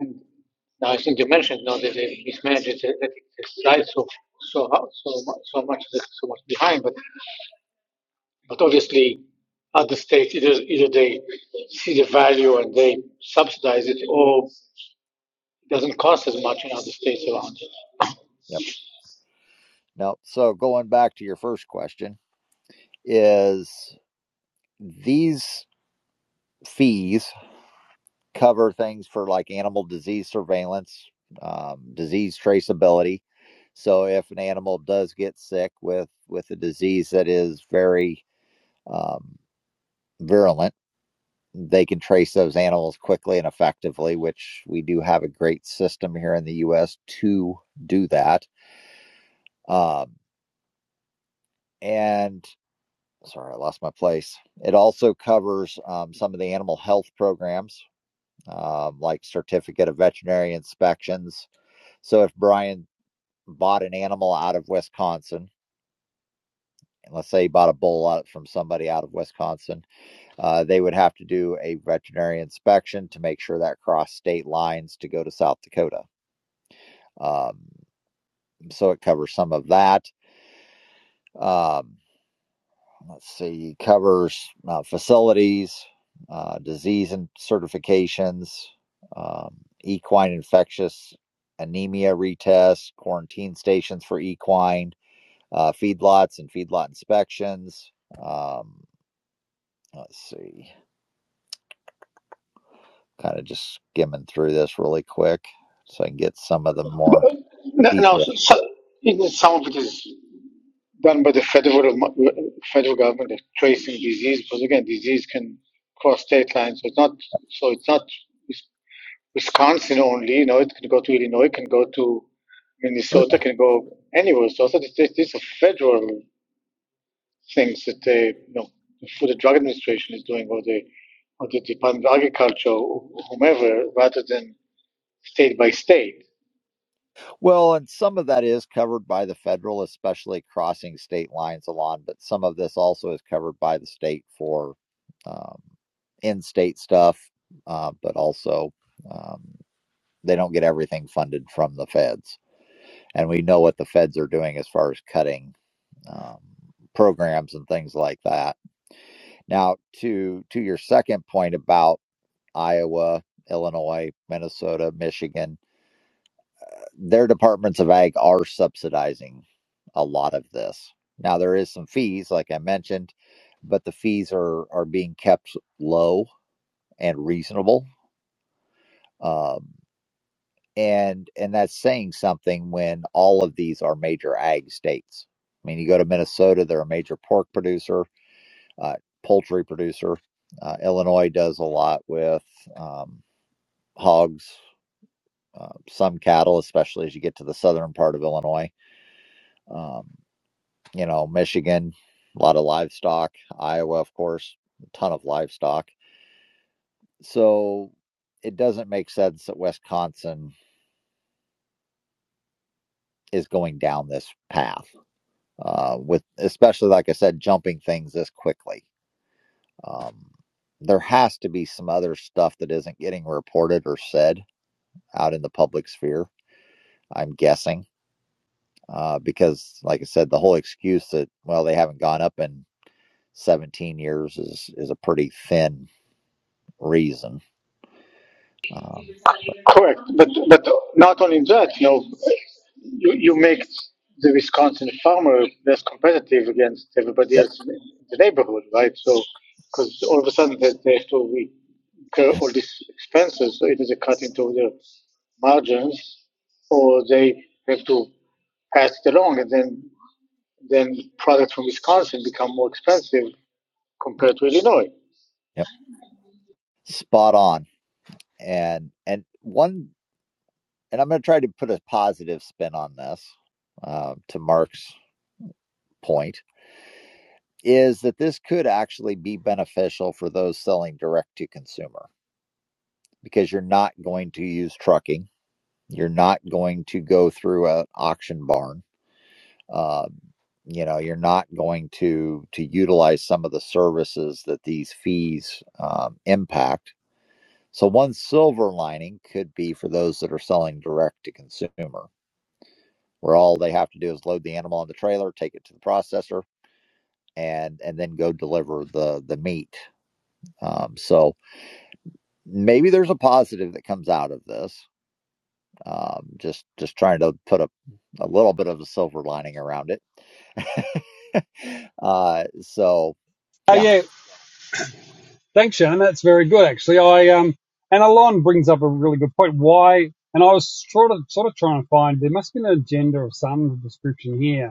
F: and now I think you mentioned now that they mismanaged it, that it's slides so so ho- so much so much so much behind, but But obviously, other states either either they see the value and they subsidize it, or it doesn't cost as much in other states around. it.
A: yep. No, so going back to your first question is these fees cover things for like animal disease surveillance, um, disease traceability. So if an animal does get sick with with a disease that is very um, virulent, they can trace those animals quickly and effectively, which we do have a great system here in the U.S. to do that. Um, and sorry, I lost my place. It also covers um, some of the animal health programs, um, like certificate of veterinary inspections. So if Brian bought an animal out of Wisconsin, and let's say he bought a bull out from somebody out of Wisconsin Uh, they would have to do a veterinary inspection to make sure that crossed state lines to go to South Dakota. Um, so it covers some of that. Um, let's see, covers uh, facilities, uh, disease and certifications, um, equine infectious anemia retests, quarantine stations for equine, uh, feedlots and feedlot inspections. Um, let's see. kind of just skimming through this really quick so I can get some of the
F: But
A: more
F: now,
A: detail.
F: so, so- even some of it is done by the federal federal government, they tracing disease, because again, disease can cross state lines. So it's not so it's not Wisconsin only. You know, it can go to Illinois, it can go to Minnesota, it can go anywhere. So it's, it's, it's a federal. things that the you know the Food and Drug Administration is doing, or the or the Department of Agriculture, or whomever, rather than state by state.
A: Well, and some of that is covered by the federal, especially crossing state lines along, but some of this also is covered by the state for um, in state stuff, uh, but also um, they don't get everything funded from the feds. And we know what the feds are doing as far as cutting um, programs and things like that. Now, to to your second point about Iowa, Illinois, Minnesota, Michigan, their departments of ag are subsidizing a lot of this. Now there is some fees, like I mentioned, but the fees are are being kept low and reasonable, um, and and that's saying something when all of these are major ag states. I mean, you go to Minnesota, they're a major pork producer, uh, poultry producer. Uh, Illinois does a lot with um, hogs. uh, some cattle, especially as you get to the southern part of Illinois. Um, you know, Michigan, a lot of livestock. Iowa, of course, a ton of livestock. So it doesn't make sense that Wisconsin is going down this path uh, with, especially like I said, jumping things this quickly. Um, there has to be some other stuff that isn't getting reported or said out in the public sphere. I'm guessing uh, because, like I said, the whole excuse that well they haven't gone up in 17 years is is a pretty thin reason. Um,
F: Correct, but but not only that, you know, you, you make the Wisconsin farmer less competitive against everybody
A: yep,
F: else in the neighborhood, right? So because all of a sudden they, they have to incur all these expenses, so it is a cut into their margins, or they have to pass it along, and then then products from Wisconsin become more expensive compared to Illinois.
A: yep, spot on. And and one, and I'm going to try to put a positive spin on this. Uh, to Mark's point, is that this could actually be beneficial for those selling direct to consumer because you're not going to use trucking. You're not going to go through an auction barn Uh, you know, you're not going to to utilize some of the services that these fees um, impact. So one silver lining could be for those that are selling direct to consumer, where all they have to do is load the animal on the trailer, take it to the processor, and and then go deliver the the meat. Um, so maybe there's a positive that comes out of this. Um, just just trying to put a a little bit of a silver lining around it. Uh, so,
H: Oh,
A: yeah,
H: yeah. Thanks, Shannon. That's very good, actually. I, um, and Alon brings up a really good point. Why? And I was sort of, sort of trying to find, there must be an agenda of some description here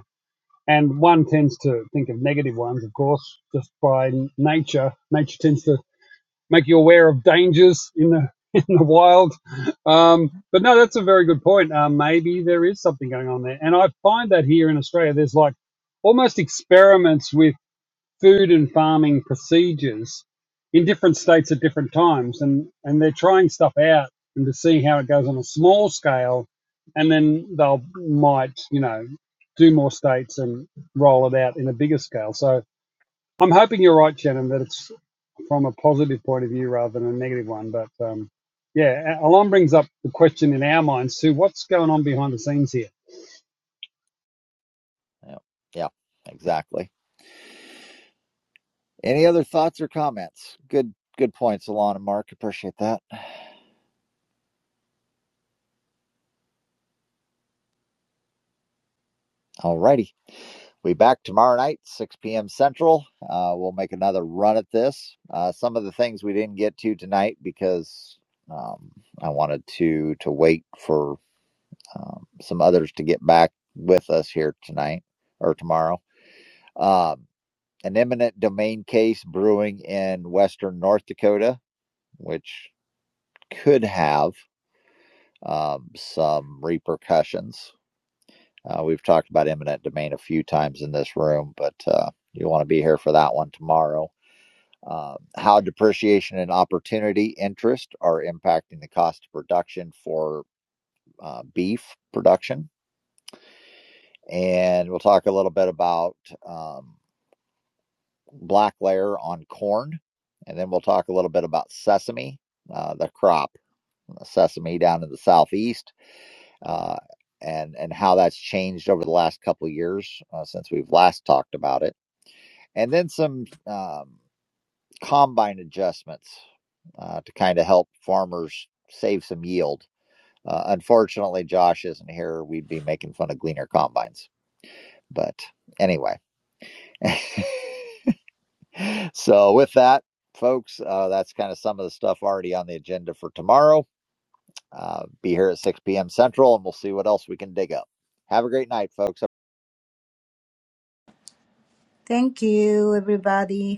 H: and one tends to think of negative ones, of course, just by nature. Nature tends to make you aware of dangers in the in the wild. Um, but no, that's a very good point. Uh, maybe there is something going on there, and I find that here in Australia, there's like almost experiments with food and farming procedures in different states at different times and and they're trying stuff out and to see how it goes on a small scale and then they'll might you know do more states and roll it out in a bigger scale so i'm hoping you're right shannon that it's from a positive point of view rather than a negative one but um yeah alon brings up the question in our minds too what's going on behind the scenes here
A: Yeah, yeah, exactly. Any other thoughts or comments? Good, good points, Alon and Mark. Appreciate that. All righty. We back tomorrow night, 6 p.m. Central. Uh, we'll make another run at this. Uh, some of the things we didn't get to tonight because um, I wanted to to wait for um, some others to get back with us here tonight or tomorrow. Um, an eminent domain case brewing in western North Dakota, which could have. um, some repercussions. Uh, we've talked about eminent domain a few times in this room, but uh, you want to be here for that one tomorrow. Uh, how depreciation and opportunity interest are impacting the cost of production for uh, beef production. And we'll talk a little bit about um, black layer on corn. And then we'll talk a little bit about sesame, uh, the crop, sesame down in the southeast uh, and and how that's changed over the last couple of years uh, since we've last talked about it, and then some um, combine adjustments uh, to kind of help farmers save some yield. Uh, unfortunately, Josh isn't here. We'd be making fun of gleaner combines, but anyway. So with that, folks, uh, that's kind of some of the stuff already on the agenda for tomorrow. Uh, be here at 6 p.m. Central, and we'll see what else we can dig up. Have a great night, folks.
G: Thank you, everybody.